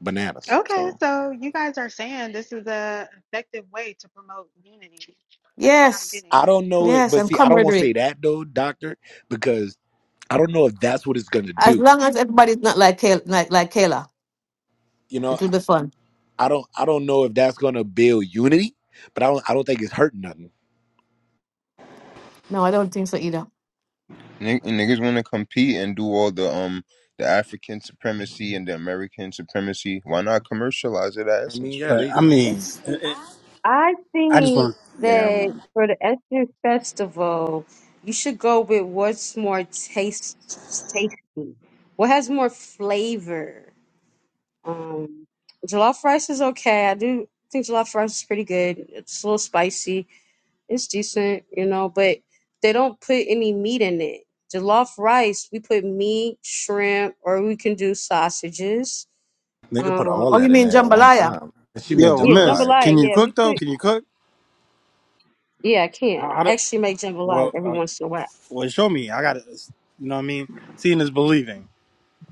[SPEAKER 4] bananas.
[SPEAKER 2] Okay,
[SPEAKER 4] So
[SPEAKER 2] so you guys are saying this is a effective way to promote unity. That's what I'm
[SPEAKER 7] Yes,
[SPEAKER 2] getting.
[SPEAKER 4] I don't know it,
[SPEAKER 7] yes,
[SPEAKER 4] but
[SPEAKER 7] and
[SPEAKER 4] see, I don't want to
[SPEAKER 7] camaraderie.
[SPEAKER 4] say that though, Doctor, because I don't know if that's what it's gonna
[SPEAKER 7] As
[SPEAKER 4] do.
[SPEAKER 7] long as everybody's not like Kay, like like Kayla,
[SPEAKER 4] You know,
[SPEAKER 7] it will be fun.
[SPEAKER 4] I don't, I don't know if that's gonna build unity, but I don't, I don't think it's hurting nothing.
[SPEAKER 7] No, I don't think so either.
[SPEAKER 1] Nig- Niggas want to compete and do all the um the African supremacy and the American supremacy. Why not commercialize it at
[SPEAKER 4] I mean,
[SPEAKER 1] Essence
[SPEAKER 4] yeah,
[SPEAKER 11] But
[SPEAKER 1] Fest?
[SPEAKER 4] they
[SPEAKER 11] I mean,
[SPEAKER 7] It's
[SPEAKER 11] it, it,
[SPEAKER 12] I
[SPEAKER 11] I just
[SPEAKER 12] think
[SPEAKER 11] want to. Yeah, never
[SPEAKER 12] that
[SPEAKER 11] mind.
[SPEAKER 12] for the Essence Festival, you should go with what's more taste tasty, what has more flavor. Um, jollof rice is okay. I do think jollof rice is pretty good. It's a little spicy. It's decent, you know, but they don't put any meat in it. Jollof rice, we put meat, shrimp, or we can do sausages.
[SPEAKER 4] nigga put
[SPEAKER 12] Um,
[SPEAKER 4] all
[SPEAKER 7] Oh, you
[SPEAKER 4] that in
[SPEAKER 7] mean
[SPEAKER 4] there at one
[SPEAKER 7] jambalaya?
[SPEAKER 4] time. She meant
[SPEAKER 11] Yo,
[SPEAKER 12] yeah,
[SPEAKER 11] Miss,
[SPEAKER 4] Jambalaya.
[SPEAKER 12] jambalaya.
[SPEAKER 11] can you
[SPEAKER 12] Yeah, we
[SPEAKER 11] cook though?
[SPEAKER 12] put
[SPEAKER 11] Can you cook?
[SPEAKER 12] Yeah, I can.
[SPEAKER 11] How, how
[SPEAKER 12] I
[SPEAKER 11] do?
[SPEAKER 12] actually make jambalaya
[SPEAKER 11] Well,
[SPEAKER 12] every
[SPEAKER 11] uh,
[SPEAKER 12] once in a while.
[SPEAKER 11] well, show me. I gotta. You know what I mean? Seeing is believing.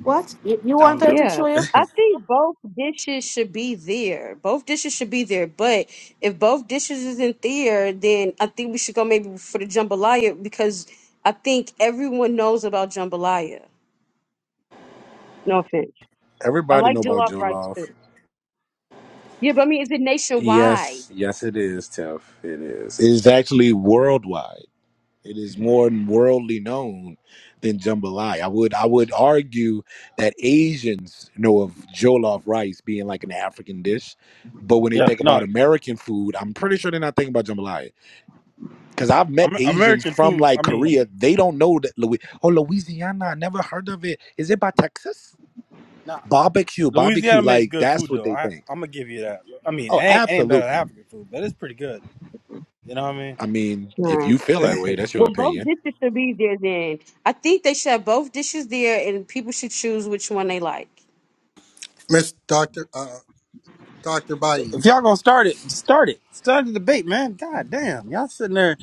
[SPEAKER 7] What? You, you
[SPEAKER 11] No,
[SPEAKER 7] want
[SPEAKER 11] I'm
[SPEAKER 7] her to
[SPEAKER 11] joking.
[SPEAKER 12] Yeah,
[SPEAKER 7] show you?
[SPEAKER 12] I think both dishes should be there. Both dishes should be there. But if both dishes isn't there, then I think we should go maybe for the jambalaya because I think everyone knows about jambalaya. No offense. I
[SPEAKER 4] Everybody
[SPEAKER 12] like
[SPEAKER 4] know about
[SPEAKER 12] jollof rice
[SPEAKER 4] Jollof.
[SPEAKER 12] too. Yeah, but I mean, is it nationwide?
[SPEAKER 4] Yes, yes, it is. is actually worldwide. It is more worldly known than jambalaya. I would I would argue that Asians know of jollof rice being like an African dish, but when they
[SPEAKER 11] Yeah,
[SPEAKER 4] think
[SPEAKER 11] no.
[SPEAKER 4] about American food, I'm pretty sure they're not thinking about jambalaya. Because I've met
[SPEAKER 11] Amer-
[SPEAKER 4] Asians
[SPEAKER 11] American
[SPEAKER 4] from
[SPEAKER 11] food.
[SPEAKER 4] like
[SPEAKER 11] I mean.
[SPEAKER 4] Korea, they don't know that Louis oh Louisiana, I never heard of it. Is it by Texas?
[SPEAKER 11] nah,
[SPEAKER 4] Barbecue, barbecue,
[SPEAKER 11] Louisiana makes
[SPEAKER 4] like
[SPEAKER 11] good
[SPEAKER 4] that's
[SPEAKER 11] food
[SPEAKER 4] what
[SPEAKER 11] though.
[SPEAKER 4] they
[SPEAKER 11] I
[SPEAKER 4] think.
[SPEAKER 11] I'm gonna give you that. I mean, it
[SPEAKER 4] Oh,
[SPEAKER 11] ain't, it ain't better than
[SPEAKER 4] absolutely.
[SPEAKER 11] African food, but it's pretty good. You know what I mean?
[SPEAKER 4] I mean, if
[SPEAKER 12] Right.
[SPEAKER 4] you feel that way, that's your
[SPEAKER 12] Well, both
[SPEAKER 4] opinion.
[SPEAKER 12] dishes should be there then. I think they should have both dishes there and people should choose which one they like.
[SPEAKER 10] Miss Doctor uh Doctor Bayou.
[SPEAKER 11] If y'all gonna start it, just start it. Start the debate, man. God damn, y'all sitting there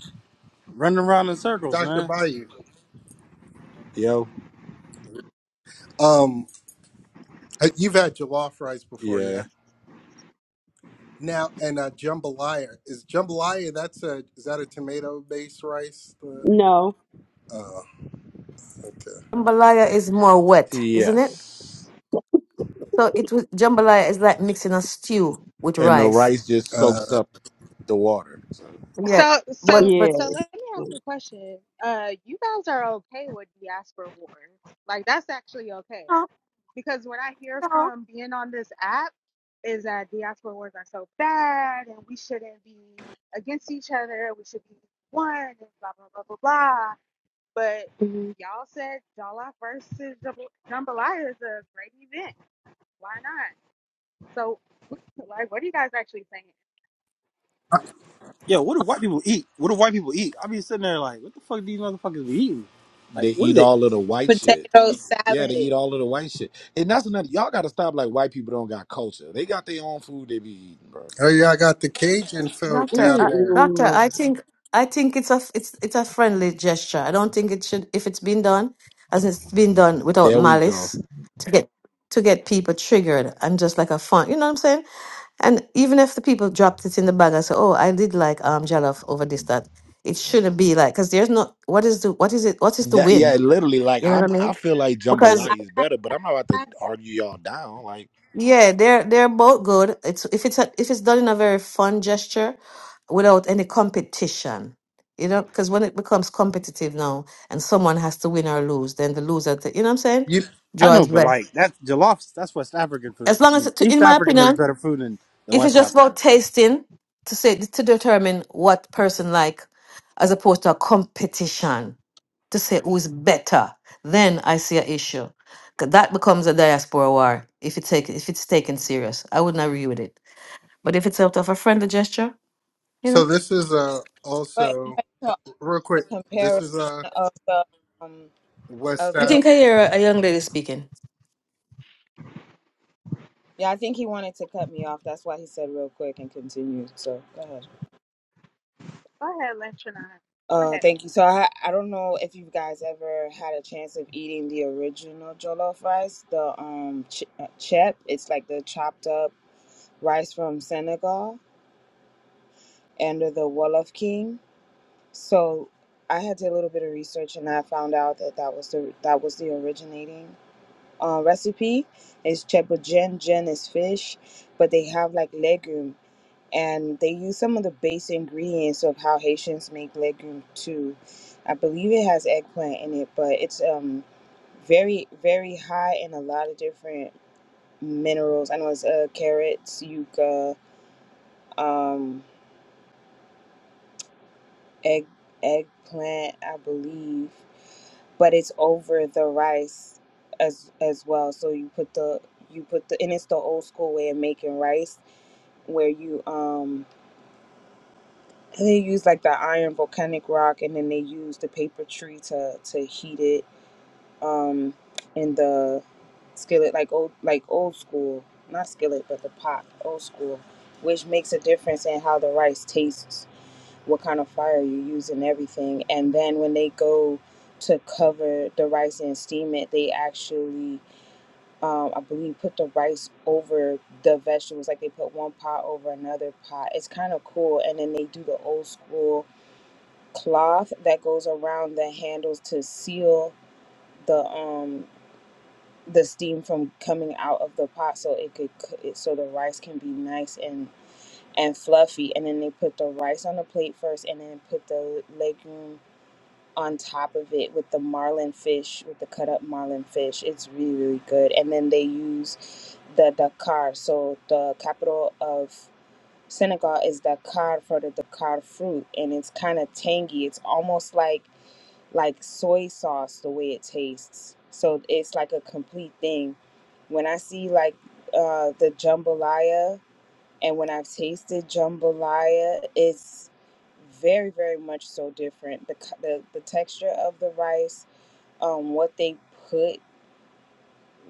[SPEAKER 11] running around in circles,
[SPEAKER 10] Doctor
[SPEAKER 11] man.
[SPEAKER 10] Bayou.
[SPEAKER 4] Yo,
[SPEAKER 10] Um, uh, you've had jollof rice before,
[SPEAKER 4] yeah.
[SPEAKER 10] yeah? Now and uh, jambalaya is jambalaya. That's a is that a tomato based rice? The,
[SPEAKER 12] No.
[SPEAKER 10] oh, okay.
[SPEAKER 7] Jambalaya is more wet, isn't it?
[SPEAKER 4] Yes.
[SPEAKER 7] So it was jambalaya is like mixing a stew with
[SPEAKER 4] And the
[SPEAKER 7] rice.
[SPEAKER 4] rice just
[SPEAKER 10] Uh,
[SPEAKER 4] soaks up the water. So
[SPEAKER 7] Yeah,
[SPEAKER 2] So
[SPEAKER 7] but
[SPEAKER 2] so
[SPEAKER 7] but
[SPEAKER 2] so
[SPEAKER 12] Yeah.
[SPEAKER 2] let me ask you a question. Uh you guys are okay with diaspora wars. Like that's actually okay.
[SPEAKER 7] no,
[SPEAKER 2] Because what I hear
[SPEAKER 7] no.
[SPEAKER 2] from being on this app is that diaspora wars are so bad and we shouldn't be against each other. We should be one and blah blah blah blah blah But y'all said Jala versus Jamb- Jambalaya is a great event. Why not? So, like, what are you guys actually saying?
[SPEAKER 11] Yo, what do white people eat? What do white people eat? I be sitting there like, what the fuck these motherfuckers be eating? Like,
[SPEAKER 4] they
[SPEAKER 11] what
[SPEAKER 4] eat
[SPEAKER 11] is it?
[SPEAKER 4] all of the white shit.
[SPEAKER 13] potato salad.
[SPEAKER 4] Yeah, they eat
[SPEAKER 13] So
[SPEAKER 4] all of the white shit. And that's another y'all gotta stop like white people don't got culture. They got their own food they be eating, bro.
[SPEAKER 10] oh yeah, I got the Cajun folk
[SPEAKER 7] Doctor,
[SPEAKER 10] down
[SPEAKER 7] uh,
[SPEAKER 10] there.
[SPEAKER 7] doctor,
[SPEAKER 12] Ooh.
[SPEAKER 7] I think I think it's a it's it's a friendly gesture. I don't think it should if it's been done as it's been done without
[SPEAKER 4] There we go.
[SPEAKER 7] malice to get to get people triggered and just like a fun, you know what I'm saying? And even if the people dropped it in the bag and say, "Oh, I did like um jollof over this that," it shouldn't be like because there's not what is the what is it what is the
[SPEAKER 4] Yeah, yeah,
[SPEAKER 7] win?
[SPEAKER 4] literally like
[SPEAKER 7] You know
[SPEAKER 4] I'm
[SPEAKER 7] what
[SPEAKER 4] I feel like
[SPEAKER 7] I mean?
[SPEAKER 13] I,
[SPEAKER 4] jambalaya is
[SPEAKER 13] I,
[SPEAKER 4] better, but I'm not about to
[SPEAKER 13] I
[SPEAKER 4] argue y'all down. Like
[SPEAKER 7] Yeah, they're they're both good. It's if it's a, if it's done in a very fun gesture, without any competition, you know, because when it becomes competitive now and someone has to win or lose, then the loser, t- you know what I'm saying,
[SPEAKER 10] You
[SPEAKER 11] I know,
[SPEAKER 7] draws
[SPEAKER 11] but
[SPEAKER 7] breath.
[SPEAKER 11] like that's jollof. That's West African
[SPEAKER 7] As
[SPEAKER 11] food.
[SPEAKER 7] long
[SPEAKER 11] I
[SPEAKER 7] as,
[SPEAKER 11] mean,
[SPEAKER 7] it, in
[SPEAKER 11] East
[SPEAKER 7] my
[SPEAKER 11] Africa makes
[SPEAKER 7] opinion,
[SPEAKER 11] better food than the
[SPEAKER 7] if it's
[SPEAKER 11] West
[SPEAKER 7] just about
[SPEAKER 11] Africa.
[SPEAKER 7] tasting to say to determine what person like, as opposed to a competition to say who is better, then I see an issue. 'Cause That becomes a diaspora war if it take if it's taken serious. I wouldn't agree with it. But if it's helped of a friendly gesture, you
[SPEAKER 10] So
[SPEAKER 7] know.
[SPEAKER 10] this is uh
[SPEAKER 13] wait, wait
[SPEAKER 10] also
[SPEAKER 13] to
[SPEAKER 10] real quick. This
[SPEAKER 13] compare
[SPEAKER 10] is uh
[SPEAKER 13] of the um
[SPEAKER 10] West
[SPEAKER 13] of
[SPEAKER 7] I
[SPEAKER 10] App.
[SPEAKER 13] the
[SPEAKER 7] think I hear a, a young lady speaking.
[SPEAKER 13] yeah. I think he wanted to cut me off. That's why he said real quick and continued. So go ahead.
[SPEAKER 2] Go ahead, Lentrina. Go
[SPEAKER 13] Uh,
[SPEAKER 2] ahead.
[SPEAKER 13] thank you. So I I don't know if you guys ever had a chance of eating the original jollof rice, the um ch- uh, chep. It's like the chopped up rice from Senegal under the Wolof King. So I had to do a little bit of research and I found out that that was the that was the originating. uh, recipe. is Chebogen, gen is fish, but they have like legume and they use some of the base ingredients of how Haitians make legume too. I believe it has eggplant in it, but it's um very very high in a lot of different minerals. I know it's uh, carrots, yuca, um egg eggplant, I believe, but it's over the rice as as well. So you put the you put the and it's the old school way of making rice where you um they use like the iron volcanic rock and then they use the paper tree to to heat it um in the skillet like old like old school not skillet but the pot old school which makes a difference in how the rice tastes what kind of fire you use and everything. And then when they go to cover the rice and steam it, they actually, um, I believe, put the rice over the vegetables. Like they put one pot over another pot. It's kind of cool. And then they do the old school cloth that goes around the handles to seal the um the steam from coming out of the pot so it could co- it, so the rice can be nice and and fluffy and then they put the rice on the plate first and then put the legume on top of it with the marlin fish, with the cut up marlin fish. It's really, really good. And then they use the Dakar. So the capital of Senegal is Dakar for the Dakar fruit, and it's kind of tangy. It's almost like like soy sauce the way it tastes. So it's like a complete thing. When I see like uh, the jambalaya and when I've tasted jambalaya, it's very, very much so different. The, c- the, the texture of the rice, um, what they put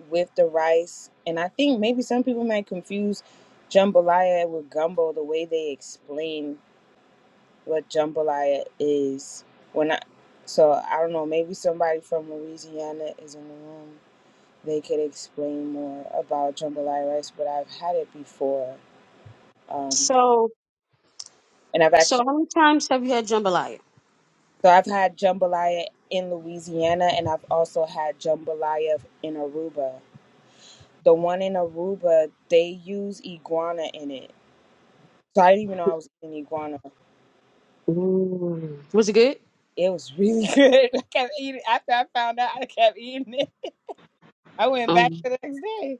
[SPEAKER 13] with the rice. And I think maybe some people might confuse jambalaya with gumbo the way they explain what jambalaya is. When I, so I don't know, maybe somebody from Louisiana is in the room. They could explain more about jambalaya rice, but I've had it before. Um,
[SPEAKER 12] So,
[SPEAKER 13] and I've
[SPEAKER 12] so how
[SPEAKER 13] actually
[SPEAKER 12] many times have you had jambalaya?
[SPEAKER 13] So I've had jambalaya in Louisiana and I've also had jambalaya in Aruba. The one in Aruba, they use iguana in it. So I didn't even know I was eating iguana.
[SPEAKER 12] Ooh. Was it good?
[SPEAKER 13] It was really good. I kept eating it. after I found out I kept eating it. I went back
[SPEAKER 12] Mm.
[SPEAKER 13] the next day.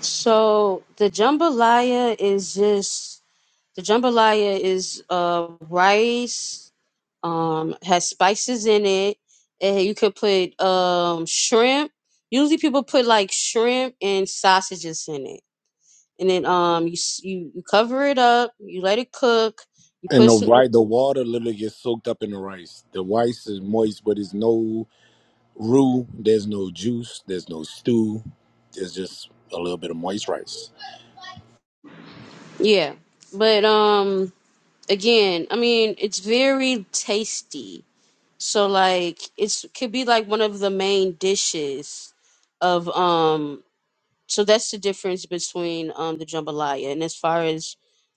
[SPEAKER 12] So the jambalaya is just the jambalaya is uh rice, um, has spices in it, and you could put um shrimp. Usually people put like shrimp and sausages in it, and then um you s- you, you cover it up, you let it cook, you
[SPEAKER 4] and
[SPEAKER 12] put
[SPEAKER 4] the
[SPEAKER 12] some
[SPEAKER 4] right
[SPEAKER 12] ex-
[SPEAKER 4] the water literally gets soaked up in the rice. The rice is moist, but there's no roux, there's no juice, there's no stew. There's just a little bit of moist rice.
[SPEAKER 12] yeah, but um. again, I mean, it's very tasty. So like it's could be like one of the main dishes of um so that's the difference between um the jambalaya and as far as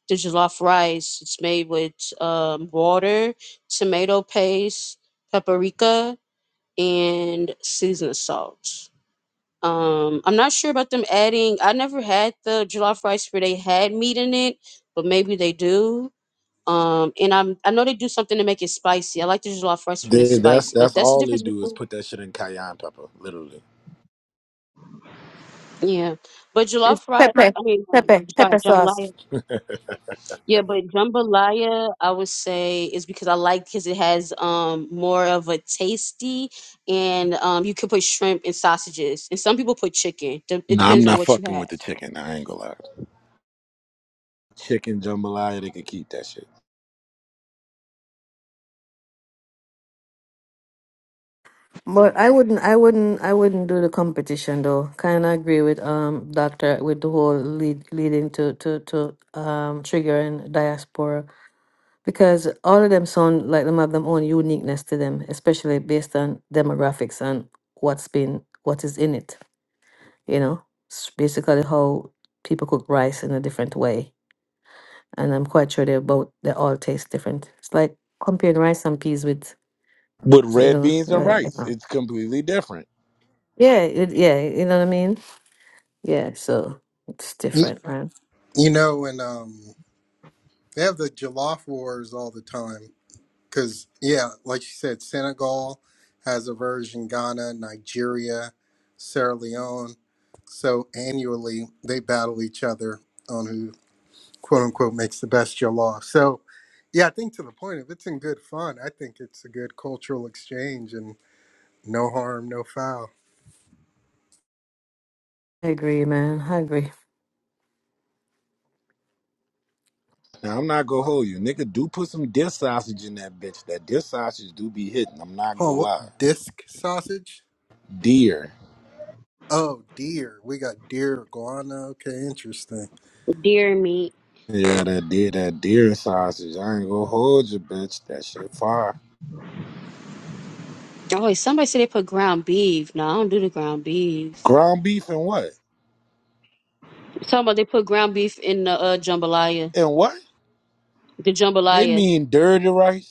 [SPEAKER 12] the jollof rice, it's made with um water, tomato paste, paprika, and seasoning salt. Um I'm not sure about them adding I never had the jollof rice where they had meat in it, but maybe they do um, and I'm I know they do something to make it spicy. I like the jollof rice when it's
[SPEAKER 4] They, that's
[SPEAKER 12] spicy, but
[SPEAKER 4] that's
[SPEAKER 12] that's the
[SPEAKER 4] all they
[SPEAKER 12] difference
[SPEAKER 4] do is
[SPEAKER 12] between
[SPEAKER 4] put that shit in cayenne pepper, literally.
[SPEAKER 12] yeah. But jollof rice, I, I mean, um, sorry, jambalaya. Yeah, but jambalaya, I would say is because I like because it has um more of a tasty, and um you can put shrimp and sausages, and some people put chicken. De- It
[SPEAKER 4] Nah, I'm
[SPEAKER 12] depends on
[SPEAKER 4] not
[SPEAKER 12] what you
[SPEAKER 4] fucking with the
[SPEAKER 12] have.
[SPEAKER 4] chicken. I ain't gonna lie. Chicken jambalaya, they can keep that shit.
[SPEAKER 7] But I wouldn't, I wouldn't, I wouldn't do the competition though. Kind of agree with um doctor with the whole lead leading to to to um triggering diaspora because all of them sound like them have their own uniqueness to them, especially based on demographics and what's been what is in it. You know, it's basically how people cook rice in a different way and I'm quite sure they're both they all taste different. It's like comparing rice and peas with
[SPEAKER 4] With
[SPEAKER 7] you
[SPEAKER 4] red
[SPEAKER 7] know,
[SPEAKER 4] beans and
[SPEAKER 7] like,
[SPEAKER 4] rice,
[SPEAKER 7] uh,
[SPEAKER 4] it's completely different.
[SPEAKER 7] yeah, it, yeah, you know what I mean. Yeah, so it's
[SPEAKER 10] You,
[SPEAKER 7] different, man.
[SPEAKER 10] you know, and um, they have the Jollof Wars all the time. Cause yeah, like you said, Senegal has a version, Ghana, Nigeria, Sierra Leone. So annually they battle each other on who quote unquote makes the best Jollof. So yeah, I think to the point, if it's in good fun, I think it's a good cultural exchange and no harm, no foul.
[SPEAKER 7] I agree, man. I agree.
[SPEAKER 4] Now I'm not gonna hold you, nigga. Do put some deer sausage in that bitch. That deer sausage do be hitting. I'm not
[SPEAKER 10] Oh,
[SPEAKER 4] gonna
[SPEAKER 10] what
[SPEAKER 4] lie.
[SPEAKER 10] disc sausage?
[SPEAKER 4] Deer,
[SPEAKER 10] Oh, deer. We got deer iguana. Okay, interesting.
[SPEAKER 12] Deer meat.
[SPEAKER 4] yeah, that deer, that deer sausage. I ain't gonna hold you, bitch. That shit fire.
[SPEAKER 12] Oh, wait, somebody said they put ground beef. No, I don't do the ground beef.
[SPEAKER 4] Ground beef and what?
[SPEAKER 12] Talking about they put ground beef in the uh, jambalaya.
[SPEAKER 4] And what?
[SPEAKER 12] The
[SPEAKER 4] They
[SPEAKER 12] jambalaya.
[SPEAKER 4] mean dirty rice.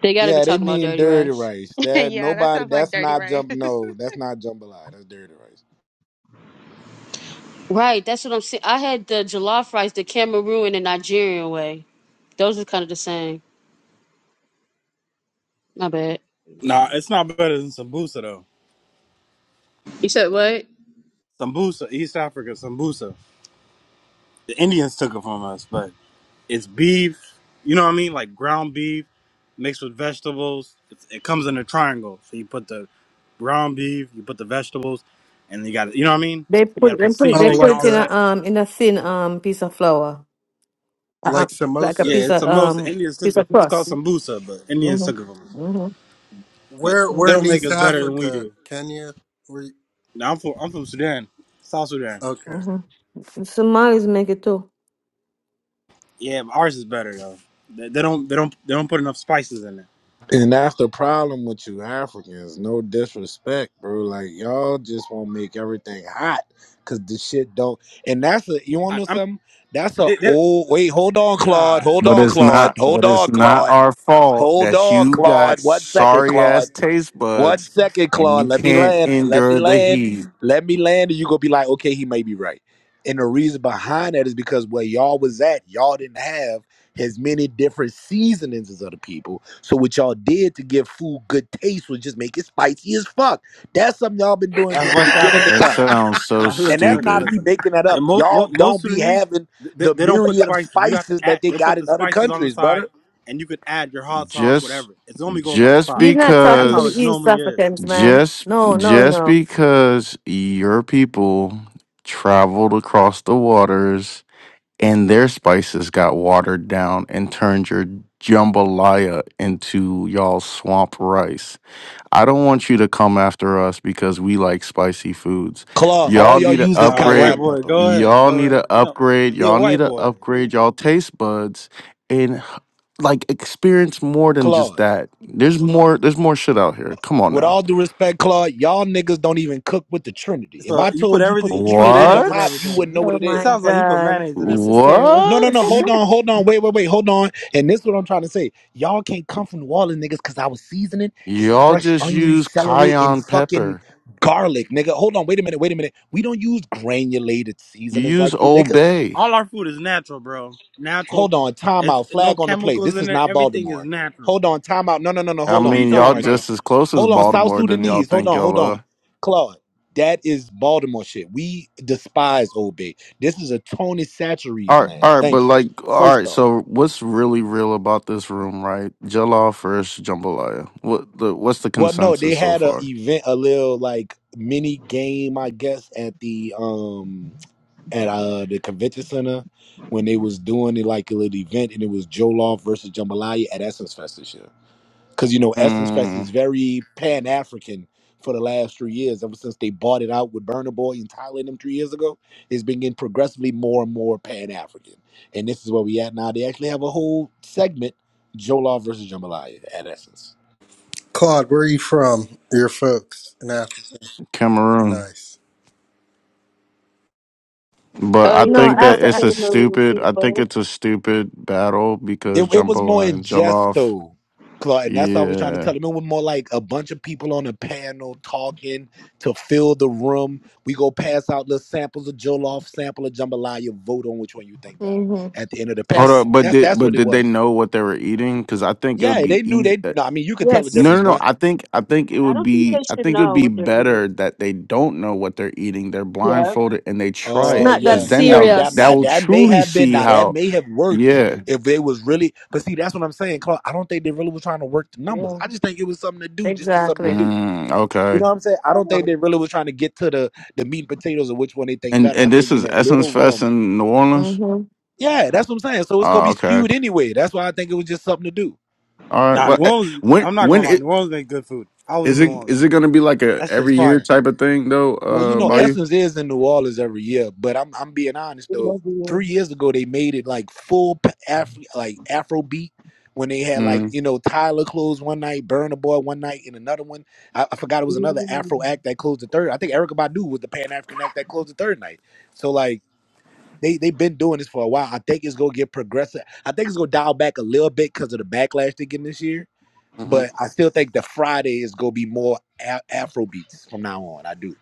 [SPEAKER 12] They gotta be
[SPEAKER 4] Yeah, they
[SPEAKER 12] talking about
[SPEAKER 4] mean
[SPEAKER 12] dirty
[SPEAKER 4] dirty
[SPEAKER 12] rice.
[SPEAKER 4] rice. That
[SPEAKER 2] yeah, that
[SPEAKER 4] nobody.
[SPEAKER 2] sounds like
[SPEAKER 4] That's
[SPEAKER 2] dirty,
[SPEAKER 4] not
[SPEAKER 2] right?
[SPEAKER 4] jump. No, that's not jambalaya. That's dirty rice.
[SPEAKER 12] Right, that's what I'm saying. I had the jollof rice, the Cameroon and Nigerian way. Those are kind of the same. My bad.
[SPEAKER 11] Nah, it's not better than sambusa though.
[SPEAKER 12] You said what?
[SPEAKER 11] Sambusa, East Africa, sambusa. The Indians took it from us, but. It's beef. You know what I mean? Like ground beef mixed with vegetables. It's, it comes in a triangle. So you put the ground beef, you put the vegetables, and you got to, you know what I mean?
[SPEAKER 7] They
[SPEAKER 11] You got
[SPEAKER 7] put
[SPEAKER 11] to
[SPEAKER 7] they
[SPEAKER 11] put
[SPEAKER 7] put it
[SPEAKER 10] Oh,
[SPEAKER 7] they
[SPEAKER 11] seasoning
[SPEAKER 7] put
[SPEAKER 11] and
[SPEAKER 10] like
[SPEAKER 7] it
[SPEAKER 11] all
[SPEAKER 7] in
[SPEAKER 10] a
[SPEAKER 7] a
[SPEAKER 11] that.
[SPEAKER 7] um in a thin um piece of flour, uh, uh,
[SPEAKER 10] like
[SPEAKER 7] like a
[SPEAKER 11] Yeah,
[SPEAKER 7] piece
[SPEAKER 10] samosa.
[SPEAKER 11] it's
[SPEAKER 7] of
[SPEAKER 11] the most
[SPEAKER 7] um
[SPEAKER 11] Indian
[SPEAKER 7] piece
[SPEAKER 11] sukkah.
[SPEAKER 7] of
[SPEAKER 11] It's called
[SPEAKER 7] crust.
[SPEAKER 11] sambusa, but Indian
[SPEAKER 7] Mhm,
[SPEAKER 11] sukkah.
[SPEAKER 7] mhm,
[SPEAKER 11] But
[SPEAKER 10] Where
[SPEAKER 11] they
[SPEAKER 10] where in
[SPEAKER 7] mhm,
[SPEAKER 11] don't make
[SPEAKER 10] East
[SPEAKER 11] us better than we
[SPEAKER 10] Africa?
[SPEAKER 11] do.
[SPEAKER 10] Kenya? Where? You,
[SPEAKER 11] Now I'm from I'm from Sudan, South Sudan.
[SPEAKER 10] okay.
[SPEAKER 7] mhm. The Somalis make it too.
[SPEAKER 11] Yeah, but ours is better though. They, they don't they don't they don't put enough spices in it.
[SPEAKER 4] And that's the problem with you Africans. No disrespect, bro. Like y'all just want to make everything hot because the shit don't. And that's a. You want to
[SPEAKER 11] I,
[SPEAKER 4] know
[SPEAKER 11] I mean,
[SPEAKER 4] something? That's a
[SPEAKER 11] they, they,
[SPEAKER 4] old. Wait, hold on, Claude.
[SPEAKER 11] all
[SPEAKER 4] Hold
[SPEAKER 14] But
[SPEAKER 11] right,
[SPEAKER 4] on,
[SPEAKER 14] it's
[SPEAKER 4] Claude.
[SPEAKER 14] not
[SPEAKER 4] Hold
[SPEAKER 14] but
[SPEAKER 4] on,
[SPEAKER 14] it's not
[SPEAKER 4] Claude.
[SPEAKER 14] our fault
[SPEAKER 4] Hold
[SPEAKER 14] that
[SPEAKER 4] on,
[SPEAKER 14] you got
[SPEAKER 4] Claude. One second,
[SPEAKER 14] sorry
[SPEAKER 4] Claude.
[SPEAKER 14] ass taste
[SPEAKER 4] One
[SPEAKER 14] buds
[SPEAKER 4] second,
[SPEAKER 14] and
[SPEAKER 4] Claude.
[SPEAKER 14] you
[SPEAKER 4] Let me
[SPEAKER 14] can't
[SPEAKER 4] land. Let me
[SPEAKER 14] endure the
[SPEAKER 4] land.
[SPEAKER 14] heat.
[SPEAKER 4] Let me land. And you gonna be like, okay, he may be right. And the reason behind that is because where y'all was at, y'all didn't have as many different seasonings as other people. So what y'all did to give food good taste was just make it spicy as fuck. That's something y'all been doing
[SPEAKER 11] That's
[SPEAKER 4] since the
[SPEAKER 11] West
[SPEAKER 4] beginning of
[SPEAKER 11] Africa,
[SPEAKER 14] That
[SPEAKER 11] bro.
[SPEAKER 4] time.
[SPEAKER 14] sounds so
[SPEAKER 11] Uh,
[SPEAKER 4] And
[SPEAKER 11] listen,
[SPEAKER 4] that's
[SPEAKER 11] listen,
[SPEAKER 4] not
[SPEAKER 14] stupid.
[SPEAKER 4] me
[SPEAKER 11] listen.
[SPEAKER 4] making that up.
[SPEAKER 11] And most
[SPEAKER 4] Y'all
[SPEAKER 11] most, most
[SPEAKER 4] don't be
[SPEAKER 11] Sudanese,
[SPEAKER 4] having
[SPEAKER 11] they,
[SPEAKER 4] the
[SPEAKER 11] they don't put
[SPEAKER 4] myriad of
[SPEAKER 11] spices. You have to
[SPEAKER 4] spices
[SPEAKER 11] add.
[SPEAKER 4] that they
[SPEAKER 11] They'll
[SPEAKER 4] got
[SPEAKER 11] put
[SPEAKER 4] in
[SPEAKER 11] the
[SPEAKER 4] other
[SPEAKER 11] spices on the
[SPEAKER 4] countries,
[SPEAKER 11] side,
[SPEAKER 4] brother.
[SPEAKER 11] and you could add your hot sauce,
[SPEAKER 14] Just
[SPEAKER 11] whatever. It normally goes on the
[SPEAKER 14] just
[SPEAKER 11] side.
[SPEAKER 7] You're not
[SPEAKER 11] That's
[SPEAKER 7] talking to
[SPEAKER 11] how
[SPEAKER 7] the
[SPEAKER 11] it
[SPEAKER 14] because
[SPEAKER 7] East
[SPEAKER 11] normally is.
[SPEAKER 7] Africans, man.
[SPEAKER 14] just
[SPEAKER 7] No, no,
[SPEAKER 14] just
[SPEAKER 7] no.
[SPEAKER 14] because your people traveled across the waters and their spices got watered down and turned your jambalaya into y'all swamp rice I don't want you to come after us because we like spicy foods.
[SPEAKER 4] Claude, all
[SPEAKER 14] Y'all
[SPEAKER 4] y'all
[SPEAKER 14] need to
[SPEAKER 4] use is
[SPEAKER 11] All right,
[SPEAKER 14] upgrade.
[SPEAKER 11] white
[SPEAKER 4] cayenne
[SPEAKER 11] boy,
[SPEAKER 4] pepper.
[SPEAKER 11] go ahead,
[SPEAKER 14] Y'all
[SPEAKER 11] go
[SPEAKER 14] need
[SPEAKER 11] ahead.
[SPEAKER 14] to
[SPEAKER 11] No,
[SPEAKER 14] upgrade.
[SPEAKER 11] he a
[SPEAKER 14] Y'all need
[SPEAKER 11] white
[SPEAKER 14] to
[SPEAKER 11] boy.
[SPEAKER 14] upgrade y'all taste buds and like experience more than just
[SPEAKER 4] Claude.
[SPEAKER 14] that. There's more there's more shit out here. Come on
[SPEAKER 4] with
[SPEAKER 14] now.
[SPEAKER 4] all due respect, Claude, y'all niggas don't even cook with the Trinity. If I
[SPEAKER 11] So you put
[SPEAKER 4] told you put the
[SPEAKER 11] everything. You put
[SPEAKER 4] Trinity in the
[SPEAKER 11] mayonnaise in
[SPEAKER 4] pot, you
[SPEAKER 14] What?
[SPEAKER 11] everything.
[SPEAKER 4] wouldn't know
[SPEAKER 11] He,
[SPEAKER 4] what
[SPEAKER 7] Oh
[SPEAKER 4] it
[SPEAKER 11] he
[SPEAKER 4] is.
[SPEAKER 7] my
[SPEAKER 11] sounds like he put
[SPEAKER 7] God,
[SPEAKER 11] mayonnaise in
[SPEAKER 7] pieces
[SPEAKER 11] everything.
[SPEAKER 7] terrible.
[SPEAKER 4] No, no, no.
[SPEAKER 14] What?
[SPEAKER 4] Hold
[SPEAKER 11] You
[SPEAKER 4] on, hold on. Wait, wait, wait. Hold on. And this is what I'm trying to say. Y'all can't come from New Orleans, niggas, because our seasoning is
[SPEAKER 14] Y'all
[SPEAKER 4] fresh
[SPEAKER 14] just
[SPEAKER 4] onion,
[SPEAKER 14] use
[SPEAKER 4] celery, and
[SPEAKER 14] cayenne
[SPEAKER 4] fucking
[SPEAKER 14] pepper.
[SPEAKER 4] garlic, nigga. Hold on. Wait a minute. Wait a minute. We don't use granulated
[SPEAKER 14] You
[SPEAKER 4] seasonings
[SPEAKER 14] use
[SPEAKER 4] like you
[SPEAKER 14] Old
[SPEAKER 4] niggas.
[SPEAKER 14] Bay.
[SPEAKER 11] all our food is natural, bro. Natural.
[SPEAKER 4] hold on,
[SPEAKER 11] It's
[SPEAKER 4] timeout,
[SPEAKER 11] no
[SPEAKER 4] flag on the play.
[SPEAKER 11] chemicals
[SPEAKER 4] This
[SPEAKER 11] in
[SPEAKER 4] is
[SPEAKER 11] there.
[SPEAKER 4] not
[SPEAKER 11] Everything is
[SPEAKER 4] Baltimore.
[SPEAKER 11] natural.
[SPEAKER 4] Hold on, timeout. No, no, no, no.
[SPEAKER 14] I
[SPEAKER 11] So
[SPEAKER 4] Hold
[SPEAKER 11] what are
[SPEAKER 4] on,
[SPEAKER 11] you
[SPEAKER 14] mean,
[SPEAKER 4] hold on,
[SPEAKER 14] y'all
[SPEAKER 11] talking
[SPEAKER 4] right quick.
[SPEAKER 11] about?
[SPEAKER 14] just as close as
[SPEAKER 4] Hold on, South
[SPEAKER 14] Baltimore than y'all
[SPEAKER 4] Sudanese. Hold
[SPEAKER 14] think
[SPEAKER 4] on,
[SPEAKER 14] y'all
[SPEAKER 4] hold
[SPEAKER 14] are.
[SPEAKER 4] on, Claude. That is Baltimore shit. We despise Old Bay. This is a Tony Satchery's
[SPEAKER 14] All right,
[SPEAKER 4] land.
[SPEAKER 14] all right, but
[SPEAKER 4] Thank you.
[SPEAKER 14] like, all
[SPEAKER 4] First
[SPEAKER 14] right.
[SPEAKER 4] off,
[SPEAKER 14] So, what's really real about this room, right? Jell-O first, jambalaya. What the? What's the
[SPEAKER 4] well, no, they
[SPEAKER 14] consensus so
[SPEAKER 4] had a
[SPEAKER 14] far?
[SPEAKER 4] event, a little like mini game, I guess, at the um at uh the convention center when they was doing it like a little event, and it was Joe Law versus Jambalaya at Essence Fest this year. because you know Essence Fest is
[SPEAKER 14] Mm,
[SPEAKER 4] very Pan African for the last three years. Ever since they bought it out with Burner Boy in Thailand them three years ago, it's been getting progressively more and more Pan African. And this is where we at now. They actually have a whole segment, Jola versus Jambalaya at Essence.
[SPEAKER 10] Claude, where are you from? Your folks in Africa.
[SPEAKER 14] Cameroon,
[SPEAKER 10] Nice.
[SPEAKER 14] but
[SPEAKER 12] Oh
[SPEAKER 14] I
[SPEAKER 12] yeah,
[SPEAKER 7] No,
[SPEAKER 14] think
[SPEAKER 12] I know
[SPEAKER 14] that
[SPEAKER 7] after.
[SPEAKER 14] it's a
[SPEAKER 12] Cameroon
[SPEAKER 14] stupid. I think
[SPEAKER 12] people.
[SPEAKER 14] it's a stupid battle
[SPEAKER 4] It,
[SPEAKER 14] because
[SPEAKER 4] it was more
[SPEAKER 14] jambalaya
[SPEAKER 4] in
[SPEAKER 14] and
[SPEAKER 4] jest
[SPEAKER 14] jollof.
[SPEAKER 4] though, Clark, and that's what I was trying to tell
[SPEAKER 14] Yeah.
[SPEAKER 4] him. It was more like a bunch of people on a panel talking to fill the room. We go pass out little samples of jollof, sample of jambalaya, vote on which one you think better
[SPEAKER 7] Mm-hmm.
[SPEAKER 4] at the end of the
[SPEAKER 14] Hold
[SPEAKER 7] Yes.
[SPEAKER 14] up,
[SPEAKER 4] panel.
[SPEAKER 14] but
[SPEAKER 4] That's
[SPEAKER 14] did
[SPEAKER 4] that's
[SPEAKER 14] but
[SPEAKER 4] what it
[SPEAKER 14] did they
[SPEAKER 4] was.
[SPEAKER 14] know what they were eating? Because I think it would
[SPEAKER 4] Yeah,
[SPEAKER 14] be
[SPEAKER 4] they knew
[SPEAKER 14] easy.
[SPEAKER 4] they. No, I mean you could tell the
[SPEAKER 7] Yes.
[SPEAKER 14] No,
[SPEAKER 4] difference.
[SPEAKER 14] no, no.
[SPEAKER 4] One,
[SPEAKER 14] I think I think it
[SPEAKER 12] I
[SPEAKER 14] would
[SPEAKER 12] don't think they
[SPEAKER 14] be I
[SPEAKER 12] should
[SPEAKER 14] think it would
[SPEAKER 12] know
[SPEAKER 14] be
[SPEAKER 12] what they're eating.
[SPEAKER 14] better that they don't know what they're eating. They're
[SPEAKER 12] Yeah.
[SPEAKER 14] blindfolded and they try
[SPEAKER 7] It's
[SPEAKER 4] oh
[SPEAKER 14] it
[SPEAKER 7] not that
[SPEAKER 4] yeah,
[SPEAKER 14] because then
[SPEAKER 4] that
[SPEAKER 14] they'll
[SPEAKER 4] that
[SPEAKER 14] that
[SPEAKER 7] serious.
[SPEAKER 4] not
[SPEAKER 14] will
[SPEAKER 4] that may
[SPEAKER 14] truly
[SPEAKER 4] have been
[SPEAKER 14] see
[SPEAKER 4] now that
[SPEAKER 14] how.
[SPEAKER 4] may have worked
[SPEAKER 14] Yeah.
[SPEAKER 4] if they was really. But see, that's what I'm saying, Clark. I don't think they really was trying to work the numbers.
[SPEAKER 7] Yeah.
[SPEAKER 4] I just think it was something to do, just to something to
[SPEAKER 7] Exactly.
[SPEAKER 4] do.
[SPEAKER 14] Mm,
[SPEAKER 4] You
[SPEAKER 14] okay.
[SPEAKER 4] know what I'm saying? I don't think
[SPEAKER 12] Oh,
[SPEAKER 4] they really was trying to get to the the meat and potatoes of which one they think
[SPEAKER 14] And
[SPEAKER 4] better. I
[SPEAKER 14] and this
[SPEAKER 4] think in
[SPEAKER 14] is
[SPEAKER 4] that
[SPEAKER 14] Essence
[SPEAKER 4] little
[SPEAKER 14] Fest
[SPEAKER 4] room.
[SPEAKER 14] in New Orleans.
[SPEAKER 7] Mm-hmm.
[SPEAKER 4] Yeah, that's what I'm saying. So it's gonna
[SPEAKER 14] Oh,
[SPEAKER 4] be
[SPEAKER 14] okay.
[SPEAKER 4] skewed anyway. That's why I think it was just something to do.
[SPEAKER 14] All right.
[SPEAKER 11] Nah,
[SPEAKER 14] Well,
[SPEAKER 11] New
[SPEAKER 14] eh,
[SPEAKER 11] Orleans.
[SPEAKER 14] when
[SPEAKER 11] I'm not gonna
[SPEAKER 14] when
[SPEAKER 11] lie. New
[SPEAKER 14] it
[SPEAKER 11] Orleans make good food. I was
[SPEAKER 14] is
[SPEAKER 11] in New
[SPEAKER 14] it
[SPEAKER 11] Orleans.
[SPEAKER 14] is it going to be like a
[SPEAKER 11] That shit's
[SPEAKER 14] every year
[SPEAKER 11] fire.
[SPEAKER 14] type of thing though?
[SPEAKER 4] Well, you
[SPEAKER 14] Uh,
[SPEAKER 7] You
[SPEAKER 4] know,
[SPEAKER 14] by
[SPEAKER 7] mean
[SPEAKER 14] you.
[SPEAKER 4] Essence is in New Orleans every year, but I'm I'm being honest
[SPEAKER 12] yeah,
[SPEAKER 4] though.
[SPEAKER 12] yeah.
[SPEAKER 4] Three years ago, they made it like full p- Afro like Afrobeat when they had like
[SPEAKER 14] Mm-hmm.
[SPEAKER 4] you know Tyler closed one night, Burn the Boy one night, and another one. I, I forgot it was another
[SPEAKER 12] Mm.
[SPEAKER 4] Afro act that closed the third. I think Erica Badu was the Pan African act that closed the third night. So like They they've been doing this for a while. I think it's gonna get progressive. I think it's gonna dial back a little bit because of the backlash they're getting this year. But I still think the Friday is gonna be more a- Afro beats from now on. I do.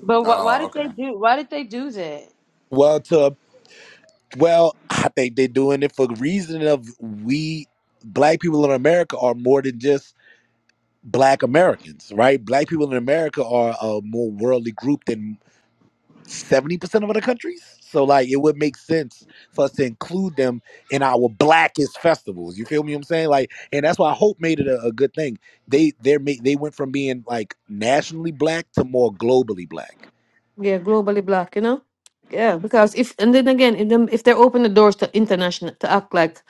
[SPEAKER 12] But wh- why
[SPEAKER 14] Oh,
[SPEAKER 12] did they
[SPEAKER 14] okay.
[SPEAKER 12] do? Why did they do that?
[SPEAKER 4] Well, to well, I think they're doing it for the reason of we black people in America are more than just black Americans, right? Black people in America are a more worldly group than 70% of other countries. So like it would make sense for us to include them in our blackest festivals. You feel me? What I'm saying like, and that's why Hope made it a, a good thing. They they made they went from being like nationally black to more globally black.
[SPEAKER 7] yeah, globally black, you know? Yeah, because if and then again, if them if they open the doors to international to act like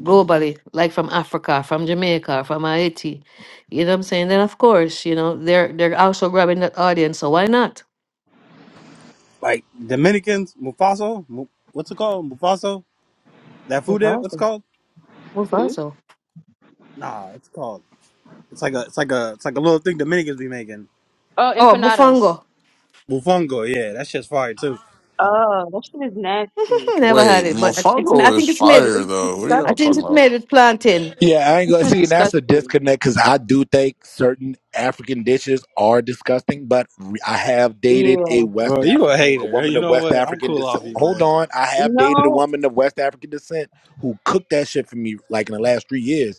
[SPEAKER 7] globally, like from Africa, from Jamaica, from Haiti, you know what I'm saying? Then of course, you know, they're they're also grabbing that audience, so why not?
[SPEAKER 11] Like Dominicans, Mufaso. Mu- what's it called? Mufaso. That food. there, What's it
[SPEAKER 7] Mufaso.
[SPEAKER 11] called?
[SPEAKER 12] Hmm?
[SPEAKER 7] Mufaso.
[SPEAKER 11] Nah, it's called. It's like a. It's like a. It's like a little thing Dominicans be making.
[SPEAKER 12] Oh,
[SPEAKER 7] Oh,
[SPEAKER 12] empanadas.
[SPEAKER 7] Mufango.
[SPEAKER 11] Bufongo. Yeah, that shit's fire too.
[SPEAKER 12] Oh, that shit is nasty.
[SPEAKER 7] Never
[SPEAKER 14] Wait,
[SPEAKER 7] had it, but it's I
[SPEAKER 14] Mofongo is
[SPEAKER 7] think it's made
[SPEAKER 14] fire
[SPEAKER 12] It's
[SPEAKER 14] though. What are
[SPEAKER 7] I
[SPEAKER 14] y'all
[SPEAKER 7] think
[SPEAKER 14] talking
[SPEAKER 12] disgusting.
[SPEAKER 7] it
[SPEAKER 14] about?
[SPEAKER 7] made it planting.
[SPEAKER 4] Yeah, I ain't gonna
[SPEAKER 12] This is
[SPEAKER 4] see. And that's a
[SPEAKER 12] disgusting.
[SPEAKER 4] disconnect because I do think certain African dishes are disgusting. But re- I have dated a
[SPEAKER 12] Yeah.
[SPEAKER 11] Bro,
[SPEAKER 4] West
[SPEAKER 11] you a
[SPEAKER 4] African, a
[SPEAKER 11] hater.
[SPEAKER 4] woman
[SPEAKER 11] You
[SPEAKER 4] of
[SPEAKER 11] know
[SPEAKER 4] West
[SPEAKER 11] what? I'm
[SPEAKER 4] African
[SPEAKER 11] cool
[SPEAKER 4] descent.
[SPEAKER 11] off you,
[SPEAKER 4] Hold
[SPEAKER 11] man.
[SPEAKER 4] on, I have dated a
[SPEAKER 12] No.
[SPEAKER 4] woman of West African descent who cooked that shit for me like in the last three years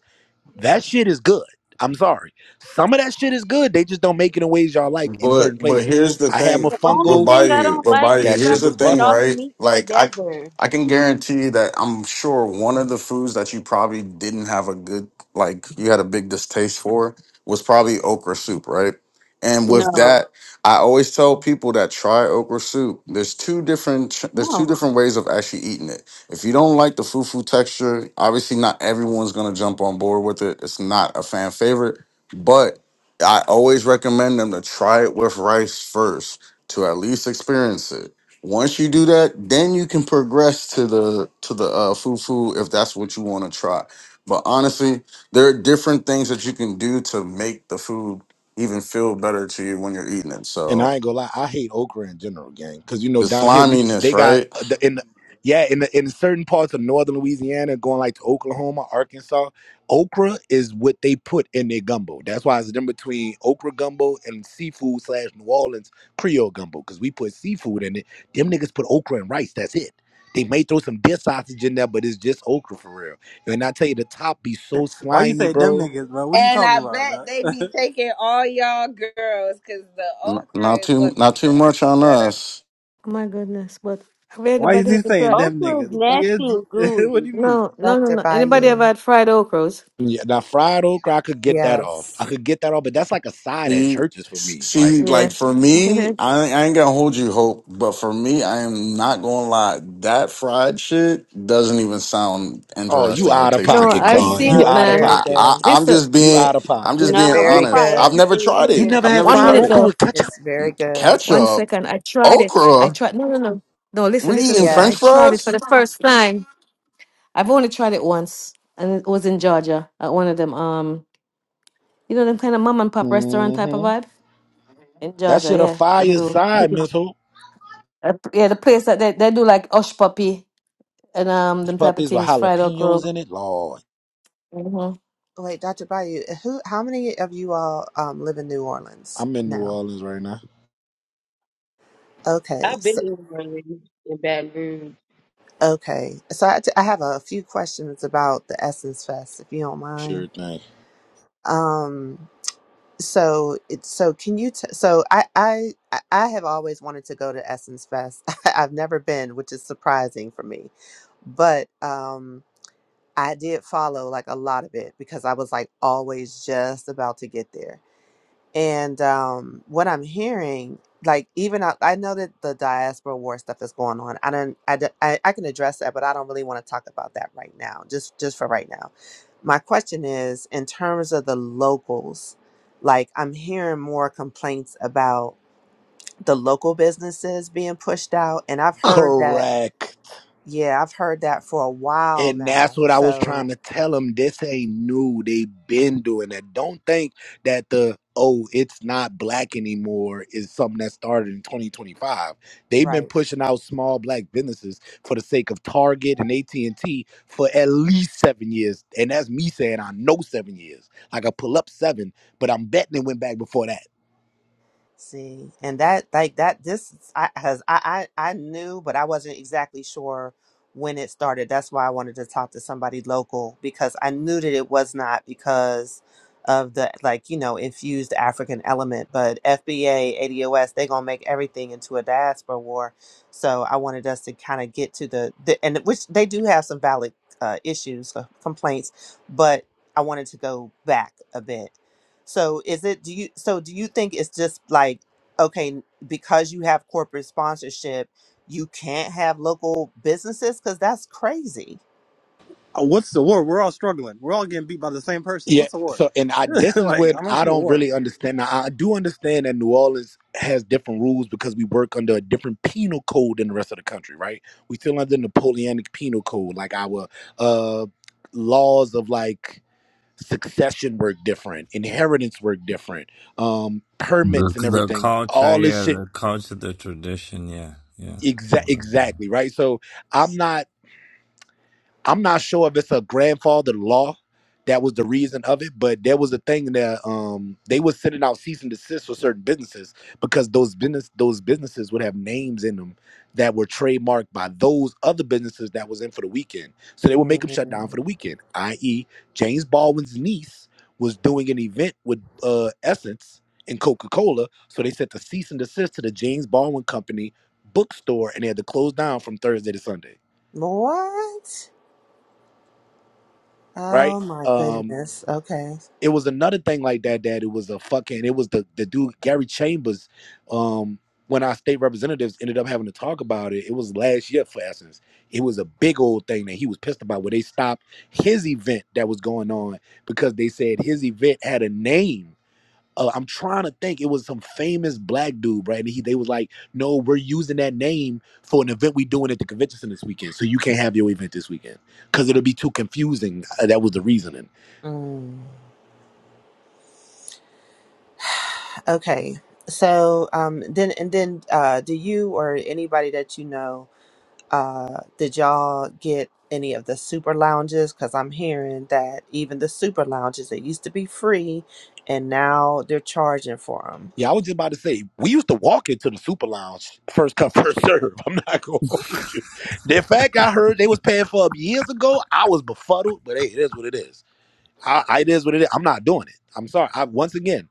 [SPEAKER 4] That shit is good. I'm sorry. Some of that shit is good. They just don't make it in ways y'all like in
[SPEAKER 14] But
[SPEAKER 4] certain
[SPEAKER 14] but
[SPEAKER 4] places.
[SPEAKER 14] here's the
[SPEAKER 4] I had my
[SPEAKER 14] thing,
[SPEAKER 12] The only
[SPEAKER 14] but
[SPEAKER 4] fungo.
[SPEAKER 12] thing I
[SPEAKER 14] Bayou,
[SPEAKER 12] don't
[SPEAKER 14] but
[SPEAKER 12] like is
[SPEAKER 14] Bayou,
[SPEAKER 4] That
[SPEAKER 12] you guys
[SPEAKER 4] shit
[SPEAKER 14] here's the
[SPEAKER 4] was
[SPEAKER 12] putting
[SPEAKER 14] thing,
[SPEAKER 4] busting.
[SPEAKER 12] all the
[SPEAKER 14] right?
[SPEAKER 12] meats
[SPEAKER 14] Like I
[SPEAKER 12] together.
[SPEAKER 14] I can guarantee that I'm sure one of the foods that you probably didn't have a good like you had a big distaste for was probably okra soup, right? And with
[SPEAKER 12] No,
[SPEAKER 14] that, I always tell people that try okra soup. There's two different ch- there's two
[SPEAKER 12] no.
[SPEAKER 14] different ways of actually eating it. If you don't like the fufu texture, obviously not everyone's gonna jump on board with it. It's not a fan favorite, but I always recommend them to try it with rice first to at least experience it. Once you do that, then you can progress to the to the uh, fufu if that's what you want to try. But honestly, there are different things that you can do to make the food even feel better to you when you're eating it.
[SPEAKER 4] And
[SPEAKER 14] So
[SPEAKER 4] I ain't gonna lie, I hate okra in general, gang. Cause you know
[SPEAKER 14] the
[SPEAKER 4] down here we
[SPEAKER 14] sliminess,
[SPEAKER 4] they got
[SPEAKER 14] right?
[SPEAKER 4] uh, the, in the, yeah in the, in certain parts of northern Louisiana, going like to Oklahoma, Arkansas, okra is what they put in their gumbo. That's why it's in between okra gumbo and seafood slash New Orleans Creole gumbo. Cause we put seafood in it. Them niggas put okra and rice. That's it. They may throw some deer sausage in there, but it's just okra for real. And I tell you, the top be so
[SPEAKER 11] Why you
[SPEAKER 4] slimy,
[SPEAKER 11] say them
[SPEAKER 4] bro.
[SPEAKER 11] niggas, bro? What are you
[SPEAKER 13] And
[SPEAKER 11] talking
[SPEAKER 13] I
[SPEAKER 11] about,
[SPEAKER 13] bet
[SPEAKER 11] dog?
[SPEAKER 13] they be taking all y'all girls because the
[SPEAKER 14] N-
[SPEAKER 13] okra
[SPEAKER 14] Not
[SPEAKER 13] is
[SPEAKER 14] too
[SPEAKER 13] what
[SPEAKER 14] not
[SPEAKER 13] makes
[SPEAKER 14] too
[SPEAKER 13] it. Let
[SPEAKER 14] much
[SPEAKER 13] me
[SPEAKER 14] on
[SPEAKER 13] Shut up.
[SPEAKER 14] us.
[SPEAKER 7] Oh my goodness. But have
[SPEAKER 11] Why is
[SPEAKER 7] anybody
[SPEAKER 11] he
[SPEAKER 7] ever
[SPEAKER 11] saying
[SPEAKER 7] tried?
[SPEAKER 11] them
[SPEAKER 12] Okra is
[SPEAKER 11] niggas?
[SPEAKER 12] nasty
[SPEAKER 15] Doc-
[SPEAKER 11] Nigga,
[SPEAKER 12] and
[SPEAKER 11] it's-
[SPEAKER 12] gooey.
[SPEAKER 11] what do you mean?
[SPEAKER 7] No, no, no,
[SPEAKER 15] Dr.
[SPEAKER 7] no. Anybody ever
[SPEAKER 15] Bayou.
[SPEAKER 7] had fried okras?
[SPEAKER 4] Yeah, now fried okra, I could get that off. I
[SPEAKER 15] Yes.
[SPEAKER 4] could get that off, but that's like a side at
[SPEAKER 14] See,
[SPEAKER 4] churches for me. Like,
[SPEAKER 14] see, like
[SPEAKER 7] Yeah.
[SPEAKER 14] for me,
[SPEAKER 7] no,
[SPEAKER 14] I, I ain't gonna hold you hope, but for me, I am not gonna lie. That fried shit doesn't even sound
[SPEAKER 4] oh, you
[SPEAKER 14] interesting or
[SPEAKER 4] out of
[SPEAKER 14] tasty for
[SPEAKER 4] pocket,
[SPEAKER 7] I've
[SPEAKER 14] me.
[SPEAKER 4] Claude.
[SPEAKER 7] seen
[SPEAKER 4] You
[SPEAKER 15] No,
[SPEAKER 7] it,
[SPEAKER 15] it's
[SPEAKER 4] out of
[SPEAKER 7] man.
[SPEAKER 15] very
[SPEAKER 14] I,
[SPEAKER 4] pocket.
[SPEAKER 14] I
[SPEAKER 15] good.
[SPEAKER 14] I'm
[SPEAKER 7] Listen,
[SPEAKER 14] just
[SPEAKER 4] You
[SPEAKER 14] being
[SPEAKER 4] out of
[SPEAKER 14] I'm
[SPEAKER 4] pocket.
[SPEAKER 14] just
[SPEAKER 15] It's
[SPEAKER 12] No,
[SPEAKER 14] being
[SPEAKER 12] we
[SPEAKER 15] very
[SPEAKER 14] honest.
[SPEAKER 12] fry
[SPEAKER 14] I've
[SPEAKER 15] good.
[SPEAKER 14] never
[SPEAKER 12] everything
[SPEAKER 14] tried
[SPEAKER 4] You
[SPEAKER 12] here.
[SPEAKER 14] it.
[SPEAKER 4] never
[SPEAKER 14] I've
[SPEAKER 4] had
[SPEAKER 14] never
[SPEAKER 7] one
[SPEAKER 4] fried
[SPEAKER 14] tried
[SPEAKER 7] minute
[SPEAKER 14] it.
[SPEAKER 4] okra
[SPEAKER 7] though.
[SPEAKER 4] with ketchup?
[SPEAKER 15] It's very good.
[SPEAKER 7] One
[SPEAKER 14] Ketchup,
[SPEAKER 7] second. I tried it. I
[SPEAKER 14] okra.
[SPEAKER 7] tried. No, no, no. No, listen,
[SPEAKER 14] We
[SPEAKER 7] listen,
[SPEAKER 14] eating
[SPEAKER 7] listen. I
[SPEAKER 14] French
[SPEAKER 7] tried it
[SPEAKER 15] Yes.
[SPEAKER 14] fries?
[SPEAKER 7] for the first time. I've only tried it once, and it was in Georgia at one of them. Um, you know them kind of mom and pop restaurant type of
[SPEAKER 4] Mm-hmm.
[SPEAKER 7] vibe in
[SPEAKER 4] That
[SPEAKER 7] Georgia.
[SPEAKER 4] shit a
[SPEAKER 7] Yeah, them
[SPEAKER 4] fire
[SPEAKER 7] do.
[SPEAKER 4] side,
[SPEAKER 7] Mhm.
[SPEAKER 4] Miss Hope.
[SPEAKER 7] Uh, yeah, the place that they, they do like osh puppy and um
[SPEAKER 4] These
[SPEAKER 7] them type of
[SPEAKER 4] puppies with
[SPEAKER 7] things, fried okra.
[SPEAKER 4] jalapenos in it. Lord,
[SPEAKER 7] hmm
[SPEAKER 15] Wait, Dr. Bayou, who how many of you all um live in New Orleans
[SPEAKER 4] I'm in New
[SPEAKER 15] now?
[SPEAKER 4] Orleans right now.
[SPEAKER 15] Okay.
[SPEAKER 12] I've been
[SPEAKER 15] So,
[SPEAKER 12] in Orleans in Baton Rouge.
[SPEAKER 15] okay. So I, I have a few questions about the Essence Fest if you don't
[SPEAKER 4] Sure
[SPEAKER 15] mind.
[SPEAKER 4] thing.
[SPEAKER 15] Um so it's so can you t- so I I I I have always wanted to go to Essence Fest. I've never been, which is surprising for me but um I did follow like a lot of it because I was like always just about to get there. And um, what I'm hearing, like even I, I know that the diaspora war stuff is going on. I don't, I, don't- I, I can address that, but I don't really want to talk about that right now. Just, just for right now. My question is, in terms of the locals, like I'm hearing more complaints about the local businesses being pushed out, and I've heard that.
[SPEAKER 4] Correct.
[SPEAKER 15] Yeah, I've heard that for a while
[SPEAKER 4] And that's
[SPEAKER 15] now.
[SPEAKER 4] what I was trying
[SPEAKER 15] So,
[SPEAKER 4] to tell them. This ain't new. They've been doing that. Don't think that the oh, it's not black anymore is something that started in 2025. They've
[SPEAKER 15] right.
[SPEAKER 4] been pushing out small black businesses for the sake of Target and AT&T for at least 7 years. And that's me saying I know 7 years. Like I pull up 7, but I'm betting it went back before that.
[SPEAKER 15] See, and that like that this I has I, I I knew, but I wasn't exactly sure when it started. That's why I wanted to talk to somebody local because I knew that it was not because of the like you know infused African element, but FBA ADOS they gonna make everything into a diaspora war. So I wanted us to kind of get to the, the and which they do have some valid uh, issues uh, complaints, but I wanted to go back a bit so is it do you so do you think it's just like okay because you have corporate sponsorship you can't have local businesses cuz that's crazy.
[SPEAKER 11] Uh, What's the war? We're all struggling. We're all getting beat by the same person.
[SPEAKER 4] Yeah.
[SPEAKER 11] What's the war?
[SPEAKER 4] So, and I this is
[SPEAKER 11] like,
[SPEAKER 4] when
[SPEAKER 11] I don't
[SPEAKER 4] I
[SPEAKER 11] see the
[SPEAKER 4] don't
[SPEAKER 11] war.
[SPEAKER 4] really understand. Now, I do understand that New Orleans has different rules because we work under a different penal code than the rest of the country, right? We still under Napoleonic penal code, like our uh laws of like succession work different, inheritance work different, um
[SPEAKER 16] The,
[SPEAKER 4] permits and
[SPEAKER 16] the
[SPEAKER 4] everything.
[SPEAKER 16] culture,
[SPEAKER 4] All this
[SPEAKER 16] yeah,
[SPEAKER 4] shit.
[SPEAKER 16] the culture, the tradition, yeah, yeah.
[SPEAKER 4] Exa- exactly right so i'm not I'm not sure if it's a grandfather law that was the reason of it, but there was a thing that um they was sending out cease and desist for certain businesses because those business those businesses would have names in them that were trademarked by those other businesses that was in for the weekend. So they would make them shut down for the
[SPEAKER 15] Mm.
[SPEAKER 4] weekend. I.e., James Baldwin's niece was doing an event with uh Essence and Coca-Cola. So they sent the cease and desist to the James Baldwin Company bookstore and they had to close down from Thursday to Sunday.
[SPEAKER 15] What?
[SPEAKER 4] Right?
[SPEAKER 15] Oh my
[SPEAKER 4] Um,
[SPEAKER 15] goodness. Okay.
[SPEAKER 4] it was another thing like that that it was a fucking it was the the dude Gary Chambers um when our state representatives ended up having to talk about it it was last year for essence it was a big old thing that he was pissed about where they stopped his event that was going on because they said his event had a name uh, I'm trying to think. It was some famous black dude, right? And he, they was like, "No, we're using that name for an event we doing at the convention center this weekend, so you can't have your event this weekend because it'll be too confusing." Uh, that was the reasoning
[SPEAKER 15] Mm. Okay. So um then and then uh do you or anybody that you know uh did y'all get any of the super lounges cuz I'm hearing that even the super lounges that used to be free and now they're charging for them.
[SPEAKER 4] Yeah, I was just about to say we used to walk into the super lounge first come first serve. I'm not gonna hold you. The fact I heard they was paying for them years ago, I was befuddled. But hey, it is what it is. I, I it is what it is. I'm not doing it. I'm sorry. I once again,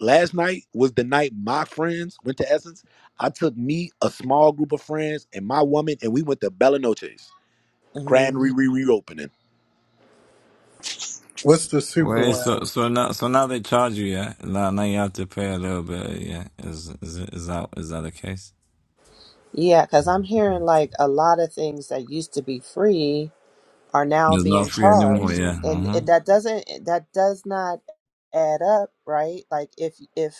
[SPEAKER 4] last night was the night my friends went to Essence. I took me a small group of friends and my woman, and we went to Bella Noche's Grand
[SPEAKER 15] Mm-hmm.
[SPEAKER 4] Re Re reopening.
[SPEAKER 10] What's the super
[SPEAKER 16] Wait, so
[SPEAKER 10] lounge?
[SPEAKER 16] so now so now they charge you, yeah? Now now you have to pay a little bit, yeah. Is is is that is that the case?
[SPEAKER 15] Yeah, cuz I'm hearing like a lot of things that used to be free are now
[SPEAKER 16] It's not
[SPEAKER 15] being
[SPEAKER 16] free anymore,
[SPEAKER 15] charged
[SPEAKER 16] yeah.
[SPEAKER 15] and
[SPEAKER 16] Uh-huh.
[SPEAKER 15] it that doesn't that does not add up, right? Like if if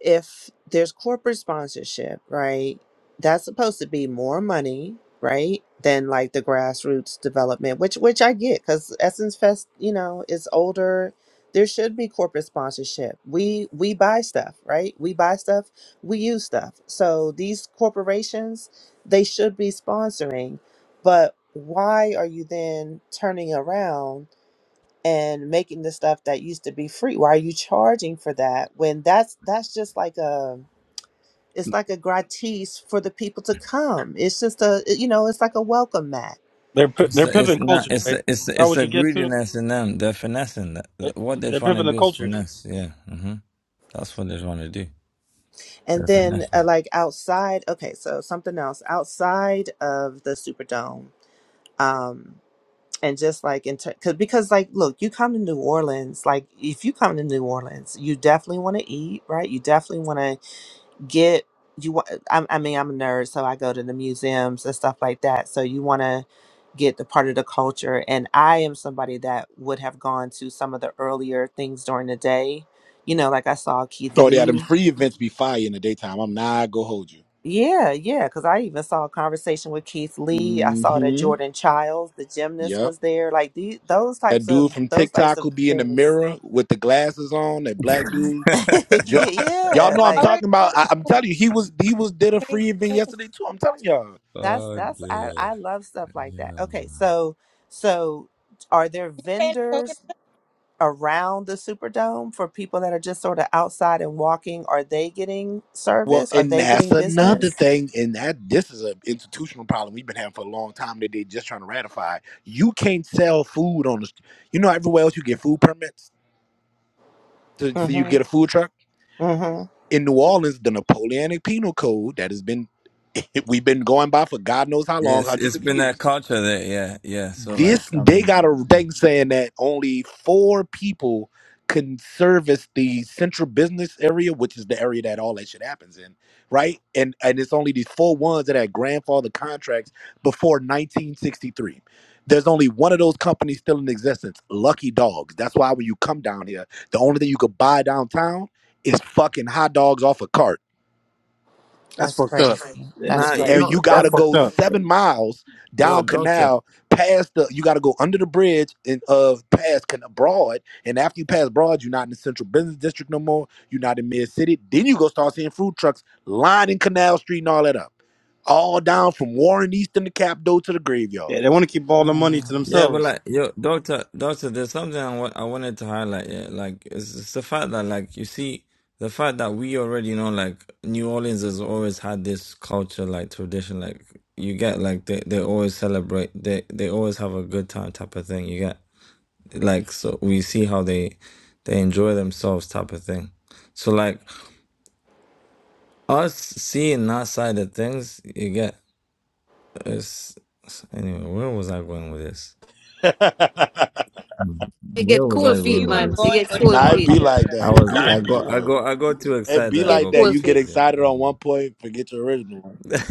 [SPEAKER 15] if there's corporate sponsorship, right, that's supposed to be more money, right, than like the grassroots development, which which I get because Essence Fest, you know, is older. There should be corporate sponsorship. We we buy stuff, right? We buy stuff, we use stuff. So these corporations, they should be sponsoring, but why are you then turning around? and making the stuff that used to be free. Why are you charging for that when that's that's just like a it's like a gratis for the people to come. It's just a you know it's like a welcome mat.
[SPEAKER 11] They're pi-
[SPEAKER 16] It's
[SPEAKER 11] they're
[SPEAKER 16] it's
[SPEAKER 11] pimping
[SPEAKER 16] not
[SPEAKER 11] cultures,
[SPEAKER 16] it's
[SPEAKER 11] basically.
[SPEAKER 16] the, it's
[SPEAKER 11] Is
[SPEAKER 16] the,
[SPEAKER 11] that
[SPEAKER 16] it's
[SPEAKER 11] what
[SPEAKER 16] the
[SPEAKER 11] you get to?
[SPEAKER 16] greediness in them. They're finessing. That
[SPEAKER 11] They're,
[SPEAKER 16] what they're
[SPEAKER 11] they're
[SPEAKER 16] trying to
[SPEAKER 11] pimping the
[SPEAKER 16] do is
[SPEAKER 11] cultures.
[SPEAKER 16] finesse, yeah. Mm-hmm. That's what they're trying to do.
[SPEAKER 15] And
[SPEAKER 16] They're
[SPEAKER 15] then
[SPEAKER 16] finessing.
[SPEAKER 15] uh, like outside, okay, so something else outside of the Superdome. Um and just like in ter- cause, because like look you come to new orleans like if you come to new orleans you definitely want to eat right you definitely want to get you want I, I mean i'm a nerd so i go to the museums and stuff like that so you want to get the part of the culture and i am somebody that would have gone to some of the earlier things during the day you know like i saw keith
[SPEAKER 4] Oh, yeah, them
[SPEAKER 15] lee
[SPEAKER 4] free events be fire in the daytime. I'm not gonna hold you.
[SPEAKER 15] yeah yeah because i even saw a conversation with keith lee i saw that
[SPEAKER 4] Mm-hmm.
[SPEAKER 15] jordan childs the gymnast
[SPEAKER 4] Yep.
[SPEAKER 15] was there like the, those
[SPEAKER 4] That
[SPEAKER 15] types
[SPEAKER 4] dude
[SPEAKER 15] of
[SPEAKER 4] from
[SPEAKER 15] those types
[SPEAKER 4] TikTok
[SPEAKER 15] of
[SPEAKER 4] who be in the
[SPEAKER 15] things
[SPEAKER 4] mirror with the glasses on, that black dude.
[SPEAKER 15] yeah
[SPEAKER 4] Jo- y'all
[SPEAKER 15] yeah,
[SPEAKER 4] know I'm
[SPEAKER 13] I
[SPEAKER 15] like
[SPEAKER 13] always
[SPEAKER 4] talking about.
[SPEAKER 13] want
[SPEAKER 4] I- I'm telling you, he was he was did a
[SPEAKER 13] to say,
[SPEAKER 4] free event yesterday too. I'm telling y'all.
[SPEAKER 15] That's
[SPEAKER 16] oh
[SPEAKER 15] that's I
[SPEAKER 16] dear.
[SPEAKER 15] I love stuff like that.
[SPEAKER 16] Yeah.
[SPEAKER 15] Okay, so so are there
[SPEAKER 13] "Hey, coconut."
[SPEAKER 15] vendors around the Superdome for people that are just sort of outside and walking? Are they getting
[SPEAKER 4] Well,
[SPEAKER 15] service? Are
[SPEAKER 4] and
[SPEAKER 15] they
[SPEAKER 4] that's
[SPEAKER 15] getting
[SPEAKER 4] another
[SPEAKER 15] business?
[SPEAKER 4] thing, and that this is an institutional problem we've been having for a long time that they just trying to ratify. You can't sell food on the. st- You know, everywhere else you get food permits to so you
[SPEAKER 15] Mm-hmm.
[SPEAKER 4] get a food truck.
[SPEAKER 15] Mm-hmm.
[SPEAKER 4] In New Orleans, the Napoleonic Penal Code that has been we've been going by for God knows how long,
[SPEAKER 16] Yes,
[SPEAKER 4] hundreds
[SPEAKER 16] it's
[SPEAKER 4] of
[SPEAKER 16] been
[SPEAKER 4] years
[SPEAKER 16] that culture there. Yeah, yeah. So
[SPEAKER 4] this
[SPEAKER 16] like, I
[SPEAKER 4] they
[SPEAKER 16] mean,
[SPEAKER 4] got a thing saying that only four people can service the central business area, which is the area that all that shit happens in, right? And and it's only these four ones that had grandfather contracts before 1963. There's only one of those companies still in existence, Lucky Dogs. That's why when you come down here, the only thing you could buy downtown is fucking hot dogs off a cart
[SPEAKER 11] That's
[SPEAKER 15] That's
[SPEAKER 11] fucked up.
[SPEAKER 15] crazy.
[SPEAKER 11] They- they-
[SPEAKER 15] That's
[SPEAKER 16] nah, you
[SPEAKER 11] they
[SPEAKER 15] crazy.
[SPEAKER 4] and
[SPEAKER 16] know,
[SPEAKER 4] you
[SPEAKER 11] keep-
[SPEAKER 4] gotta
[SPEAKER 11] that's
[SPEAKER 16] doctor,
[SPEAKER 11] fucked
[SPEAKER 4] go
[SPEAKER 11] up.
[SPEAKER 16] yo,
[SPEAKER 4] seven miles
[SPEAKER 16] yo,
[SPEAKER 4] down
[SPEAKER 16] doctor.
[SPEAKER 4] canal past the you gotta go under the bridge and uh past can broad and after you pass broad you're not in the central business district no more you're not in mid city then you go start seeing food trucks lining canal street and all that up all down from warren easton to capdo to the
[SPEAKER 11] Yeah,
[SPEAKER 4] graveyard
[SPEAKER 11] they want to keep all the money to
[SPEAKER 15] Mm.
[SPEAKER 16] Yeah, but
[SPEAKER 11] themselves.
[SPEAKER 16] like, yo, doctor, doctor. There's something I wa- I wanted to highlight. Yeah, like it's, it's the fact that like you see the fact that we already know like New Orleans has always had this culture like tradition. Like you get like they they always celebrate. They they always have a good time type of thing. You get like so we see how they they enjoy themselves type of thing. So like. Us seeing that side of things, you get it's it's- anyway. Where was I going with this?
[SPEAKER 7] You
[SPEAKER 16] Where
[SPEAKER 7] get
[SPEAKER 16] was I
[SPEAKER 7] cool
[SPEAKER 13] You
[SPEAKER 16] going
[SPEAKER 7] feet,
[SPEAKER 13] you
[SPEAKER 16] with
[SPEAKER 13] are
[SPEAKER 7] man. You
[SPEAKER 16] this?
[SPEAKER 13] going
[SPEAKER 7] get
[SPEAKER 13] with
[SPEAKER 7] cool
[SPEAKER 4] Nah, it
[SPEAKER 7] feet.
[SPEAKER 4] be
[SPEAKER 13] culture.
[SPEAKER 4] like
[SPEAKER 16] I
[SPEAKER 4] that it
[SPEAKER 16] was
[SPEAKER 4] be
[SPEAKER 16] I
[SPEAKER 4] like that
[SPEAKER 16] got I
[SPEAKER 4] though
[SPEAKER 16] got I got too
[SPEAKER 4] it
[SPEAKER 16] excited.
[SPEAKER 4] be
[SPEAKER 7] You
[SPEAKER 16] I
[SPEAKER 7] get
[SPEAKER 4] like
[SPEAKER 16] got
[SPEAKER 4] that
[SPEAKER 7] cool
[SPEAKER 4] you get
[SPEAKER 7] feet.
[SPEAKER 16] confused there.
[SPEAKER 4] excited on one point forget your original one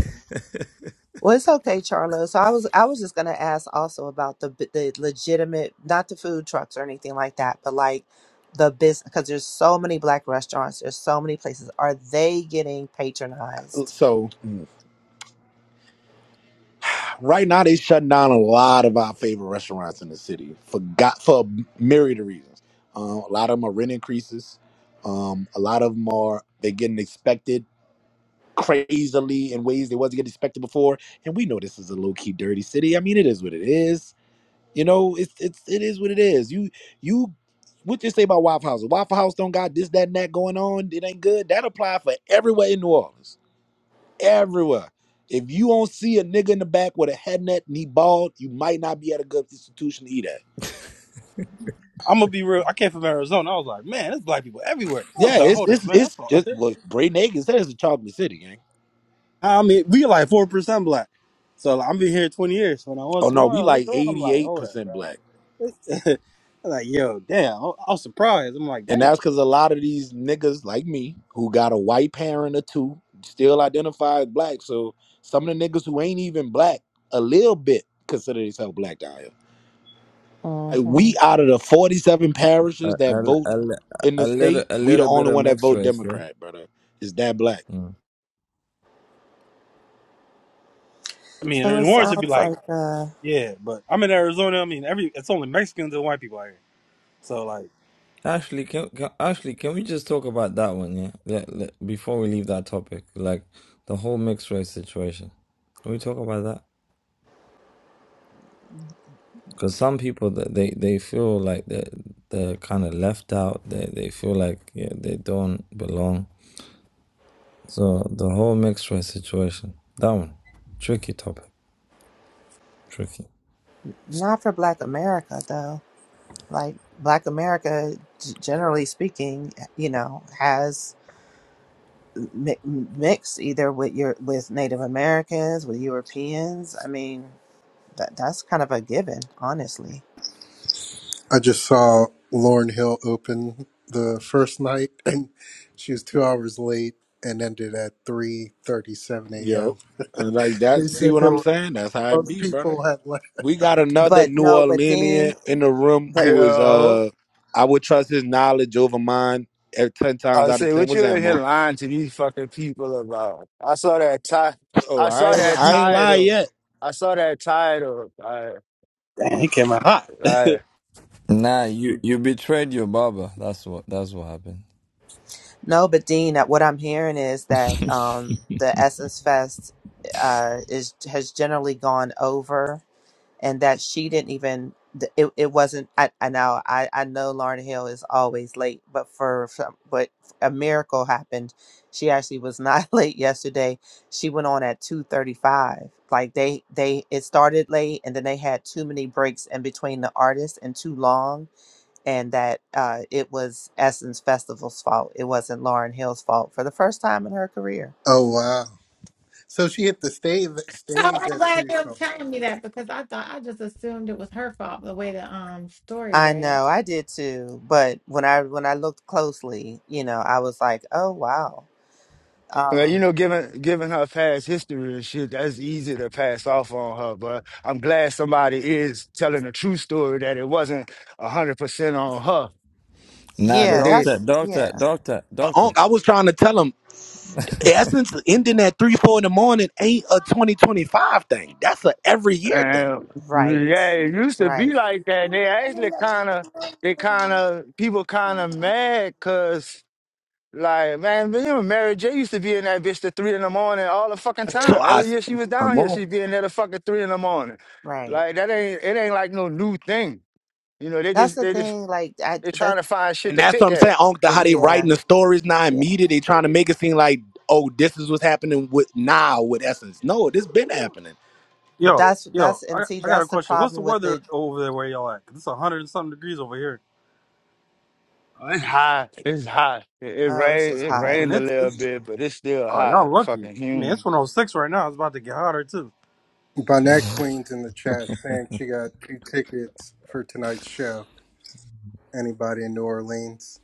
[SPEAKER 15] Well, it's okay, Charlo. So I was I was just gonna ask also about the b- the legitimate, not the food trucks or anything like that, but like the business because there's so many black restaurants, there's so many places. Are they getting patronized?
[SPEAKER 4] so Right now, they shutting down a lot of our favorite restaurants in the city for got for myriad of reasons. Um, a lot of them are rent increases. Um, a lot of them are they're getting expected crazily in ways they wasn't getting expected before. And we know this is a low key dirty city. I mean, it is what it is. You know, it's it's it is what it is. You you what you say about Waffle House? If Waffle House don't got this that and that going on. It ain't good. That apply for everywhere in New Orleans everywhere. If you don't see a nigga in the back with a head net and he bald, you might not be at a good institution to eat at.
[SPEAKER 11] I'm gonna be real. I came from Arizona. I was like, man, there's black people everywhere. I was
[SPEAKER 4] Yeah,
[SPEAKER 11] like,
[SPEAKER 4] it's
[SPEAKER 11] hold up,
[SPEAKER 4] it's
[SPEAKER 11] man. That's
[SPEAKER 4] it's just
[SPEAKER 11] all.
[SPEAKER 4] what Bray Nagin said it's a chocolate city, gang.
[SPEAKER 11] I mean, we like four percent black. So like, I've been here 20 years. So, When I went
[SPEAKER 4] Oh
[SPEAKER 11] to a
[SPEAKER 4] no, we
[SPEAKER 11] I
[SPEAKER 4] like
[SPEAKER 11] looked around. I'm like, hold up,
[SPEAKER 4] 88%
[SPEAKER 11] bro.
[SPEAKER 4] black.
[SPEAKER 11] I'm like, yo, damn. I I was surprised. I'm like,
[SPEAKER 4] And
[SPEAKER 11] damn.
[SPEAKER 4] that's because a lot of these niggas like me who got a white parent or two still identify as black. So some of the niggas who ain't even black a little bit consider themselves black down here. Like
[SPEAKER 15] hmm
[SPEAKER 4] we out of the 47
[SPEAKER 16] a,
[SPEAKER 4] parishes that
[SPEAKER 16] a,
[SPEAKER 4] vote
[SPEAKER 16] a,
[SPEAKER 4] in the
[SPEAKER 16] a little
[SPEAKER 4] state,
[SPEAKER 16] a
[SPEAKER 4] we the
[SPEAKER 16] little bit
[SPEAKER 4] only
[SPEAKER 16] of
[SPEAKER 4] one that
[SPEAKER 16] mixed
[SPEAKER 4] vote
[SPEAKER 16] race there.
[SPEAKER 4] Democrat, brother. Is that black?
[SPEAKER 16] Mm.
[SPEAKER 11] I mean,
[SPEAKER 15] So
[SPEAKER 11] in
[SPEAKER 15] it
[SPEAKER 11] Lawrence, it'd be
[SPEAKER 15] sounds
[SPEAKER 11] like,
[SPEAKER 15] like uh,
[SPEAKER 11] yeah, but I'm in Arizona. I mean, every it's only Mexicans and white people out here. So like.
[SPEAKER 16] Ashley, can, can Ashley, can we just talk about that one? Yeah, let, let- before we leave that topic, like the whole mixed race situation. Can we talk about that? Because some people that they they feel like they they're kind of left out. They they feel like yeah, they don't belong. So the whole mixed race situation, that one, tricky topic, tricky.
[SPEAKER 15] not for Black America though. Like Black America, g- generally speaking, you know, has mi- mixed either with your with Native Americans, with Europeans. I mean, that that's kind of a given, honestly.
[SPEAKER 10] I just saw Lauren Hill open the first night, and she was two hours late and ended at three thirty-seven a.m.
[SPEAKER 4] Yo. And like that,
[SPEAKER 10] They
[SPEAKER 4] see
[SPEAKER 10] said
[SPEAKER 4] what
[SPEAKER 10] there
[SPEAKER 4] I'm
[SPEAKER 10] were
[SPEAKER 4] saying? That's how it
[SPEAKER 10] most
[SPEAKER 4] be, brother.
[SPEAKER 10] people had left.
[SPEAKER 4] We got another
[SPEAKER 15] But
[SPEAKER 4] New
[SPEAKER 15] no, but
[SPEAKER 4] Orleanian
[SPEAKER 15] Dean,
[SPEAKER 4] in the room
[SPEAKER 15] but
[SPEAKER 4] who is
[SPEAKER 17] Yo,
[SPEAKER 4] uh I would trust his knowledge over mine at ten times
[SPEAKER 17] I
[SPEAKER 4] out of
[SPEAKER 17] say,
[SPEAKER 4] ten
[SPEAKER 17] what
[SPEAKER 4] was
[SPEAKER 17] you in here
[SPEAKER 4] ammo.
[SPEAKER 17] lying to these fucking people about? I saw that ti-
[SPEAKER 4] Oh,
[SPEAKER 17] I
[SPEAKER 4] I
[SPEAKER 17] saw
[SPEAKER 4] ain't
[SPEAKER 17] that
[SPEAKER 4] I ain't lie
[SPEAKER 17] title.
[SPEAKER 4] yet.
[SPEAKER 17] I saw that title. I,
[SPEAKER 11] Damn, he came out hot.
[SPEAKER 17] I,
[SPEAKER 16] Nah, you you betrayed your barber. That's what that's what happened.
[SPEAKER 15] no, but Dean. That what I'm hearing is that um, the Essence Fest uh, is has generally gone over. and that she didn't even th- it, it wasn't I, I know I, I know Lauren Hill is always late but for some- but a miracle happened she actually was not late yesterday she went on at 235 like they they it started late and then they had too many breaks in between the artists and too long and that uh, it was Essence Festival's fault it wasn't Lauren Hill's fault for the first time in her career
[SPEAKER 10] Oh wow. So she hit the stage,
[SPEAKER 18] No,
[SPEAKER 10] stage
[SPEAKER 18] I'm
[SPEAKER 10] at
[SPEAKER 18] glad
[SPEAKER 10] two
[SPEAKER 18] you're telling me that because I thought I just assumed it was her fault the way the um story
[SPEAKER 15] I
[SPEAKER 18] read.
[SPEAKER 15] know, I did too. But when I when I looked closely, you know, I was like, oh wow.
[SPEAKER 17] man, you
[SPEAKER 15] Um
[SPEAKER 17] know, given given her past history and shit, that's easy to pass off on her. But I'm glad somebody is telling a true story that it wasn't hundred percent on her
[SPEAKER 16] Nah,
[SPEAKER 17] because
[SPEAKER 15] yeah,
[SPEAKER 17] they.
[SPEAKER 16] doctor,
[SPEAKER 15] that's
[SPEAKER 16] doctor,
[SPEAKER 15] yeah.
[SPEAKER 16] doctor,
[SPEAKER 4] Uh,
[SPEAKER 16] doctor.
[SPEAKER 4] Unc, I was trying to tell him essence ending at three, four in the morning ain't a twenty twenty five thing. That's a every year thing.
[SPEAKER 17] And
[SPEAKER 15] Right.
[SPEAKER 17] yeah, it used to be
[SPEAKER 15] Right.
[SPEAKER 17] like that. They actually kind of, they kind of, people kind of mad Like, man, remember Mary J used to be in that bitch to three in the morning all the fucking
[SPEAKER 4] So
[SPEAKER 17] time.
[SPEAKER 4] I
[SPEAKER 17] Every year she was down
[SPEAKER 4] come
[SPEAKER 17] here,
[SPEAKER 4] on.
[SPEAKER 17] she'd be in there to fucking three in the morning.
[SPEAKER 15] Right.
[SPEAKER 17] Like that ain't it ain't like no new thing. You know, they
[SPEAKER 15] That's
[SPEAKER 17] just
[SPEAKER 15] the
[SPEAKER 17] they just
[SPEAKER 15] thing, like I
[SPEAKER 17] they trying
[SPEAKER 15] that's
[SPEAKER 17] to find shit
[SPEAKER 4] And
[SPEAKER 17] to
[SPEAKER 4] that's what
[SPEAKER 17] pick
[SPEAKER 4] I'm
[SPEAKER 17] at.
[SPEAKER 4] saying. On the how they
[SPEAKER 15] yeah,
[SPEAKER 4] writing the stories now and
[SPEAKER 15] yeah.
[SPEAKER 4] media, they trying to make it seem like, oh, this is what's happening with now with Essence. No, this been happening.
[SPEAKER 11] Yo,
[SPEAKER 15] That's
[SPEAKER 11] yo,
[SPEAKER 15] that's and
[SPEAKER 11] I,
[SPEAKER 15] see
[SPEAKER 11] I got a
[SPEAKER 15] that's the
[SPEAKER 11] question. What's the
[SPEAKER 15] problem with
[SPEAKER 11] weather
[SPEAKER 15] the
[SPEAKER 11] over there where y'all at? 'Cause it's 100 and something degrees over here.
[SPEAKER 17] Oh, it's hot. It's hot. It, it
[SPEAKER 15] oh, it's
[SPEAKER 17] rained
[SPEAKER 15] just
[SPEAKER 17] it
[SPEAKER 15] hot.
[SPEAKER 11] I mean,
[SPEAKER 17] rained a
[SPEAKER 11] it's,
[SPEAKER 17] little
[SPEAKER 11] it's
[SPEAKER 17] bit, but it's still
[SPEAKER 11] oh, y'all
[SPEAKER 17] hot and
[SPEAKER 11] lucky.
[SPEAKER 17] fucking
[SPEAKER 11] I mean,
[SPEAKER 17] humid.
[SPEAKER 11] it's 106 right now. It's about to get hotter, too.
[SPEAKER 10] Bonnet Queen's in the chat saying she got two tickets for tonight's show. Anybody in New Orleans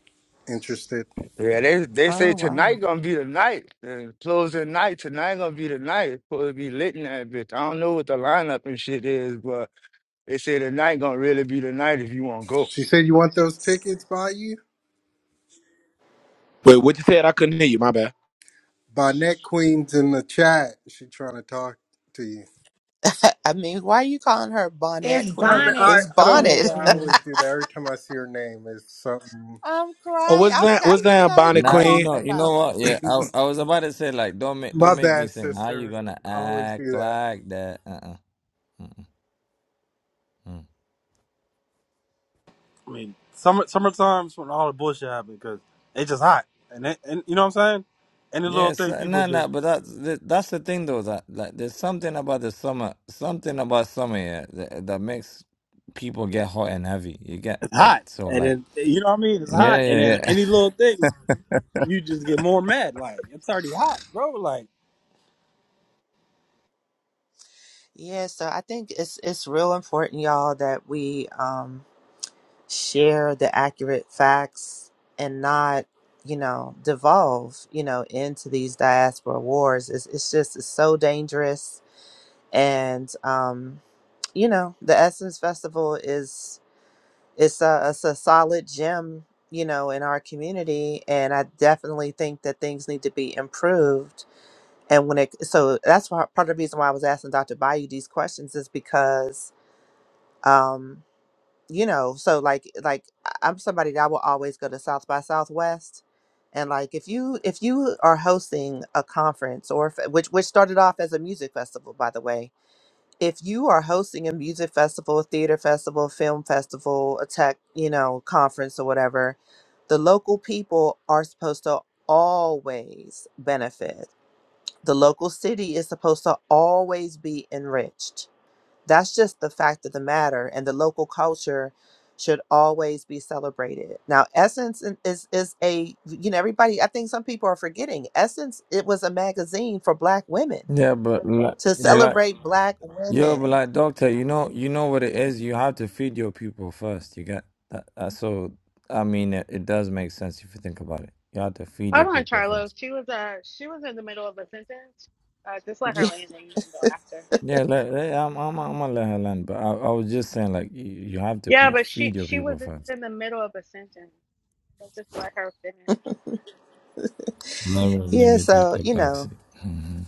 [SPEAKER 10] interested?
[SPEAKER 17] Yeah, they they
[SPEAKER 15] Oh
[SPEAKER 17] say tonight
[SPEAKER 15] wow.
[SPEAKER 17] gonna be the night. And closing night, tonight gonna be the night. It's Supposed to be lit in that bitch. I don't know what the lineup and shit is, but. They say tonight gonna really be the night if you want to go.
[SPEAKER 10] She said, You want those tickets by you?
[SPEAKER 4] Wait, what you said? I couldn't hear you. My bad.
[SPEAKER 10] Bonnet Queen's in the chat. She trying to talk to you.
[SPEAKER 15] I mean, why are you calling her bonnet
[SPEAKER 18] It's
[SPEAKER 10] I, mean,
[SPEAKER 15] queen?
[SPEAKER 18] Bonnet
[SPEAKER 10] I
[SPEAKER 15] It's
[SPEAKER 10] I don't know
[SPEAKER 15] bonnet.
[SPEAKER 10] why I
[SPEAKER 18] Queen.
[SPEAKER 10] always do that. Every time I see her name, it's something.
[SPEAKER 15] I'm
[SPEAKER 4] Oh,
[SPEAKER 15] crying. I,
[SPEAKER 4] what's
[SPEAKER 15] w-
[SPEAKER 4] that?
[SPEAKER 15] I
[SPEAKER 4] What's
[SPEAKER 15] didn't even
[SPEAKER 4] that,
[SPEAKER 15] know who
[SPEAKER 4] Bonnie
[SPEAKER 15] you were
[SPEAKER 16] Nah, you
[SPEAKER 4] Queen?
[SPEAKER 15] talking
[SPEAKER 16] know, you know
[SPEAKER 15] about.
[SPEAKER 16] what? Yeah, I, I was about to say like, don't make don't
[SPEAKER 10] My
[SPEAKER 16] make me
[SPEAKER 10] bad,
[SPEAKER 16] sing. How you
[SPEAKER 10] sister.
[SPEAKER 16] gonna
[SPEAKER 10] I always
[SPEAKER 16] act
[SPEAKER 10] do that.
[SPEAKER 16] like that? Uh uh-uh. uh.
[SPEAKER 11] I mean, summer summertime's when all the bullshit happens because it's just hot. And, it, and you know what I'm saying? Any little
[SPEAKER 16] Yes,
[SPEAKER 11] thing,
[SPEAKER 16] uh,
[SPEAKER 11] people
[SPEAKER 16] no, no,
[SPEAKER 11] just,
[SPEAKER 16] but that's th- that's the thing though that like there's something about the summer, something about summer yeah, that that makes people get hot and heavy. You get
[SPEAKER 11] it's
[SPEAKER 16] like
[SPEAKER 11] hot.
[SPEAKER 16] so
[SPEAKER 11] And
[SPEAKER 16] like
[SPEAKER 11] then, you know what I mean? It's
[SPEAKER 16] yeah,
[SPEAKER 11] hot. And
[SPEAKER 16] yeah,
[SPEAKER 11] then
[SPEAKER 16] yeah,
[SPEAKER 11] any little thing, you just get more mad. Like, it's already hot, bro. Like,
[SPEAKER 15] Yeah, so I think it's it's real important, y'all, that we um share the accurate facts and not you know devolve you know into these diaspora wars it's, it's just it's so dangerous and um you know the essence festival is it's a, it's a solid gem you know in our community and i definitely think that things need to be improved and when it so that's why part of the reason why i was asking dr bayou these questions is because um you know so like like I- i'm somebody that I will always go to south by southwest and like if you if you are hosting a conference or if, which which started off as a music festival by the way if you are hosting a music festival theater festival film festival a tech you know conference or whatever the local people are supposed to always benefit the local city is supposed to always be enriched that's just the fact of the matter, and the local culture should always be celebrated. Now, Essence in- is is a you know everybody. I think some people are forgetting Essence. It was a magazine for Black women
[SPEAKER 16] yeah. But like,
[SPEAKER 15] to
[SPEAKER 16] but like
[SPEAKER 15] celebrate Black
[SPEAKER 16] yo, but
[SPEAKER 15] women.
[SPEAKER 16] like doctor, you know, you know what it is. You have to feed your people first. You get that. that so I mean, it, it does make sense if you think about it. You have to feed your
[SPEAKER 2] Hold on,
[SPEAKER 16] people
[SPEAKER 2] Charlo.
[SPEAKER 16] first.
[SPEAKER 2] She was uh she was in the middle of a sentence. Uh, just let her
[SPEAKER 15] Yeah,
[SPEAKER 2] land, and you can go after.
[SPEAKER 16] Yeah, like, I'm, I'm, I'm gonna let her land, but I, I was just saying like you, you have to
[SPEAKER 2] Yeah,
[SPEAKER 16] pe
[SPEAKER 2] but she
[SPEAKER 16] feed your
[SPEAKER 2] she
[SPEAKER 16] people
[SPEAKER 2] was
[SPEAKER 16] first.
[SPEAKER 2] in the middle of a sentence, so just let her finish.
[SPEAKER 16] Never let
[SPEAKER 15] yeah.
[SPEAKER 16] me talk
[SPEAKER 15] So you
[SPEAKER 16] about
[SPEAKER 15] know,
[SPEAKER 16] it. Mhm.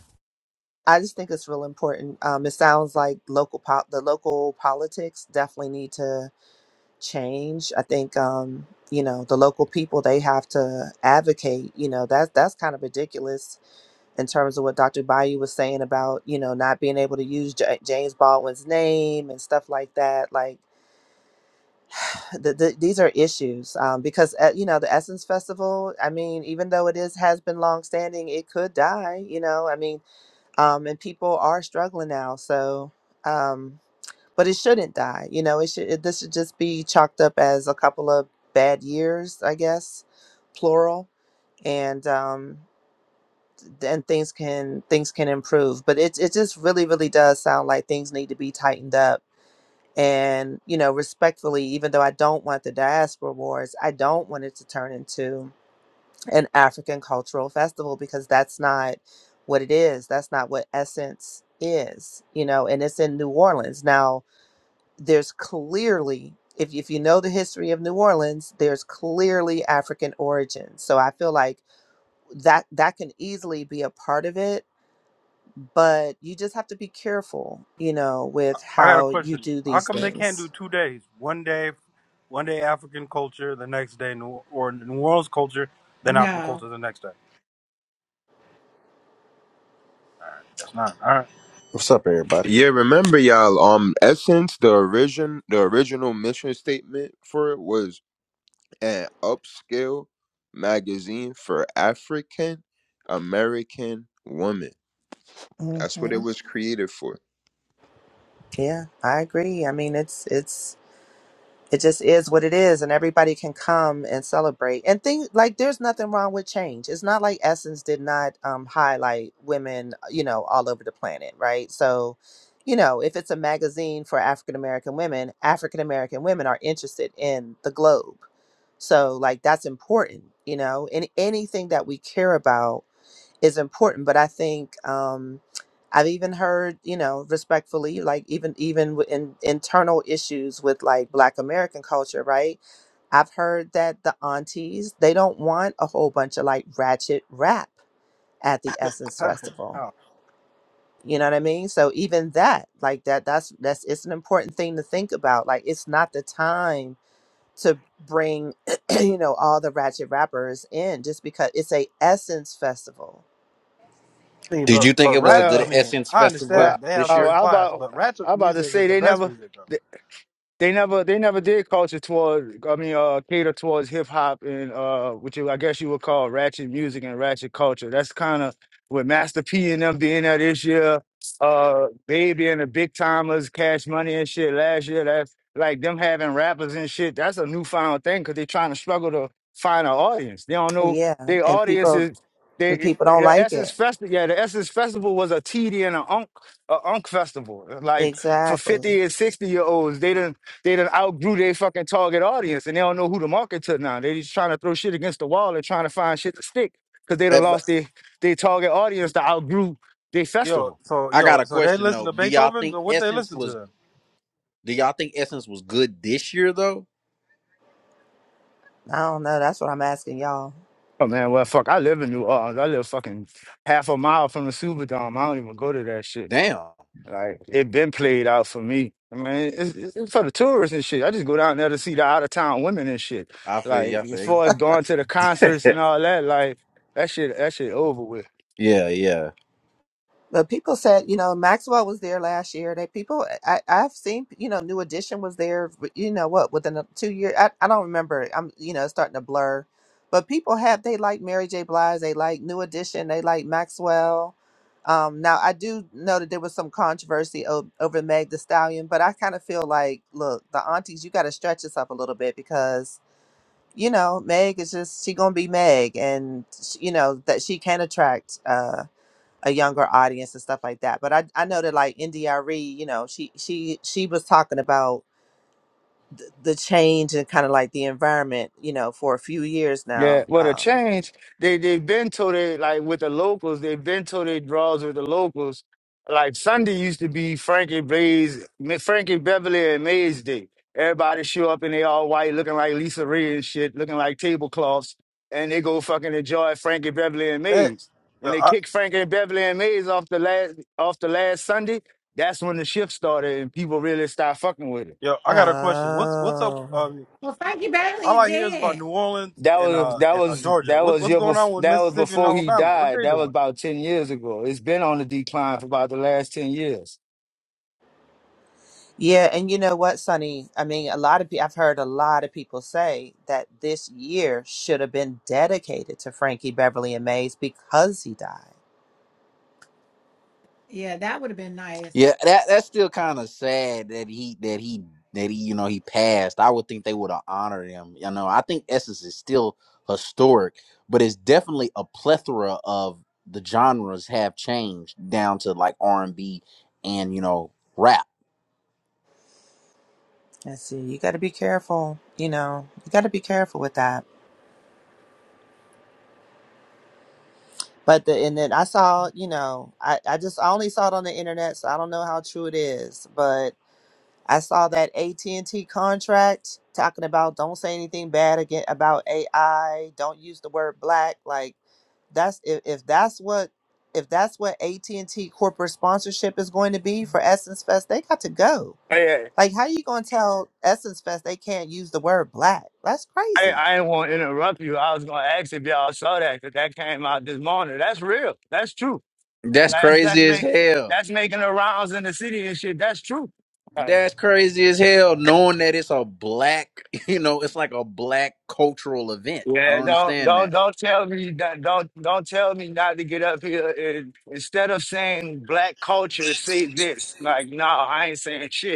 [SPEAKER 15] I just think it's real important. Um, it sounds like local po- the local politics definitely need to change. I think um, you know the local people they have to advocate. You know that that's kind of ridiculous in terms of what Dr. Bayou was saying about, you know, not being able to use J- James Baldwin's name and stuff like that. Like, the, the, these are issues um, because, uh, you know, the Essence Festival, I mean, even though it is has been longstanding, it could die, you know, I mean, um, and people are struggling now. So, um, but it shouldn't die. You know, it should, it, this should just be chalked up as a couple of bad years, I guess, plural. And, um, and things can things can improve but it, it just really really does sound like things need to be tightened up and you know respectfully even though i don't want the diaspora wars i don't want it to turn into an african cultural festival because that's not what it is that's not what essence is you know and it's in new orleans now there's clearly if, if you know the history of new orleans there's clearly african origins so i feel like that that can easily be a part of it but you just have to be careful, you know, with
[SPEAKER 11] I got a
[SPEAKER 15] how you
[SPEAKER 11] question.
[SPEAKER 15] do
[SPEAKER 11] How
[SPEAKER 15] these
[SPEAKER 11] come they can't do
[SPEAKER 15] things.
[SPEAKER 11] two days? One day, one day African culture, the next day New or New Orleans culture, then African
[SPEAKER 18] No.
[SPEAKER 11] culture the next day. That's not all
[SPEAKER 19] What's up, everybody?
[SPEAKER 1] Yeah, remember y'all. Um, Essence, the origin, the original mission statement for it was an upscale magazine for African American women.
[SPEAKER 15] hmm
[SPEAKER 1] That's what it was created for.
[SPEAKER 15] Yeah, I agree. I mean, it's it's it just is what it is and everybody can come and celebrate and things like there's nothing wrong with change it's not like essence did not um, highlight women uh, you know all over the planet right so you know if it's a magazine for african american women african american women are interested in the globe so like that's important you know in anything that we care about is important but i think um i've even heard you know respectfully like even even with in internal issues with like black american culture right i've heard that the aunties they don't want a whole bunch of like ratchet rap at the essence
[SPEAKER 11] right.
[SPEAKER 15] festival
[SPEAKER 11] Oh.
[SPEAKER 15] you know what i mean so even that like that that's that's it's an important thing to think about like it's not the time to bring you know all the ratchet rappers in just because it's a essence festival
[SPEAKER 11] I mean,
[SPEAKER 19] Did
[SPEAKER 11] but
[SPEAKER 19] you think
[SPEAKER 11] but
[SPEAKER 19] it was a
[SPEAKER 11] rap.
[SPEAKER 19] good
[SPEAKER 11] I
[SPEAKER 17] Well,
[SPEAKER 11] mean,
[SPEAKER 19] Essence
[SPEAKER 11] I
[SPEAKER 19] festival
[SPEAKER 11] understand
[SPEAKER 17] well,
[SPEAKER 11] they
[SPEAKER 19] this
[SPEAKER 11] have
[SPEAKER 17] oh,
[SPEAKER 19] year?
[SPEAKER 11] certain
[SPEAKER 17] I
[SPEAKER 11] class,
[SPEAKER 17] about
[SPEAKER 11] but
[SPEAKER 17] I
[SPEAKER 11] ratchet
[SPEAKER 17] about to
[SPEAKER 11] music is
[SPEAKER 17] say
[SPEAKER 11] the
[SPEAKER 17] they
[SPEAKER 11] best
[SPEAKER 17] never.
[SPEAKER 11] music though.
[SPEAKER 17] They never they never did culture toward I mean uh cater towards hip hop and uh which you I guess you would call ratchet music and ratchet culture. That's kind of with Master P and them being that this year, uh Baby and the Big Timers, Cash Money and shit last year. That's like them having rappers and shit. That's a newfound thing because they are trying to struggle to find an audience. They don't know
[SPEAKER 15] yeah
[SPEAKER 17] their
[SPEAKER 15] and
[SPEAKER 17] audience
[SPEAKER 15] people
[SPEAKER 17] is
[SPEAKER 15] and
[SPEAKER 17] they
[SPEAKER 15] people don't
[SPEAKER 17] the
[SPEAKER 15] like
[SPEAKER 17] Essence
[SPEAKER 15] it
[SPEAKER 17] Festival. Yeah, the Essence Festival was a TD and a Unk a Unk festival. Like for
[SPEAKER 15] exactly
[SPEAKER 17] 50 and 60 year olds. They done they done outgrew their fucking target audience and they don't know who to market to now. They just trying to throw shit against the wall and trying to find shit to stick because they
[SPEAKER 19] Uh,
[SPEAKER 17] done
[SPEAKER 19] but
[SPEAKER 17] lost their, their target audience that outgrew their
[SPEAKER 11] Yo,
[SPEAKER 17] festival.
[SPEAKER 11] so
[SPEAKER 19] I got
[SPEAKER 11] yo,
[SPEAKER 19] a
[SPEAKER 11] so they
[SPEAKER 19] question
[SPEAKER 11] listen
[SPEAKER 19] though.
[SPEAKER 11] to
[SPEAKER 19] Do y'all
[SPEAKER 11] Beethoven.
[SPEAKER 19] think
[SPEAKER 11] So what they
[SPEAKER 19] Essence
[SPEAKER 11] listen to
[SPEAKER 19] was? Do y'all think Essence was good this year though?
[SPEAKER 15] i don't know that's what i'm asking y'all
[SPEAKER 17] Oh man, well fuck, I live in New Orleans. I live fucking half a mile from the Superdome. I don't even go to that shit.
[SPEAKER 19] Damn,
[SPEAKER 17] Like it been played out for me. I mean, it's, it's it's for the tourists and shit. I just go down there to see the out of town women and shit.
[SPEAKER 19] I feel you.
[SPEAKER 17] Like
[SPEAKER 19] I
[SPEAKER 17] as
[SPEAKER 19] feel you.
[SPEAKER 17] far as going to the concerts and all that, like that shit, that shit over with.
[SPEAKER 19] Yeah, yeah,
[SPEAKER 15] But people said, you know, Maxwell was there last year. They people, I, I've seen, you know, New Edition was there. but You know what? Within a two year, I, I don't remember. I'm, you know, it's starting to blur. But people have they like Mary J. Blige, they like New Edition, they like Maxwell. Um, now I do know that there was some controversy o- over Meg The Stallion, but I kind of feel like, look, the aunties, you got to stretch this up a little bit because you know Meg is just she gonna be Meg, and sh- you know that she can attract. uh, a younger audience and stuff like that. But I, I know that like NDRE, you know, she she she was talking about th- the change and kind of like the environment, you know, for a few years
[SPEAKER 17] Yeah,
[SPEAKER 15] now.
[SPEAKER 17] well, the
[SPEAKER 15] Um,
[SPEAKER 17] change they they've been to they like with the locals. They've been to they draws with the locals. Like Sunday used to be Frankie Blaze, Frankie Beverly and Mays Day. Everybody show up and they all white, looking like Lisa Ray and shit, looking like tablecloths, and they go fucking enjoy Frankie Beverly and
[SPEAKER 11] then? Hey,
[SPEAKER 17] Mays. When
[SPEAKER 11] yo,
[SPEAKER 17] they
[SPEAKER 11] I,
[SPEAKER 17] kick Frankie Beverly and Mays off the last off the last Sunday, that's when the shift started and people really start fucking with it.
[SPEAKER 11] yo, I got a question. What's what's up?
[SPEAKER 15] oh.
[SPEAKER 11] Um,
[SPEAKER 18] Well, Frankie
[SPEAKER 11] all
[SPEAKER 18] Bailey's
[SPEAKER 11] I hear is about
[SPEAKER 18] dead.
[SPEAKER 11] New Orleans
[SPEAKER 17] That
[SPEAKER 11] and
[SPEAKER 17] was
[SPEAKER 11] uh
[SPEAKER 17] that
[SPEAKER 11] and uh,
[SPEAKER 17] was
[SPEAKER 11] Georgia.
[SPEAKER 17] that
[SPEAKER 11] What
[SPEAKER 17] was
[SPEAKER 11] what's
[SPEAKER 17] your
[SPEAKER 11] going
[SPEAKER 17] bef-
[SPEAKER 11] on with
[SPEAKER 17] that was
[SPEAKER 11] Mississippi and
[SPEAKER 17] before he
[SPEAKER 11] Alabama? What
[SPEAKER 17] died.
[SPEAKER 11] they
[SPEAKER 17] That was
[SPEAKER 11] doing?
[SPEAKER 17] about ten years ago. It's been on the decline for about the last ten years.
[SPEAKER 15] Yeah, and you know what, Sonny? I mean, a lot of people, I've heard a lot of people say that this year should have been dedicated to Frankie Beverly and Mays because he died.
[SPEAKER 18] Yeah, that would have been nice.
[SPEAKER 19] yeah. That that's still kind of sad that he that he that he you know he passed. I would think they would have honored him. You know, I think Essence is still historic, but it's definitely a plethora of the genres have changed down to like R and B and you know rap.
[SPEAKER 15] Let's see, you got to be careful. You know, you got to be careful with that. But the and then I saw, you know, I, I just I only saw it on the internet, so I don't know how true it is. But I saw that AT and T contract talking about don't say anything bad again about AI, don't use the word black. Like that's if, if that's what if that's what AT and T corporate sponsorship is going to be for Essence Fest, they got to go.
[SPEAKER 17] Hey,
[SPEAKER 15] Like, how you gonna tell Essence Fest they can't use the word black? That's
[SPEAKER 17] I
[SPEAKER 15] crazy.
[SPEAKER 17] I didn't want to interrupt you. I was gonna ask if y'all saw that because that came out this morning. That's real. That's true. And
[SPEAKER 19] That's
[SPEAKER 17] that's that's
[SPEAKER 19] crazy as
[SPEAKER 17] make
[SPEAKER 19] hell.
[SPEAKER 17] that's making the rounds in the city and shit. That's true. Uh,
[SPEAKER 19] That's crazy as hell. Knowing that it's a black, you know, it's like a black cultural event. I don't
[SPEAKER 17] Yeah, don't
[SPEAKER 19] understand
[SPEAKER 17] don't don't tell me that don't don't tell me not to get up here and instead of saying black culture, say this. Like, no, I ain't saying shit.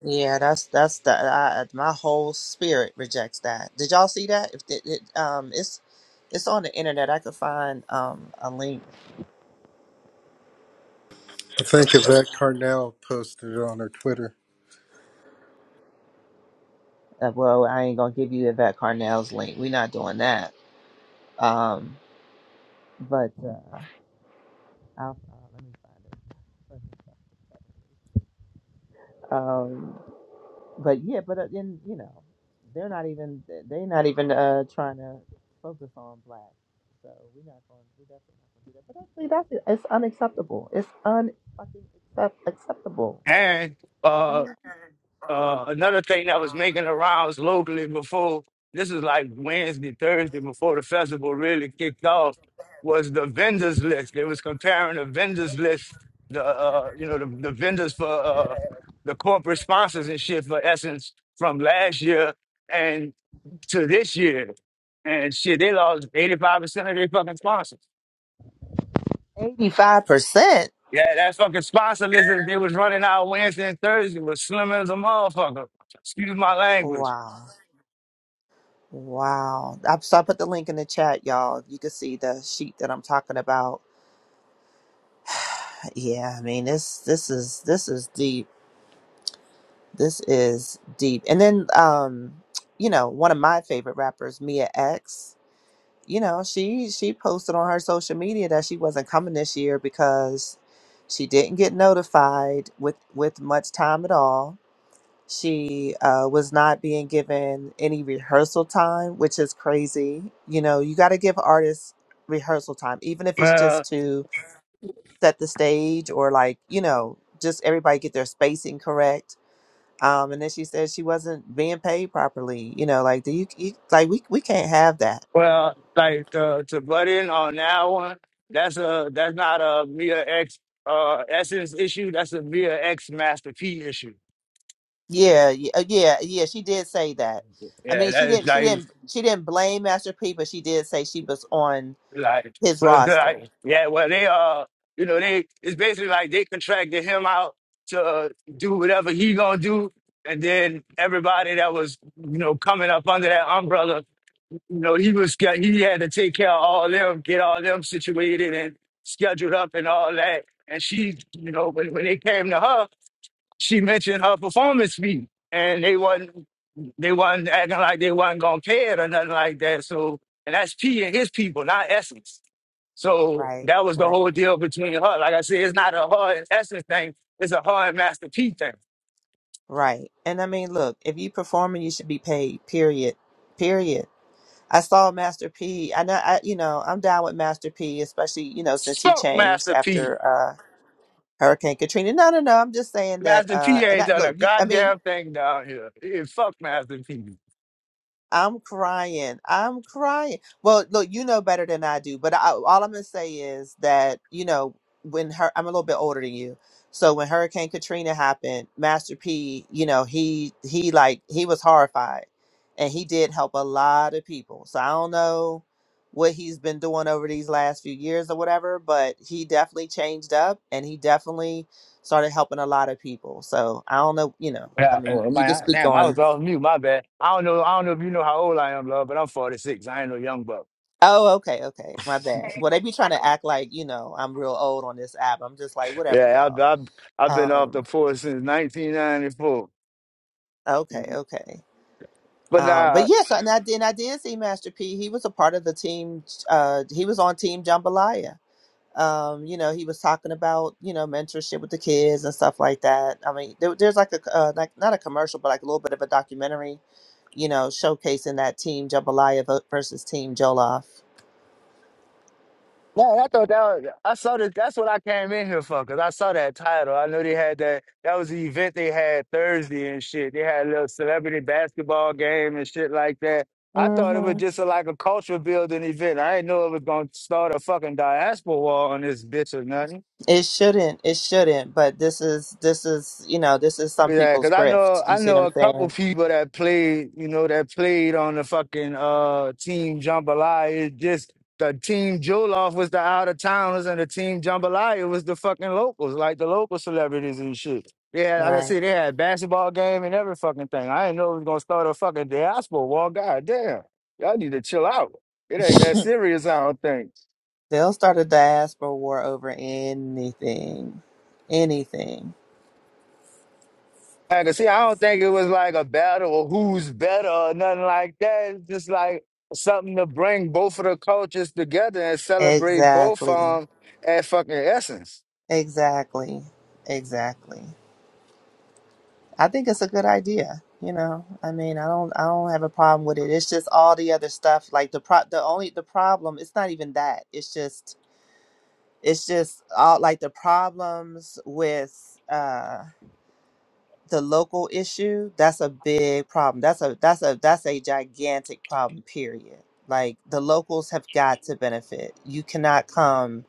[SPEAKER 15] Yeah, that's that's the I, my whole spirit rejects that. Did y'all see that? If it, it um, it's it's on the internet. I could find um a link.
[SPEAKER 10] I think Yvette Carnell posted it on her Twitter.
[SPEAKER 15] Uh, well, I ain't gonna give you Yvette Carnell's link. We're not doing that. Um, but uh, I'll, uh, let me find it. Um, But yeah, but uh, then you know, they're not even they're not even uh trying to focus on black. So we're not going. We definitely not going to do that. But actually, that's it's unacceptable. It's un fucking accept- acceptable.
[SPEAKER 17] And
[SPEAKER 15] I
[SPEAKER 17] uh,
[SPEAKER 15] mean,
[SPEAKER 17] uh, another thing that was making the rounds locally before this is like Wednesday, Thursday before the festival really kicked off was the vendors list. They was comparing the vendors list, the uh, you know the, the vendors for uh, the corporate sponsors and shit for Essence from last year and to this year, and shit they lost eighty five percent of their fucking sponsors.
[SPEAKER 15] eighty five percent.
[SPEAKER 17] Yeah, that fucking sponsor list that they was running out Wednesday and Thursday was slim as a motherfucker. Excuse my language.
[SPEAKER 15] Wow. Wow. I, so I put the link in the chat, y'all. You can see the sheet that I'm talking about. Yeah, I mean this this is this is deep. This is deep. And then um, you know, one of my favorite rappers, Mia X. you know, she she posted on her social media that she wasn't coming this year because she didn't get notified with with much time at all. She uh, was not being given any rehearsal time, which is crazy. You know, you got to give artists rehearsal time, even if it's
[SPEAKER 17] Well,
[SPEAKER 15] just to set the stage or like you know, just everybody get their spacing correct. Um, and then she said she wasn't being paid properly. You know, like do you, you like we we can't have that
[SPEAKER 17] well, like to, to butt in on that one, that's a that's not a Mia X uh Essence issue. That's a Mia X Master P issue.
[SPEAKER 15] Yeah, yeah, uh, yeah, yeah. She did say that. I
[SPEAKER 17] Yeah,
[SPEAKER 15] mean, she
[SPEAKER 17] that is
[SPEAKER 15] didn't, she
[SPEAKER 17] like
[SPEAKER 15] didn't, she didn't blame Master P, but she did say she was on
[SPEAKER 17] Like,
[SPEAKER 15] his
[SPEAKER 17] but
[SPEAKER 15] roster.
[SPEAKER 17] like, yeah, well, they uh, you know, they it's basically like they contracted him out to uh, do whatever he gonna do, and then everybody that was, you know, coming up under that umbrella, you know, he was sch- he had to take care of all them, get all them situated and scheduled up and all that. And she, you know, when when they came to her she mentioned her performance fee, and they wasn't they wasn't acting like they wasn't gonna pay it or nothing like that. So, and that's P and his people, not Essence. So
[SPEAKER 15] Right,
[SPEAKER 17] that was the
[SPEAKER 15] right,
[SPEAKER 17] whole deal between her. Like I said, it's not a her and Essence thing. It's a her and Master P thing.
[SPEAKER 15] right. And I mean, look, if you performing, you should be paid. Period. Period. I saw Master P. I know, I you know, I'm down with Master P, especially you know since he
[SPEAKER 17] Fuck
[SPEAKER 15] changed
[SPEAKER 17] Master P.
[SPEAKER 15] after uh Hurricane Katrina. No, no, no. I'm just saying that.
[SPEAKER 17] Master
[SPEAKER 15] uh
[SPEAKER 17] P
[SPEAKER 15] And
[SPEAKER 17] ain't
[SPEAKER 15] I,
[SPEAKER 17] done
[SPEAKER 15] look,
[SPEAKER 17] a
[SPEAKER 15] you. I mean,
[SPEAKER 17] goddamn thing down here. Yeah, fuck Master P.
[SPEAKER 15] I'm crying. I'm crying. Well, look, you know better than I do, but I, all I'm gonna say is that you know when her, I'm a little bit older than you, so when Hurricane Katrina happened, Master P, you know he he like he was horrified, and he did help a lot of people. So I don't know what he's been doing over these last few years or whatever, but he definitely changed up, and he definitely started helping a lot of people. So I don't know, you know, I
[SPEAKER 17] Yeah.
[SPEAKER 15] mean,
[SPEAKER 17] Oh am
[SPEAKER 15] you can speak
[SPEAKER 17] Damn, I
[SPEAKER 15] on.
[SPEAKER 17] was off mute. My bad. I don't know. I don't know if you know how old I am, love, but I'm 46. I ain't no young buck.
[SPEAKER 15] Oh, okay, okay. My bad.
[SPEAKER 2] Okay,
[SPEAKER 15] Well, they be
[SPEAKER 2] I, I
[SPEAKER 15] trying
[SPEAKER 2] do
[SPEAKER 15] to act
[SPEAKER 2] this.
[SPEAKER 15] like, you know, I'm real old on this app. I'm just like, whatever,
[SPEAKER 17] Yeah, I've,
[SPEAKER 15] y'all.
[SPEAKER 17] I've I've been off the
[SPEAKER 15] Um,
[SPEAKER 17] force since 1994.
[SPEAKER 15] okay, okay.
[SPEAKER 17] But
[SPEAKER 15] Um, but
[SPEAKER 17] nah,
[SPEAKER 15] yes, and I did, and I did see Master P. He was a part of the team. Uh, he was on Team Jambalaya. Um, you know, he was talking about, you know, mentorship with the kids and stuff like that. I mean, there, there's like a, uh, like not a commercial, but like a little bit of a documentary, you know, showcasing that Team Jambalaya vo- versus Team Joloff.
[SPEAKER 17] nah, I thought that was, I saw that. That's what I came in here for, cause I saw that title. I knew they had that. That was the event they had Thursday and shit. They had a little celebrity basketball game and shit like that. I thought it was
[SPEAKER 15] Mm-hmm.
[SPEAKER 17] just a, like a culture building event. I didn't know it was gonna start a fucking diaspora war on this bitch or nothing.
[SPEAKER 15] It shouldn't. It shouldn't. But this is this is you know this is some
[SPEAKER 17] Yeah,
[SPEAKER 15] people's
[SPEAKER 17] cause I know
[SPEAKER 15] grift.
[SPEAKER 17] I
[SPEAKER 15] You see
[SPEAKER 17] know
[SPEAKER 15] what I'm
[SPEAKER 17] a couple
[SPEAKER 15] saying?
[SPEAKER 17] people that played, you know, that played on the fucking uh team jambalaya. It's just the team Joloff was the out of towners and the team jambalaya was the fucking locals, like the local celebrities and shit. Yeah, like I said, they had basketball game and every fucking thing. I didn't know it was gonna start a fucking diaspora war. God damn, y'all need to chill out. It ain't that
[SPEAKER 15] Right.
[SPEAKER 17] serious, I don't think.
[SPEAKER 15] They'll start a diaspora war over anything, anything.
[SPEAKER 17] Like, see, I don't think it was like a battle or who's better or nothing like that. It's just like something to bring both of the cultures together and celebrate both
[SPEAKER 15] Exactly.
[SPEAKER 17] of them at fucking essence.
[SPEAKER 15] Exactly. Exactly. I think it's a good idea. You know, I mean, I don't, I don't have a problem with it. It's just all the other stuff. Like the pro, the only the problem. It's not even that. It's just, it's just all like the problems with. uh the local issue that's a big problem that's a that's a that's a gigantic problem period like the locals have got to benefit you cannot come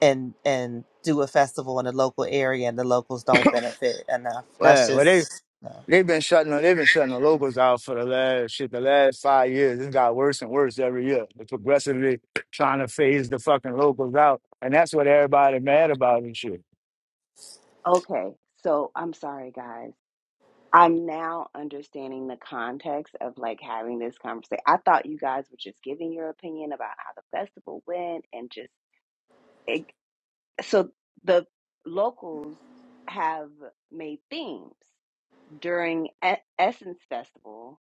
[SPEAKER 15] and and do a festival in a local area and the locals don't benefit enough that's
[SPEAKER 17] Well, well, they
[SPEAKER 15] just no.
[SPEAKER 17] they've been shutting they've been shutting the locals out for the last shit the last five years. It's got worse and worse every year. They're progressively trying to phase the fucking locals out, and that's what everybody mad about and shit.
[SPEAKER 20] Okay, so I'm sorry, guys. I'm now understanding the context of like having this conversation. I thought you guys were just giving your opinion about how the festival went and just it, so the locals have made themes during E- Essence Festival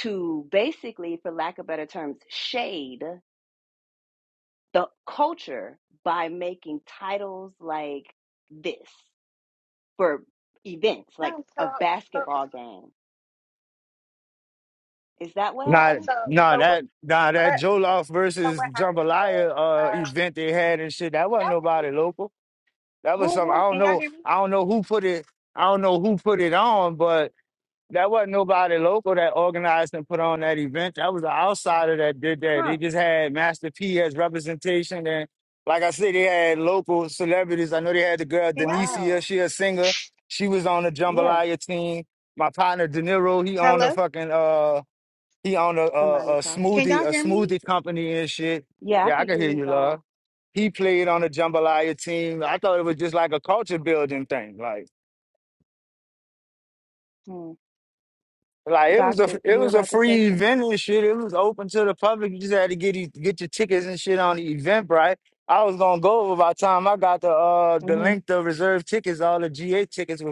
[SPEAKER 20] to basically, for lack of better terms, shade the culture by making titles like this for events, like
[SPEAKER 2] No, so
[SPEAKER 20] a
[SPEAKER 2] so
[SPEAKER 20] basketball game Is that what
[SPEAKER 2] yeah,
[SPEAKER 17] Not
[SPEAKER 20] happened?
[SPEAKER 2] so
[SPEAKER 17] Nah,
[SPEAKER 2] so
[SPEAKER 17] that nah, that
[SPEAKER 2] what?
[SPEAKER 17] Joloff
[SPEAKER 2] So
[SPEAKER 17] versus
[SPEAKER 2] what happened was,
[SPEAKER 17] Jambalaya uh
[SPEAKER 2] um,
[SPEAKER 17] event they had and shit, that
[SPEAKER 2] can
[SPEAKER 17] wasn't
[SPEAKER 2] y'all hear me?
[SPEAKER 17] nobody local. That
[SPEAKER 20] Who
[SPEAKER 17] was some I
[SPEAKER 20] was
[SPEAKER 17] don't
[SPEAKER 2] Can
[SPEAKER 20] that?
[SPEAKER 2] y'all
[SPEAKER 17] know
[SPEAKER 2] hear me?
[SPEAKER 17] I don't know who put it I don't know who put it on, but that wasn't nobody local that organized and put on that event. That was an outsider that did that.
[SPEAKER 20] Huh.
[SPEAKER 17] They just had Master P as representation and like I said, they had local celebrities. I know they had the girl
[SPEAKER 2] Can y'all hear me?
[SPEAKER 17] Denicia,
[SPEAKER 20] Wow.
[SPEAKER 17] she a singer. She was on the
[SPEAKER 20] Yeah.
[SPEAKER 17] jambalaya team. My partner De Niro, he owned a
[SPEAKER 2] Hello?
[SPEAKER 17] fucking uh he owned a,
[SPEAKER 20] Somebody
[SPEAKER 17] a, a
[SPEAKER 20] talking.
[SPEAKER 2] Can
[SPEAKER 17] smoothie
[SPEAKER 2] y'all
[SPEAKER 17] a
[SPEAKER 2] hear me?
[SPEAKER 17] smoothie company and shit.
[SPEAKER 20] Yeah, I
[SPEAKER 17] Yeah, I
[SPEAKER 20] can
[SPEAKER 17] can
[SPEAKER 20] hear
[SPEAKER 17] hear
[SPEAKER 20] you,
[SPEAKER 17] you, love
[SPEAKER 20] doll.
[SPEAKER 17] he played on a jambalaya team. I thought it was just like a culture building thing. Like
[SPEAKER 20] Hmm.
[SPEAKER 17] like it was a
[SPEAKER 20] Doctor,
[SPEAKER 17] it
[SPEAKER 20] you're
[SPEAKER 17] was a
[SPEAKER 20] about to say
[SPEAKER 17] free
[SPEAKER 20] something?
[SPEAKER 17] event and shit. It was open to the public. You just had to get these- get your tickets and shit on the event, right? I was gonna go over by the time I got the uh the
[SPEAKER 20] Mm-hmm.
[SPEAKER 17] link to reserve tickets, all the GA tickets were.